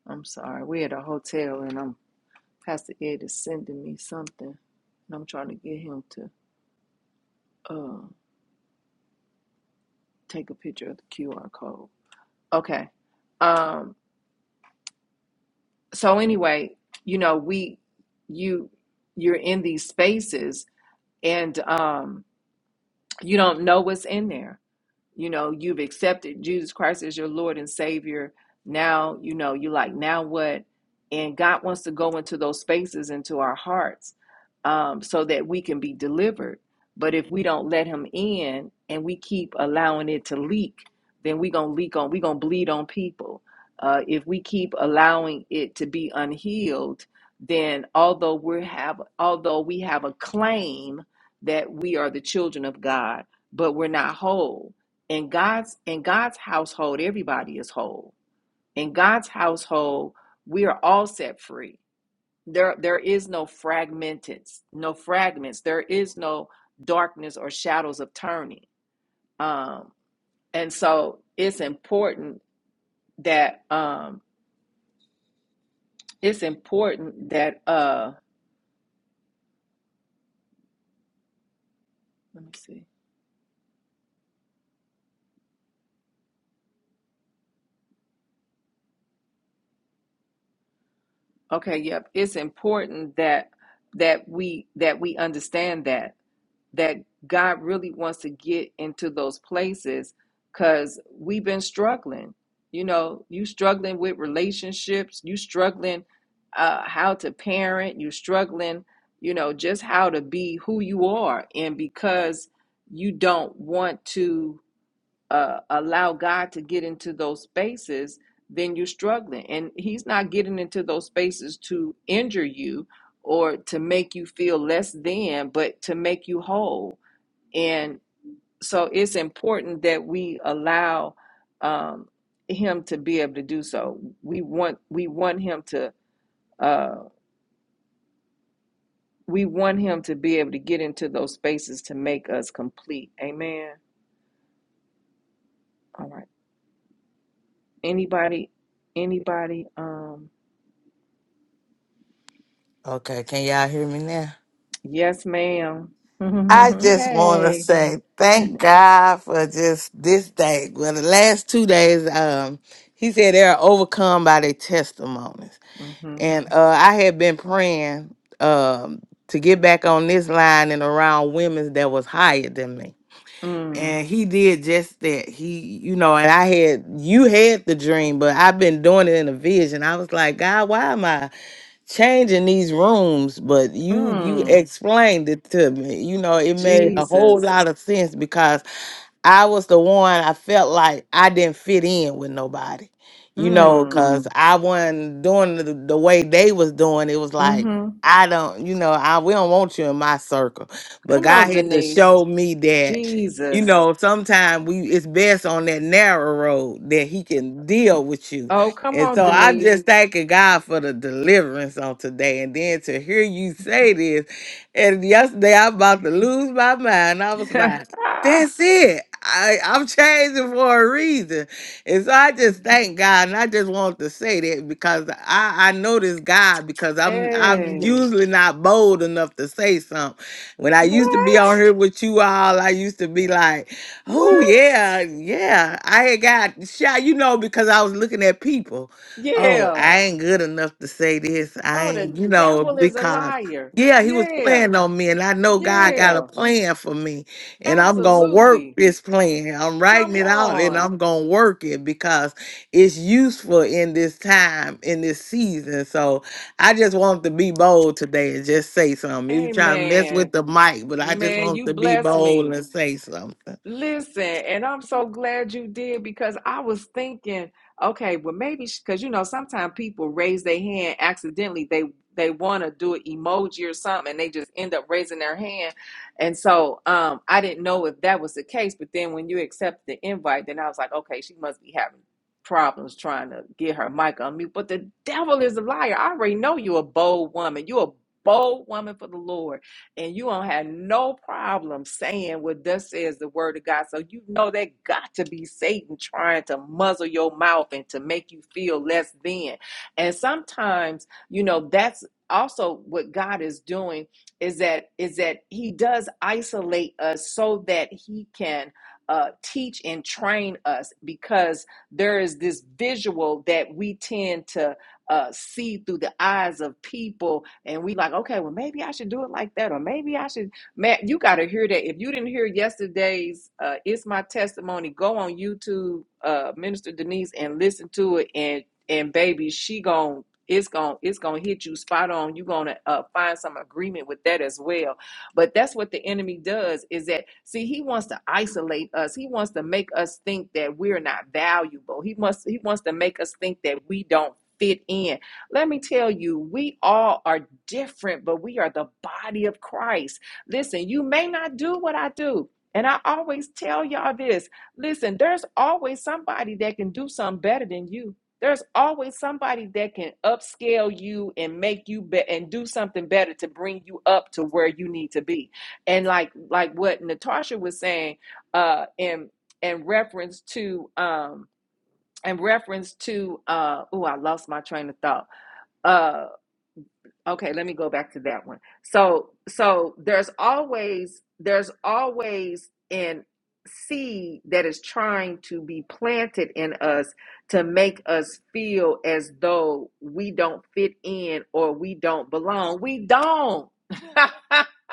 A: I'm sorry. We're at a hotel and I'm Pastor Ed is sending me something and I'm trying to get him to uh take a picture of the QR code. Okay. Um so anyway, you know, we you you're in these spaces and um you don't know what's in there. you know you've accepted jesus christ as your lord and savior now you know you are like now what and god wants to go into those spaces into our hearts um, so that we can be delivered but if we don't let him in and we keep allowing it to leak then we gonna leak on we gonna bleed on people uh, if we keep allowing it to be unhealed then although we have although we have a claim that we are the children of god but we're not whole in God's in God's household, everybody is whole. In God's household, we are all set free. There there is no fragmented, no fragments. There is no darkness or shadows of turning. Um, and so it's important that um, it's important that uh, let me see. Okay, yep. It's important that that we that we understand that. that God really wants to get into those places because we've been struggling. You know, you struggling with relationships, you struggling uh, how to parent, you struggling, you know, just how to be who you are. And because you don't want to uh, allow God to get into those spaces, then you're struggling. And He's not getting into those spaces to injure you or to make you feel less than, but to make you whole and so it's important that we allow um, him to be able to do so. We want we want him to uh, we want him to be able to get into those spaces to make us complete. Amen. All right. Anybody? Anybody? Um.
H: Okay, can y'all hear me now?
A: Yes, ma'am.
H: I just want to
A: hey.
H: say thank God for just this day. Well, the last two days, um, he said they are overcome by their testimonies,
A: Mm-hmm.
H: and uh, I had been praying um, to get back on this line and around women that was higher than me.
A: Mm.
H: And he did just that. He, you know, and I had you had the dream, but I've been doing it in a vision. I was like, God, why am I? changing these rooms, but you you
A: Mm.
H: explained it to me. You know, it made a whole
A: Jesus.
H: lot of sense because I was the one I felt like I didn't fit in with nobody, you know,
A: Mm.
H: because Mm. I wasn't doing the, the way they was doing. It was like,
A: Mm-hmm.
H: I don't, you know, I we don't want you in my circle. But
A: Come on,
H: God had to
A: Denise.
H: show me that, you
A: Jesus.
H: know, sometimes we it's best on that narrow road that He can deal with you.
A: Oh, come
H: And
A: on,
H: so I'm
A: Denise.
H: just thanking God for the deliverance on today. And then to hear you say this, and yesterday I'm about to lose my mind. I was like, that's it. I, I'm changing for a reason. And so I just thank God. And I just want to say that because I, I know this God because I'm I'm Yes.
A: hey,
H: usually not bold enough to say something. When I used to be on
A: what?
H: here with you all, I used to be like, oh
A: What?
H: yeah, yeah. I had got shot, you know, because I was looking at people. Oh,
A: Yeah.
H: I ain't good enough to say this. I
A: Oh, the
H: ain't, you know,
A: devil is a
H: because
A: liar.
H: yeah, he was
A: Yeah.
H: playing on me, and I know God got a
A: Yeah.
H: plan for me and I'm gonna work
A: Absolutely.
H: this plan. I'm writing
A: Come
H: it out and
A: on.
H: I'm gonna work it because it's useful in this time, in this season. So I just want to be bold today and just say something. You
A: Hey,
H: try to mess
A: man.
H: with the mic, but I just
A: Man,
H: want
A: you
H: to be
A: bless me.
H: bold and say something.
A: Listen, and I'm so glad you did because I was thinking, okay, well maybe because you know sometimes people raise their hand accidentally. They they want to do an emoji or something, and they just end up raising their hand. And so um, I didn't know if that was the case. But then when you accepted the invite, then I was like, okay, she must be having problems trying to get her mic on mute. But the devil is a liar. I already know you're a bold woman. You're a bold woman for the Lord and you don't have no problem saying what thus says the word of God. So you know that got to be Satan trying to muzzle your mouth and to make you feel less than. And sometimes, you know, that's also what God is doing is that is that he does isolate us so that he can uh, teach and train us because there is this visual that we tend to uh, see through the eyes of people, and we like, okay, well, maybe I should do it like that, or maybe I should. Man, you got to hear that. If you didn't hear yesterday's, uh, it's my testimony. Go on YouTube, uh, Minister Denise, and listen to it, and and baby, she gon' it's going it's gonna hit you spot on. You gonna uh, find some agreement with that as well. But that's what the enemy does is that see he wants to isolate us. He wants to make us think that we're not valuable. He must he wants to make us think that we don't fit in. Let me tell you, we all are different, but we are the body of Christ. Listen, you may not do what I do. And I always tell y'all this listen, there's always somebody that can do something better than you. There's always somebody that can upscale you and make you be- and do something better to bring you up to where you need to be. And like like what Natasha was saying uh in in reference to um in reference to uh oh i lost my train of thought uh okay let me go back to that one so so there's always there's always an seed that is trying to be planted in us to make us feel as though we don't fit in or we don't belong we don't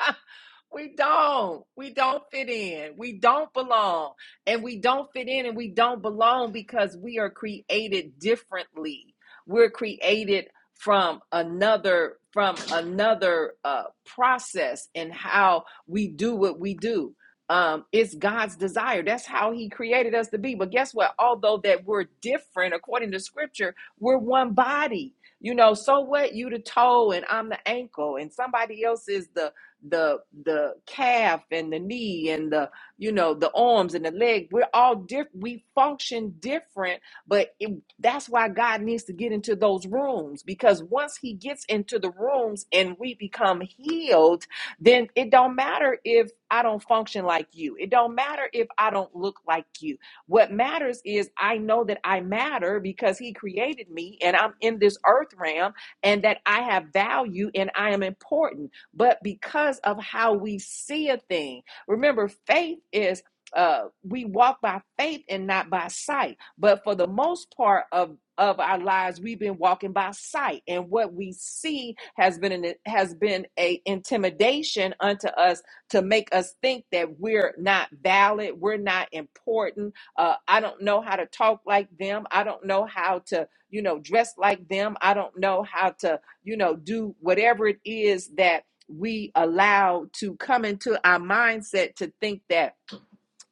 A: We don't. We don't fit in. We don't belong. And we don't fit in and we don't belong because we are created differently. We're created from another from another uh, process in how we do what we do. Um, it's God's desire. That's how He created us to be. But guess what? Although that we're different according to Scripture, we're one body. You know, so what? You the toe and I'm the ankle, and somebody else is the the the calf and the knee and the you know the arms and the leg we're all different we function different but it, that's why god needs to get into those rooms because once he gets into the rooms and we become healed then it don't matter if i don't function like you it don't matter if i don't look like you what matters is i know that i matter because he created me and i'm in this earth realm and that i have value and i am important but because of how we see a thing. Remember, faith is uh we walk by faith and not by sight. But for the most part of of our lives, we've been walking by sight, and what we see has been an, has been a intimidation unto us to make us think that we're not valid, we're not important. Uh, I don't know how to talk like them. I don't know how to, you know, dress like them. I don't know how to, you know, do whatever it is that we allow to come into our mindset to think that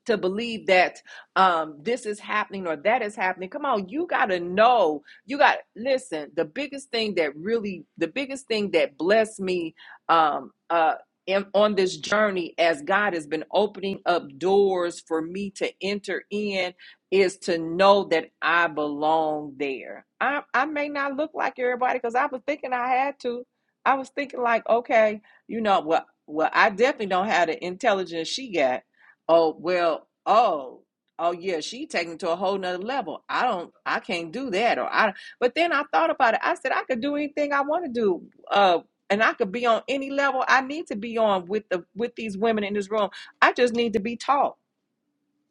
A: to believe that um, this is happening or that is happening. Come on, you got to know. You got listen. The biggest thing that really, the biggest thing that blessed me um, uh, in, on this journey, as God has been opening up doors for me to enter in, is to know that I belong there. I I may not look like everybody because I was thinking I had to. I was thinking like, okay, you know, well, well, I definitely don't have the intelligence she got Oh, well, oh, oh yeah, she taking it to a whole nother level. I don't I can't do that or I but then I thought about it. I said I could do anything I want to do. Uh and I could be on any level I need to be on with the with these women in this room. I just need to be taught.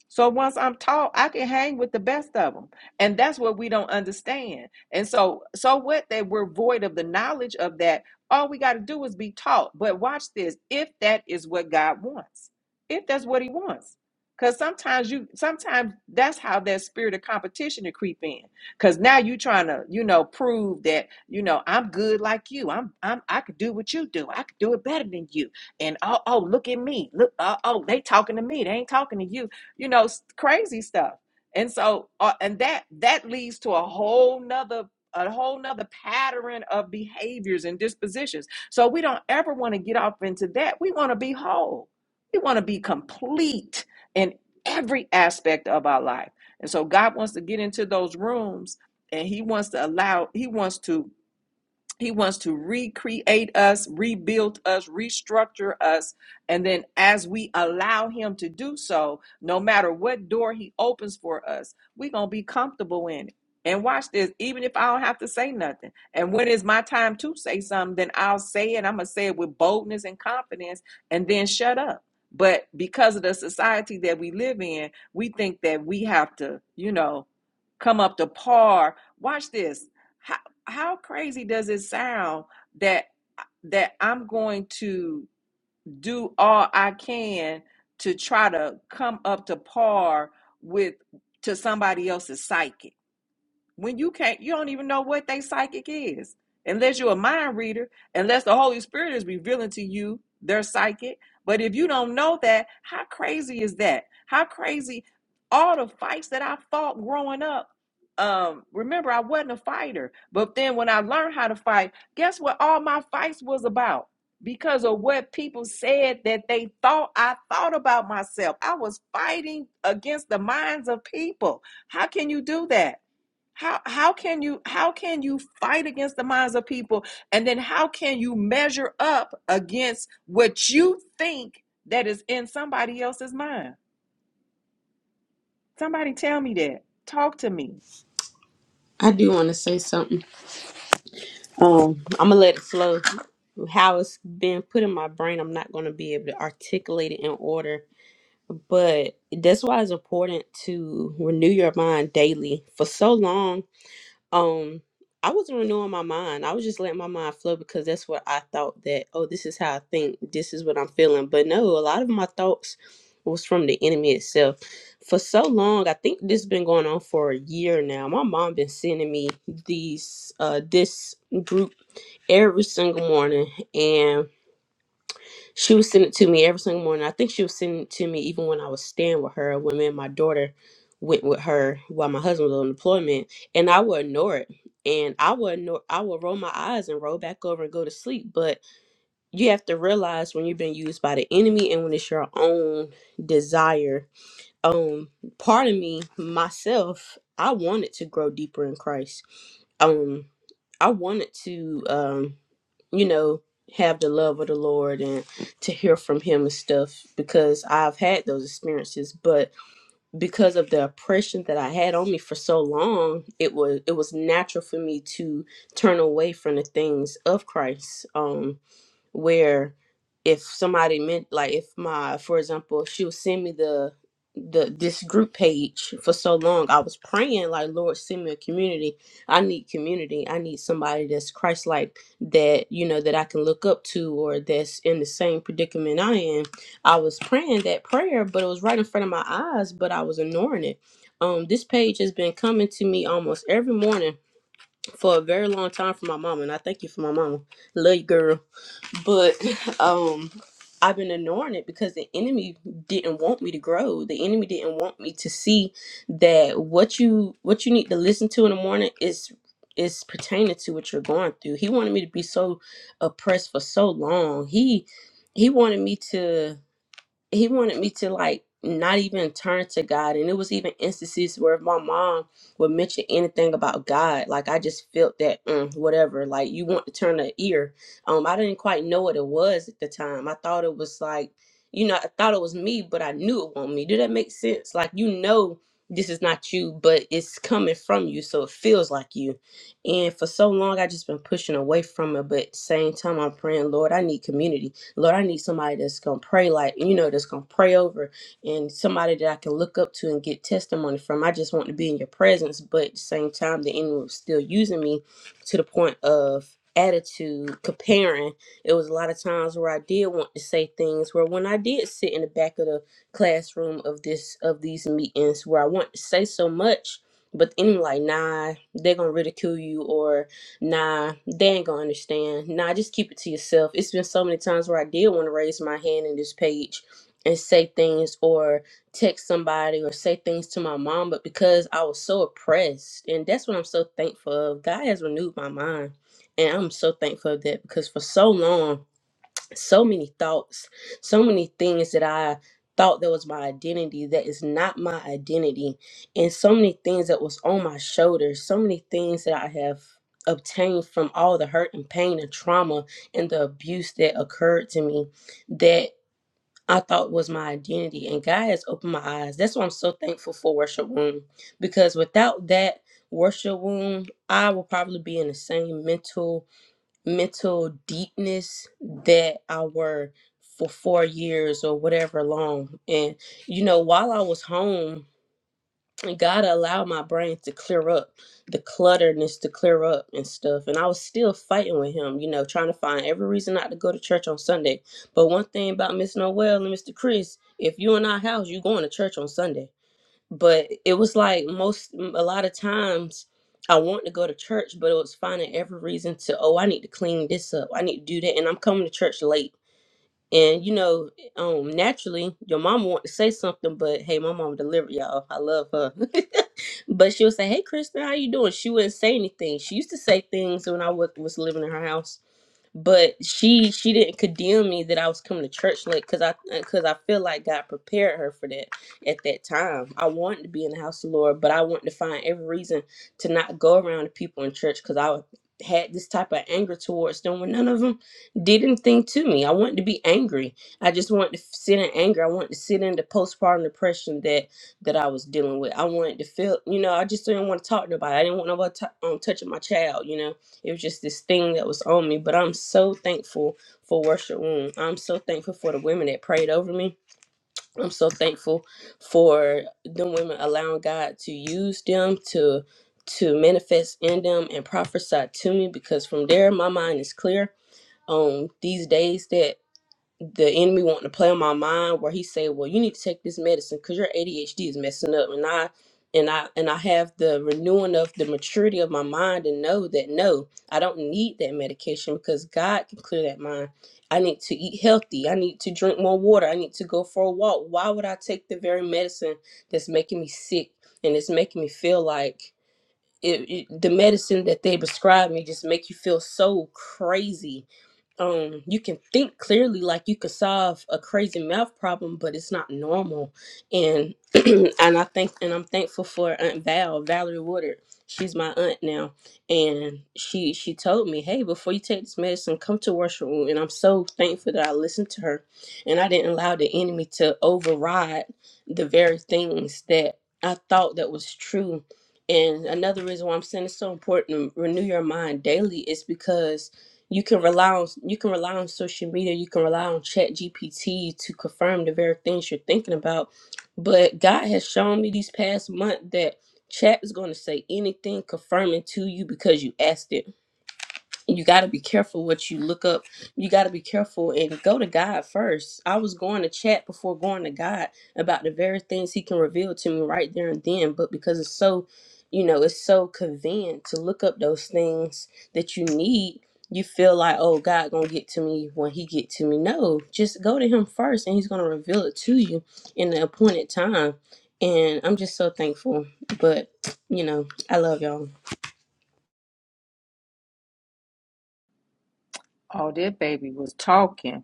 A: So once I'm taught, I can hang with the best of them. And that's what we don't understand. And so, so what that we're void of the knowledge of that. All we got to do is be taught. But watch this. If that is what God wants, if that's what he wants. Because sometimes you sometimes that's how that spirit of competition to creep in. Cause now you trying to, you know, prove that, you know, I'm good like you. I'm I'm I could do what you do. I could do it better than you. And oh, oh, look at me. Look, oh, oh, they talking to me. They ain't talking to you you know, crazy stuff. And so, uh, and that that leads to a whole nother a whole nother pattern of behaviors and dispositions. So we don't ever want to get off into that. We want to be whole. We want to be complete in every aspect of our life. And so God wants to get into those rooms and he wants to allow he wants to he wants to recreate us, rebuild us, restructure us. And then, as we allow Him to do so, no matter what door He opens for us, we're going to be comfortable in it. And watch this, even if I don't have to say nothing. And when it's my time to say something, then I'll say it. I'm going to say it with boldness and confidence and then shut up. But because of the society that we live in, we think that we have to, you know, come up to par. Watch this. How, how crazy does it sound that that I'm going to do all I can to try to come up to par with to somebody else's psyche? when you can't you don't even know what they psychic is unless you're a mind reader unless the holy spirit is revealing to you their psychic but if you don't know that how crazy is that how crazy all the fights that i fought growing up um remember i wasn't a fighter but then when i learned how to fight guess what all my fights was about because of what people said that they thought i thought about myself i was fighting against the minds of people how can you do that how how can you how can you fight against the minds of people and then how can you measure up against what you think that is in somebody else's mind? Somebody tell me that. Talk to me.
E: I do want to say something. Um, I'm gonna let it flow. How it's been put in my brain, I'm not gonna be able to articulate it in order, but that's why it's important to renew your mind daily. For so long, um, I wasn't renewing my mind. I was just letting my mind flow because that's what I thought that, oh, this is how I think, this is what I'm feeling. But no, a lot of my thoughts was from the enemy itself. For so long, I think this has been going on for a year now. My mom been sending me these uh this group every single morning and she would send it to me every single morning. I think she was sending it to me even when I was staying with her, when me and my daughter went with her while my husband was on deployment and I would ignore it. And I would ignore, I would roll my eyes and roll back over and go to sleep. But you have to realize when you've been used by the enemy and when it's your own desire um part of me myself i wanted to grow deeper in christ um i wanted to um you know have the love of the lord and to hear from him and stuff because i've had those experiences but because of the oppression that i had on me for so long it was it was natural for me to turn away from the things of christ um where if somebody meant like if my for example she would send me the the this group page for so long i was praying like lord send me a community i need community i need somebody that's christ like that you know that i can look up to or that's in the same predicament i am i was praying that prayer but it was right in front of my eyes but i was ignoring it um this page has been coming to me almost every morning for a very long time for my mama, and I thank you for my mama. Love you, girl. But um, I've been ignoring it because the enemy didn't want me to grow. The enemy didn't want me to see that what you what you need to listen to in the morning is is pertaining to what you're going through. He wanted me to be so oppressed for so long. He he wanted me to he wanted me to like not even turn to God. And it was even instances where if my mom would mention anything about God, like I just felt that mm, whatever, like you want to turn an ear. Um, I didn't quite know what it was at the time. I thought it was like, you know, I thought it was me, but I knew it wasn't me. Did that make sense? Like you know this is not you, but it's coming from you, so it feels like you. And for so long I just been pushing away from it, but at the same time I'm praying, Lord, I need community Lord, I need somebody that's gonna pray like you know, that's gonna pray over and somebody that I can look up to and get testimony from. I just want to be in your presence, but at the same time the enemy was still using me to the point of attitude comparing it was a lot of times where i did want to say things where when i did sit in the back of the classroom of this of these meetings where i want to say so much but then like nah they're gonna ridicule you or nah, they ain't gonna understand. Nah, just keep it to yourself. It's been so many times where I did want to raise my hand in this page and say things or text somebody or say things to my mom, but because I was so oppressed, and that's what I'm so thankful of. God has renewed my mind, and I'm so thankful of that because for so long so many thoughts, so many things that I thought that was my identity that is not my identity, and so many things that was on my shoulders, so many things that I have obtained from all the hurt and pain and trauma and the abuse that occurred to me that I thought was my identity. And God has opened my eyes. That's why I'm so thankful for Worship Room because without that Worship Room, I will probably be in the same mental mental deepness that I were for four years or whatever long. And, you know, while I was home, God allowed my brain to clear up, the clutterness to clear up and stuff. And I was still fighting with him, you know, trying to find every reason not to go to church on Sunday. But one thing about Miss Noel and Mr. Chris, if you in our house, you going to church on Sunday but it was like most a lot of times I want to go to church, but it was finding every reason to oh I need to clean this up, I need to do that, and I'm coming to church late. And you know, um, naturally your mama want to say something, but hey, my mama delivered y'all. I love her, but she would say, "Hey, Kristen, how you doing?" She wouldn't say anything. She used to say things when I was was living in her house but she she didn't condemn me that I was coming to church late because I because I feel like God prepared her for that at that time. I wanted to be in the house of the Lord, but I wanted to find every reason to not go around the people in church because I had this type of anger towards them when none of them did anything to me. I wanted to be angry. I just wanted to sit in anger. I wanted to sit in the postpartum depression that that I was dealing with. I wanted to feel, you know, I just didn't want to talk to nobody. I didn't want nobody t- um, touching my child, you know. It was just this thing that was on me. But I'm so thankful for Worship Room. I'm so thankful for the women that prayed over me. I'm so thankful for the women allowing God to use them to to manifest in them and prophesy to me because from there my mind is clear on these days that the enemy wanting to play on my mind where he say well you need to take this medicine because your adhd is messing up and i and i and i have the renewing of the maturity of my mind and know that no i don't need that medication because god can clear that mind i need to eat healthy i need to drink more water i need to go for a walk why would i take the very medicine that's making me sick and it's making me feel like it, it, the medicine that they prescribe me just make you feel so crazy um you can think clearly like you could solve a crazy math problem but it's not normal and and i think and i'm thankful for aunt val valerie woodard she's my aunt now and she she told me hey before you take this medicine come to worship room and i'm so thankful that i listened to her and i didn't allow the enemy to override the very things that i thought that was true and another reason why i'm saying it's so important to renew your mind daily is because you can rely on you can rely on social media you can rely on chat gpt to confirm the very things you're thinking about but god has shown me these past month that chat is going to say anything confirming to you because you asked it you got to be careful what you look up. You got to be careful and go to God first. I was going to chat before going to God about the very things He can reveal to me right there and then, but because it's so, you know, it's so convenient to look up those things that you need. You feel like, oh, God gonna get to me when He get to me. No, just go to Him first, and He's gonna reveal it to you in the appointed time. And I'm just so thankful. But you know, I love y'all.
A: Oh, that baby was talking.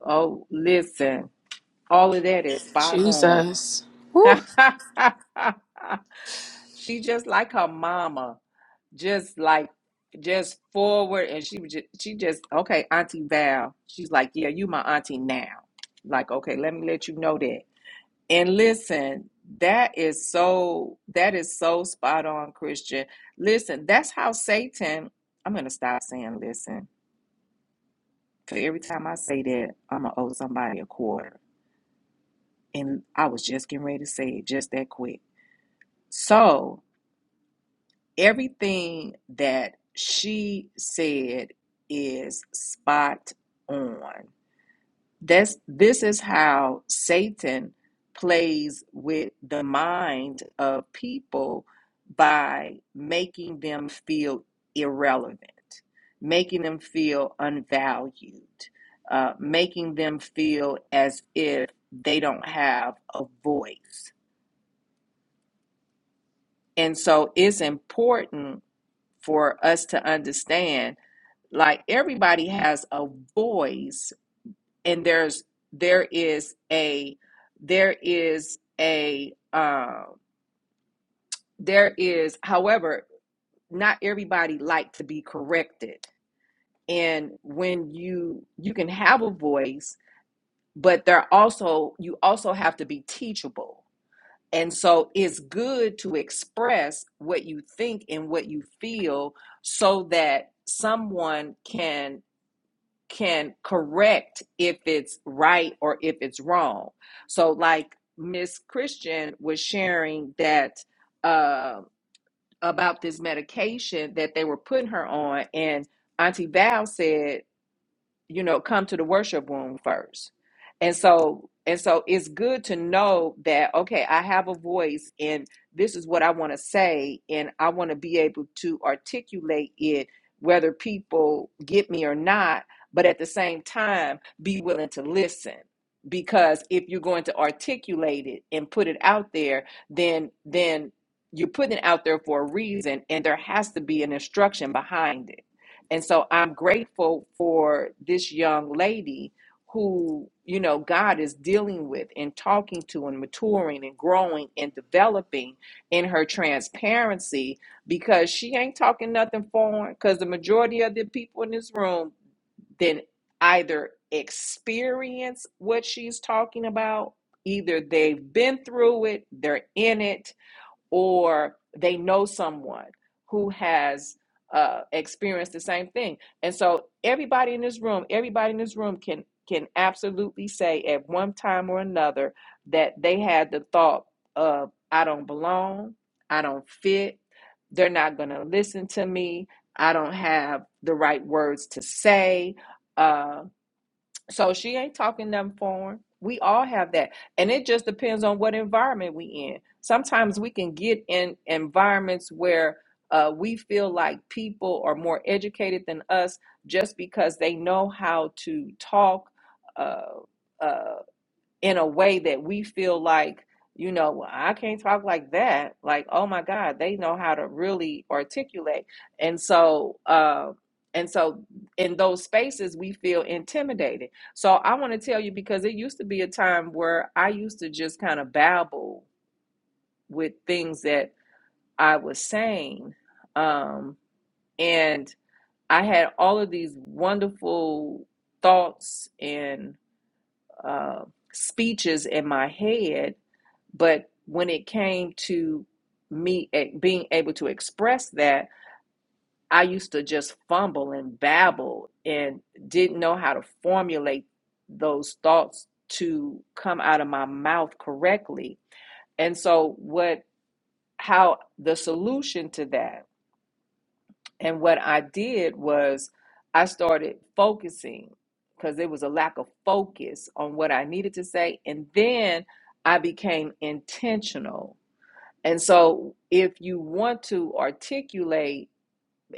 A: Oh, listen. All of that is spot on.
F: Jesus. Whew.
A: she just like her mama. just like just forward and she was just she just okay auntie val she's like yeah you my auntie now like okay let me let you know that and listen that is so that is so spot on christian listen that's how satan i'm gonna stop saying listen because every time i say that i'm gonna owe somebody a quarter and i was just getting ready to say it just that quick so Everything that she said is spot on. That's this is how Satan plays with the mind of people by making them feel irrelevant, making them feel unvalued, uh, making them feel as if they don't have a voice. And so it's important for us to understand like everybody has a voice and there's there is a there is a um there is however not everybody like to be corrected and when you you can have a voice but there also you also have to be teachable and so it's good to express what you think and what you feel so that someone can can correct if it's right or if it's wrong. So, like Miss Christian was sharing that uh, about this medication that they were putting her on, and Auntie Val said you know come to the worship room first and so and so it's good to know that okay i have a voice and this is what i want to say and i want to be able to articulate it whether people get me or not but at the same time be willing to listen because if you're going to articulate it and put it out there then then you're putting it out there for a reason and there has to be an instruction behind it and so I'm grateful for this young lady who, you know, God is dealing with and talking to and maturing and growing and developing in her transparency because she ain't talking nothing foreign because the majority of the people in this room then either experience what she's talking about, either they've been through it, they're in it, or they know someone who has uh, experienced the same thing. And so everybody in this room, everybody in this room can can absolutely say at one time or another that they had the thought of I don't belong, I don't fit, they're not going to listen to me, I don't have the right words to say, Uh, so she ain't talking them foreign. We all have that. And it just depends on what environment we in. Sometimes we can get in environments where uh, we feel like people are more educated than us just because they know how to talk. Uh, uh, in a way that we feel like, you know, "Well, I can't talk like that. Like, oh my God, they know how to really articulate. And so, uh, and so in those spaces, we feel intimidated. So I want to tell you because it used to be a time where I used to just kind of babble with things that I was saying. Um, and I had all of these wonderful thoughts and uh, speeches in my head but when it came to me e- being able to express that, I used to just fumble and babble and didn't know how to formulate those thoughts to come out of my mouth correctly. And so, what, how the solution to that, and what I did was I started focusing because there was a lack of focus on what I needed to say. And then I became intentional And so if you want to articulate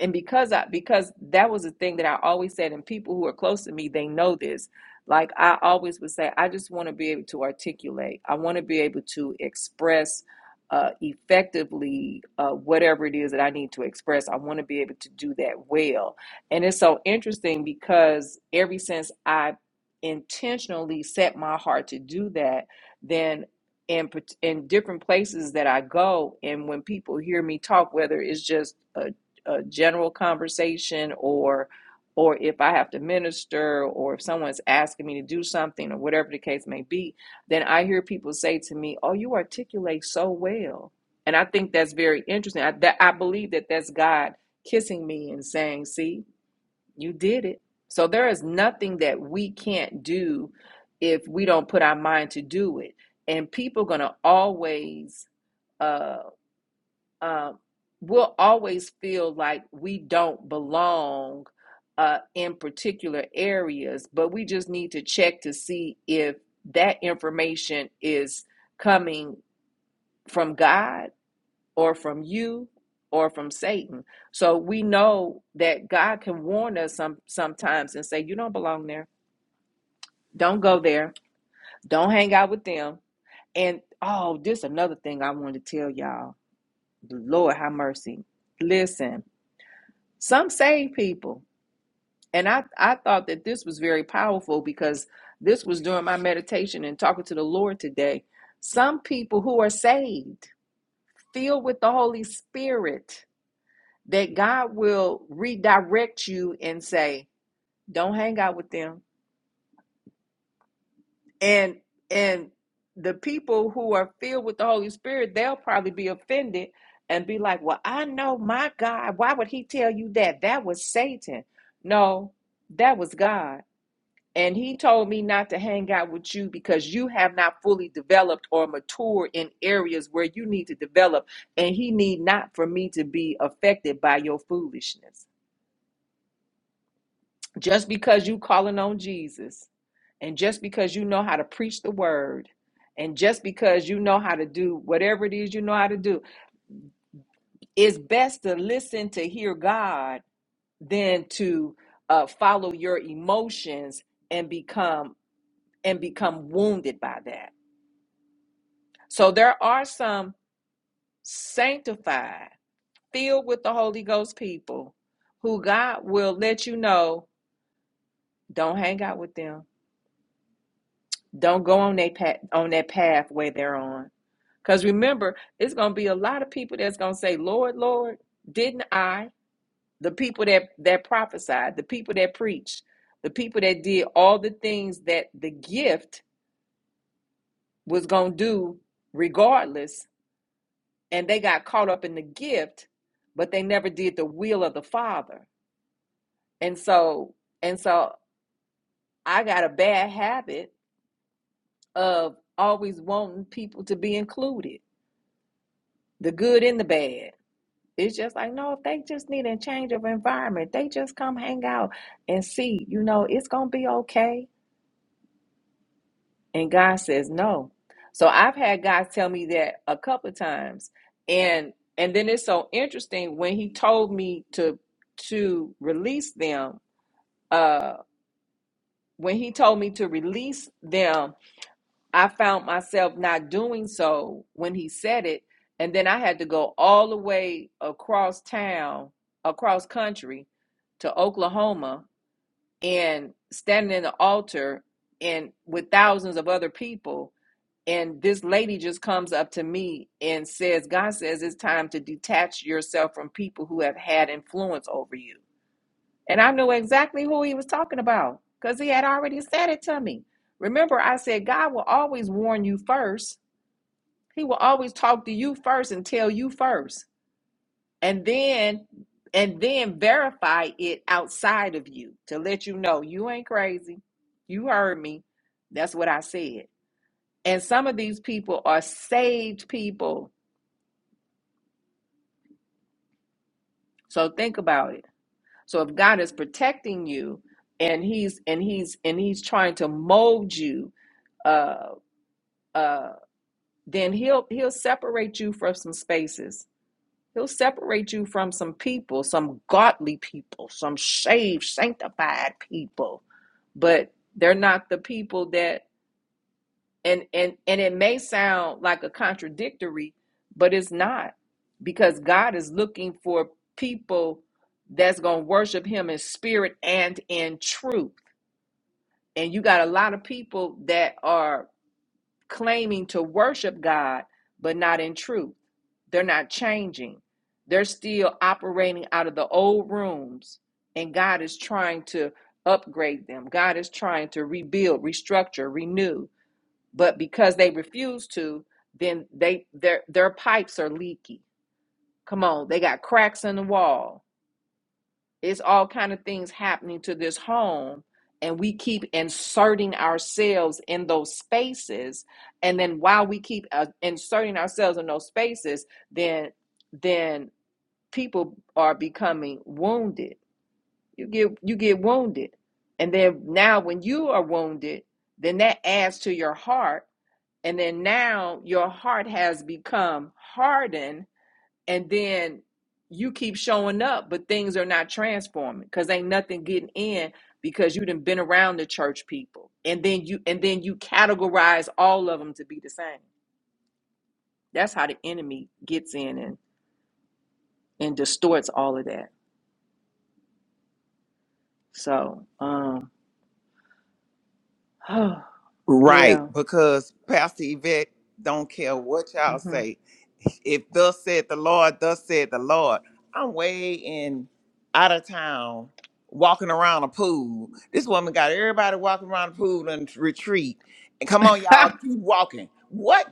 A: and because I because that was a thing that I always said, and people who are close to me, they know this. Like I always would say, I just want to be able to articulate. I want to be able to express uh, effectively uh, whatever it is that I need to express. I want to be able to do that well. And it's so interesting because ever since I intentionally set my heart to do that, then in, pat- in different places that I go, and when people hear me talk, whether it's just uh, a general conversation or or if I have to minister or if someone's asking me to do something or whatever the case may be, then I hear people say to me, "Oh, you articulate so well." And I think that's very interesting. I, that, I believe that that's God kissing me and saying, "See, you did it." So there is nothing that we can't do if we don't put our mind to do it. And people are going to always uh, uh, we'll always feel like we don't belong uh, in particular areas, but we just need to check to see if that information is coming from God or from you or from Satan. So we know that God can warn us some sometimes and say, "You don't belong there. Don't go there. Don't hang out with them." And oh, this is another thing I wanted to tell y'all. Lord, have mercy. Listen Some save people. And I, I thought that this was very powerful because this was during my meditation and talking to the Lord today. Some people who are saved, filled with the Holy Spirit, that God will redirect you and say, don't hang out with them. And and the people who are filled with the Holy Spirit, they'll probably be offended and be like, Well, I know my God. Why would he tell you that? That was Satan. No, that was God And he told me not to hang out with you because you have not fully developed or matured in areas where you need to develop. And he need not for me to be affected by your foolishness. Just because you calling on Jesus and just because you know how to preach the word and just because you know how to do whatever it is you know how to do, it's best to listen to hear God than to uh, follow your emotions and become and become wounded by that. So there are some sanctified, filled with the Holy Ghost people who God will let you know, don't hang out with them. Don't go on that path on that pathway they're on. Because remember, it's gonna be a lot of people that's gonna say, Lord, Lord, didn't I? The people that, that prophesied, the people that preached, the people that did all the things that the gift was gonna do regardless and they got caught up in the gift but they never did the will of the father and so and so i got a bad habit of always wanting people to be included the good and the bad it's just like no if they just need a change of environment they just come hang out and see you know it's gonna be okay and god says no so i've had guys tell me that a couple of times and and then it's so interesting when he told me to to release them uh when he told me to release them i found myself not doing so when he said it and then i had to go all the way across town across country to oklahoma and standing in the altar and with thousands of other people and this lady just comes up to me and says god says it's time to detach yourself from people who have had influence over you and I knew exactly who he was talking about because he had already said it to me. Remember, I said, God will always warn you first. He will always talk to you first and tell you first. And then and then verify it outside of you to let you know you ain't crazy. You heard me. That's what I said. And some of these people are saved people. So think about it. So if God is protecting you and he's and he's and he's trying to mold you uh, uh, then he'll he'll separate you from some spaces. He'll separate you from some people, some godly people, some saved, sanctified people, but they're not the people that and and and it may sound like a contradictory, but it's not because God is looking for people that's going to worship him in spirit and in truth. And you got a lot of people that are claiming to worship God, but not in truth. They're not changing. They're still operating out of the old rooms, and God is trying to upgrade them. God is trying to rebuild, restructure, renew. But because they refuse to, then they their their pipes are leaky. Come on, they got cracks in the wall it's all kind of things happening to this home and we keep inserting ourselves in those spaces and then while we keep uh, inserting ourselves in those spaces then then people are becoming wounded you get you get wounded and then now when you are wounded then that adds to your heart and then now your heart has become hardened and then you keep showing up, but things are not transforming because ain't nothing getting in because you done been around the church people, and then you and then you categorize all of them to be the same. That's how the enemy gets in and and distorts all of that. So, um,
D: Right,
A: yeah,
D: because Pastor Yvette don't care what y'all
A: hmm
D: say. If thus said the Lord, thus said the Lord, I'm way in out of town walking around a pool. This woman got everybody walking around the pool and retreat. And come on, y'all, keep walking. What?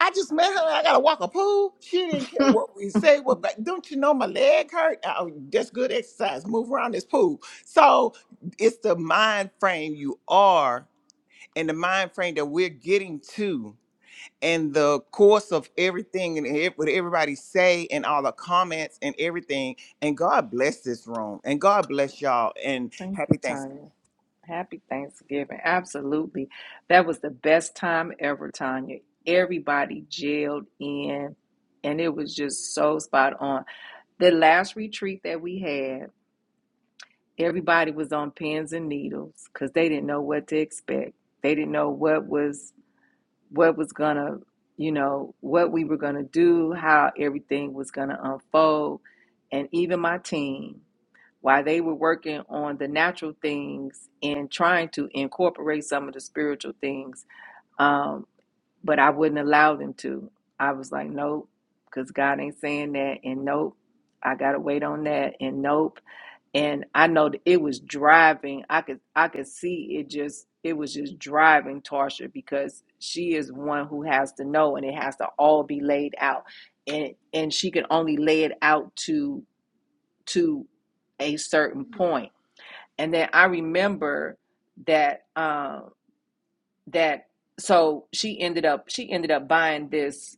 D: I just met her. I gotta walk a pool. She didn't care what we say. What? But don't you know my leg hurt? Oh, that's good exercise. Move around this pool. So it's the mind frame you are and the mind frame that we're getting to and the course of everything and ev- what everybody say and all the comments and everything and god bless this room and god bless y'all and
A: thank
D: happy
A: you,
D: thanksgiving
A: Tanya. Happy Thanksgiving. Absolutely. That was the best time ever, Tanya. Everybody jailed in, and it was just so spot on. The last retreat that we had, everybody was on pins and needles because they didn't know what to expect. They didn't know what was what was gonna, you know, what we were gonna do, how everything was gonna unfold. And even my team while they were working on the natural things and trying to incorporate some of the spiritual things. Um, but I wouldn't allow them to. I was like, nope, because God ain't saying that, and nope, I gotta wait on that, and nope. And I know that it was driving. I could I could see it just it was just driving Tarsha because she is one who has to know, and it has to all be laid out, and and she can only lay it out to to a certain point and then I remember that um that so she ended up she ended up buying this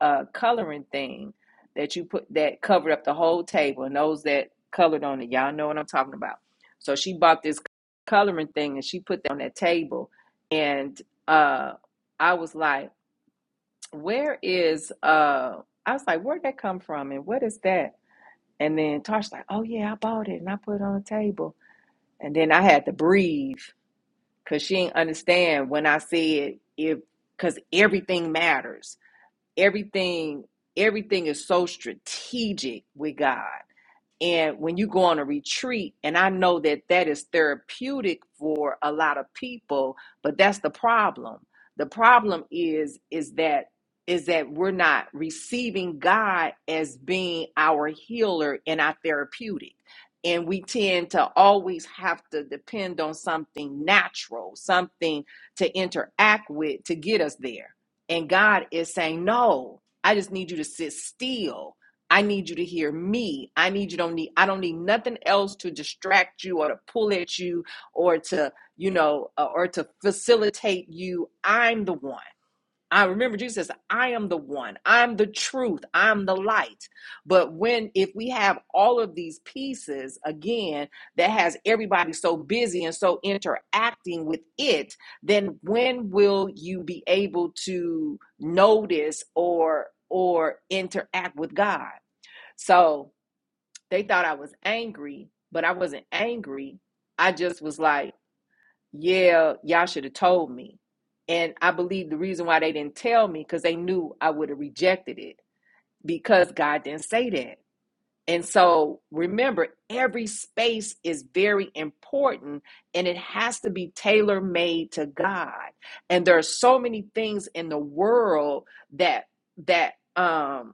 A: uh coloring thing that you put that covered up the whole table and those that colored on it y'all know what I'm talking about so she bought this coloring thing and she put that on that table and uh I was like where is uh I was like where'd that come from and what is that and then Tosh like oh yeah I bought it and I put it on the table and then I had to breathe because she didn't understand when I said if because everything matters. Everything, everything is so strategic with God. And when you go on a retreat, and I know that that is therapeutic for a lot of people, but that's the problem. The problem is is that is that we're not receiving God as being our healer and our therapeutic. And we tend to always have to depend on something natural, something to interact with to get us there. And God is saying, No, I just need you to sit still. I need you to hear me. I need you don't need I don't need nothing else to distract you or to pull at you or to, you know, uh, or to facilitate you. I'm the one. I remember Jesus says, I am the one. I'm the truth. I'm the light. But when if we have all of these pieces again that has everybody so busy and so interacting with it, then when will you be able to notice or or interact with God? So they thought I was angry, but I wasn't angry. I just was like, yeah, y'all should have told me. And I believe the reason why they didn't tell me because they knew I would have rejected it because God didn't say that. And so remember, every space is very important and it has to be tailor made to God. And there are so many things in the world that that um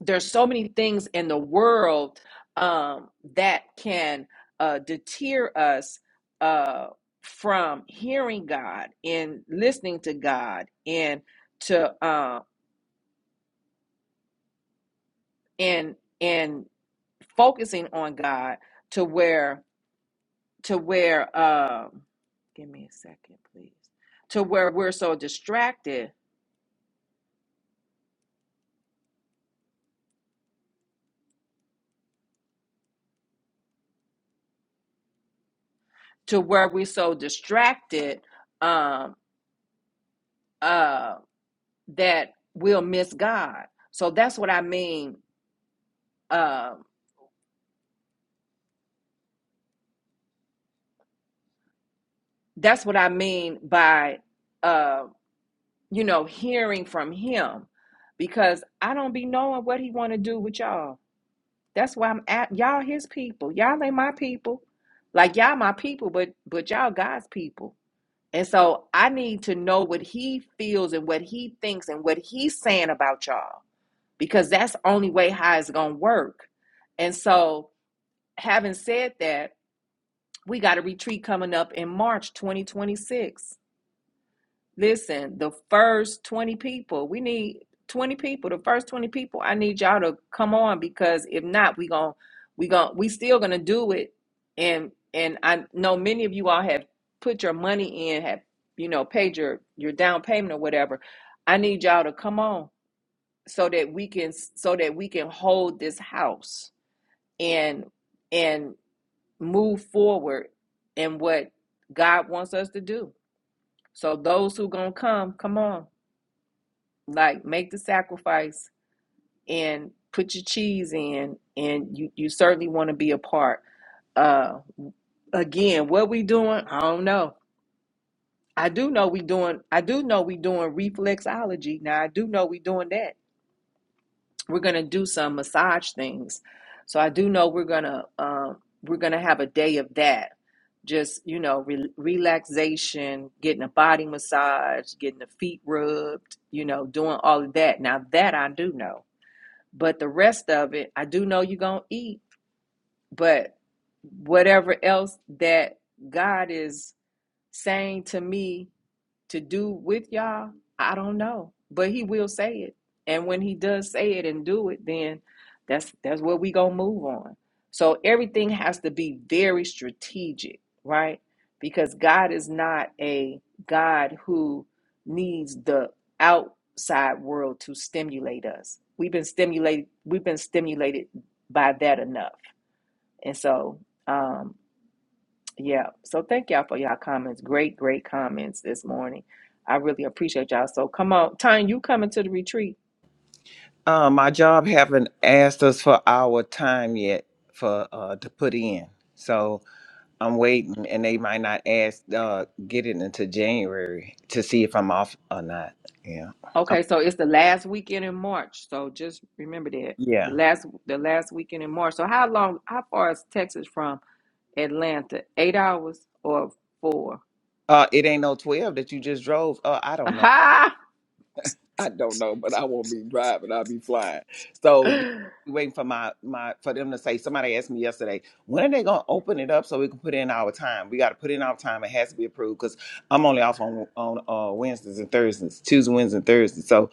A: there's so many things in the world um, that can uh, deter us uh, from hearing God and listening to God and to uh, and and focusing on God to where to where um, give me a second please to where we're so distracted to where we're so distracted um, uh, that we'll miss God. So that's what I mean Um, that's what I mean by, uh, you know, hearing from him, because I don't be knowing what he want to do with y'all. That's why I'm at y'all his people. Y'all ain't my people. Like y'all my people, but but y'all God's people. And so I need to know what he feels and what he thinks and what he's saying about y'all, because that's the only way how it's gonna work. And so, having said that, we got a retreat coming up in March 2026 Listen, the first 20 people, we need 20 people, the first 20 people, I need y'all to come on because if not, we gon' we gon' we still gonna do it. And and I know many of you all have put your money in, have you know, paid your your down payment or whatever. I need y'all to come on so that we can so that we can hold this house and and move forward in what God wants us to do. So those who gonna come, come on like make the sacrifice and put your cheese in and you you certainly want to be a part uh again what we doing i don't know i do know we doing i do know we doing reflexology now i do know we doing that we're gonna do some massage things so i do know we're gonna um we're gonna have a day of that just you know re- relaxation getting a body massage getting the feet rubbed you know doing all of that now that i do know But the rest of it, I do know you're going to eat, but whatever else that God is saying to me to do with y'all, I don't know. But he will say it. And when he does say it and do it, then that's that's where we gonna move on. So everything has to be very strategic, right? Because God is not a God who needs the outside world to stimulate us. We've been stimulated we've been stimulated by that enough. And so um, yeah. So thank y'all for y'all comments. Great, great comments this morning. I really appreciate y'all. So come on, Tanya, you coming to the retreat?
D: uh, my job haven't asked us for our time yet for uh, to put in so i'm waiting and they might not ask uh, get it into january to see if i'm off or not yeah Um
A: Okay, so it's the last weekend in March. So just remember that the
D: yeah
A: last the last weekend in March. So how long? How far is Texas from Atlanta? Eight hours or four?
D: uh, it ain't no 12 that you just drove uh, i don't know
A: Aha!
D: I don't know, but I won't be driving. I'll be flying. So yeah, we waiting for my my for them to say. Somebody asked me yesterday, when are they gonna open it up so we can put in our time? We got to put in our time. It has to be approved because I'm only off on on uh, Wednesdays and Thursdays, Tuesday, Wednesday, and Thursday. So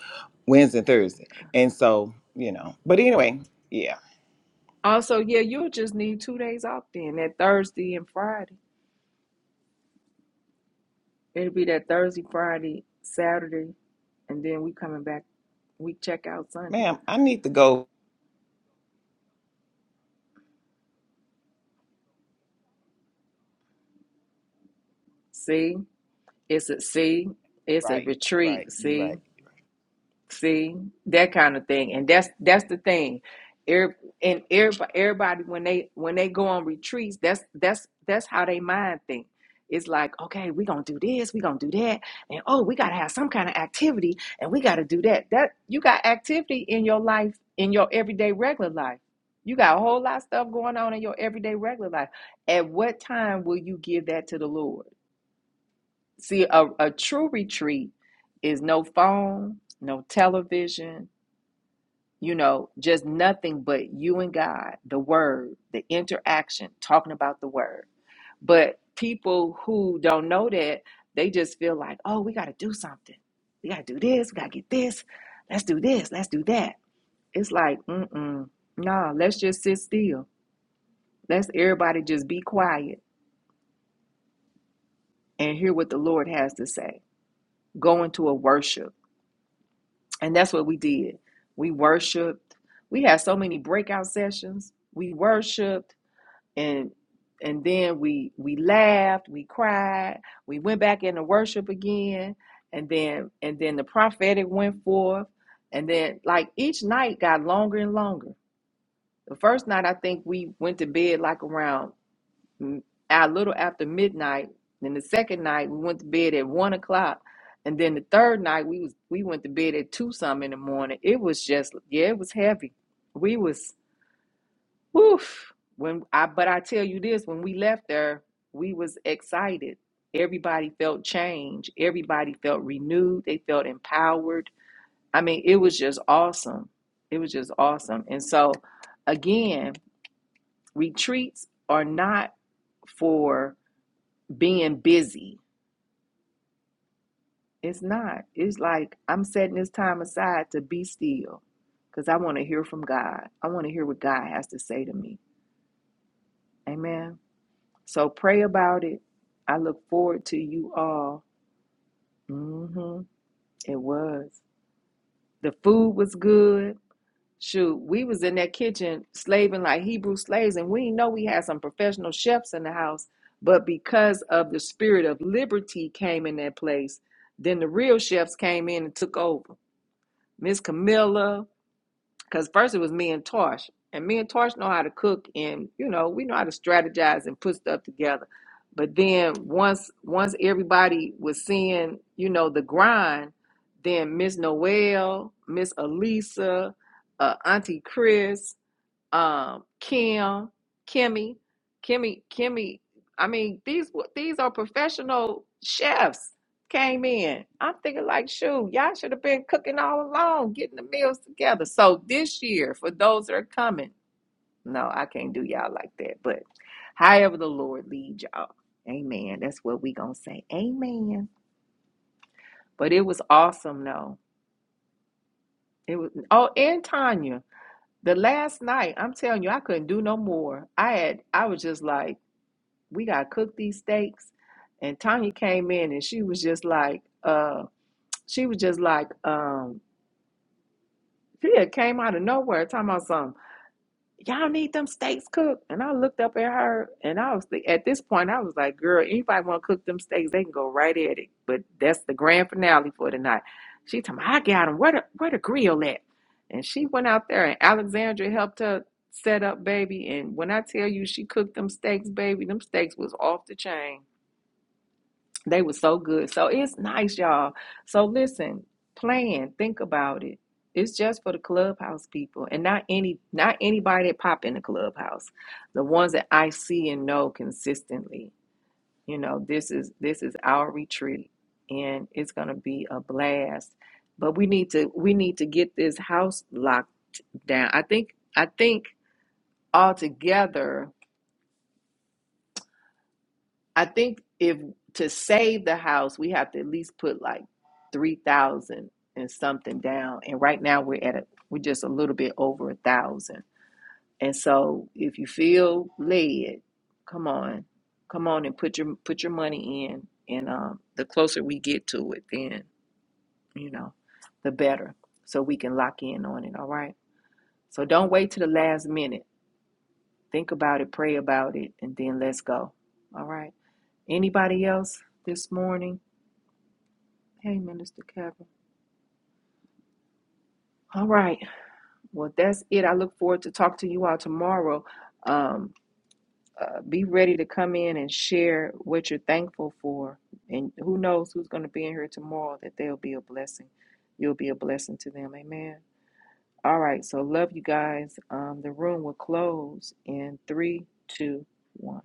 D: Wednesday and Thursday, and so you know. But anyway, yeah,
A: Also, yeah, you'll just need two days off then. That Thursday and Friday. It'll be that Thursday, Friday, Saturday, and then we coming back. We check out Sunday.
D: ma'am, I need to go.
A: See? It's a see, it's a
D: Right, right,
A: retreat,
D: you are right.
A: see, see, that kind of thing. And that's that's the thing. Every, and everybody, everybody when they when they go on retreats, that's that's that's how they mind think. It's like, okay, we're gonna do this, we're gonna do that, and oh, we gotta have some kind of activity and we gotta do that. That you got activity in your life, in your everyday regular life. You got a whole lot of stuff going on in your everyday regular life. At what time will you give that to the Lord? See, a, a true retreat is no phone, no television, you know, just nothing but you and God, the word, the interaction, talking about the word. But people who don't know that, they just feel like, oh, we got to do something. We got to do this. We got to get this. Let's do this. Let's do that. It's like, mm-mm, nah, let's just sit still. Let's everybody just be quiet and hear what the Lord has to say. Go into a worship And that's what we did. We worshiped. We had so many breakout sessions. We worshiped and and then we we laughed, we cried, we went back into worship again, and then and then the prophetic went forth, and then like each night got longer and longer. The first night I think we went to bed like around a little after midnight. Then the second night we went to bed at one o'clock, and then the third night we was we went to bed at two some in the morning. It was just yeah, it was heavy. We was woof when I but I tell you this, when we left there, we was excited. Everybody felt change. Everybody felt renewed. They felt empowered. I mean, it was just awesome. It was just awesome. And so, again, retreats are not for being busy. It's not. It's like I'm setting this time aside to be still because I want to hear from God. I want to hear what God has to say to me. Amen. So pray about it. I look forward to you all. hmm It was. The food was good. Shoot, we was in that kitchen slaving like Hebrew slaves, and we know we had some professional chefs in the house. But because of the spirit of liberty came in that place, then the real chefs came in and took over. Miss Camilla, because first it was me and Tosh, and me and Tosh know how to cook, and you know we know how to strategize and put stuff together. But then once once everybody was seeing you know the grind, then Miss Noel, Miss Elisa, uh, Auntie Chris, um, Kim, Kimmy, Kimmy, Kimmy. I mean, these these are professional chefs came in. I'm thinking like, shoot, y'all should have been cooking all along, getting the meals together. So this year, for those that are coming, no, I can't do y'all like that. But however the Lord leads y'all, Amen. That's what we gonna say, Amen. But it was awesome, though. It was. Oh, and Tanya, the last night, I'm telling you, I couldn't do no more. I had, I was just like. we gotta cook these steaks. And Tanya came in and she was just like, uh, she was just like, um, she had came out of nowhere talking about something. Y'all need them steaks cooked. And I looked up at her and I was thi- at this point, I was like, girl, anybody wanna cook them steaks, they can go right at it. But that's the grand finale for tonight. She told me, I got them. Where the where the grill at? And she went out there and Alexandra helped her set up, baby. And when I tell you she cooked them steaks, baby, them steaks was off the chain They were so good. So it's nice, y'all. So listen, plan, think about it. It's just for the clubhouse people and not any not anybody that pop in the clubhouse. The ones that I see and know consistently. You know, this is this is our retreat and it's gonna be a blast. But we need to we need to get this house locked down. I think I think altogether I think if to save the house, we have to at least put like three thousand and something down. And right now we're at a we're just a little bit over a thousand. And so if you feel led, come on, come on and put your put your money in. And um, the closer we get to it, then you know, the better. So we can lock in on it. All right. So don't wait to the last minute. Think about it, pray about it, and then let's go. All right. Anybody else this morning? Hey, Minister Kevin. All right. Well, that's it. I look forward to talk to you all tomorrow. Um, uh, be ready to come in and share what you're thankful for. And who knows who's going to be in here tomorrow that they'll be a blessing. You'll be a blessing to them. Amen. All right. So, love you guys. Um, the room will close in three, two, one.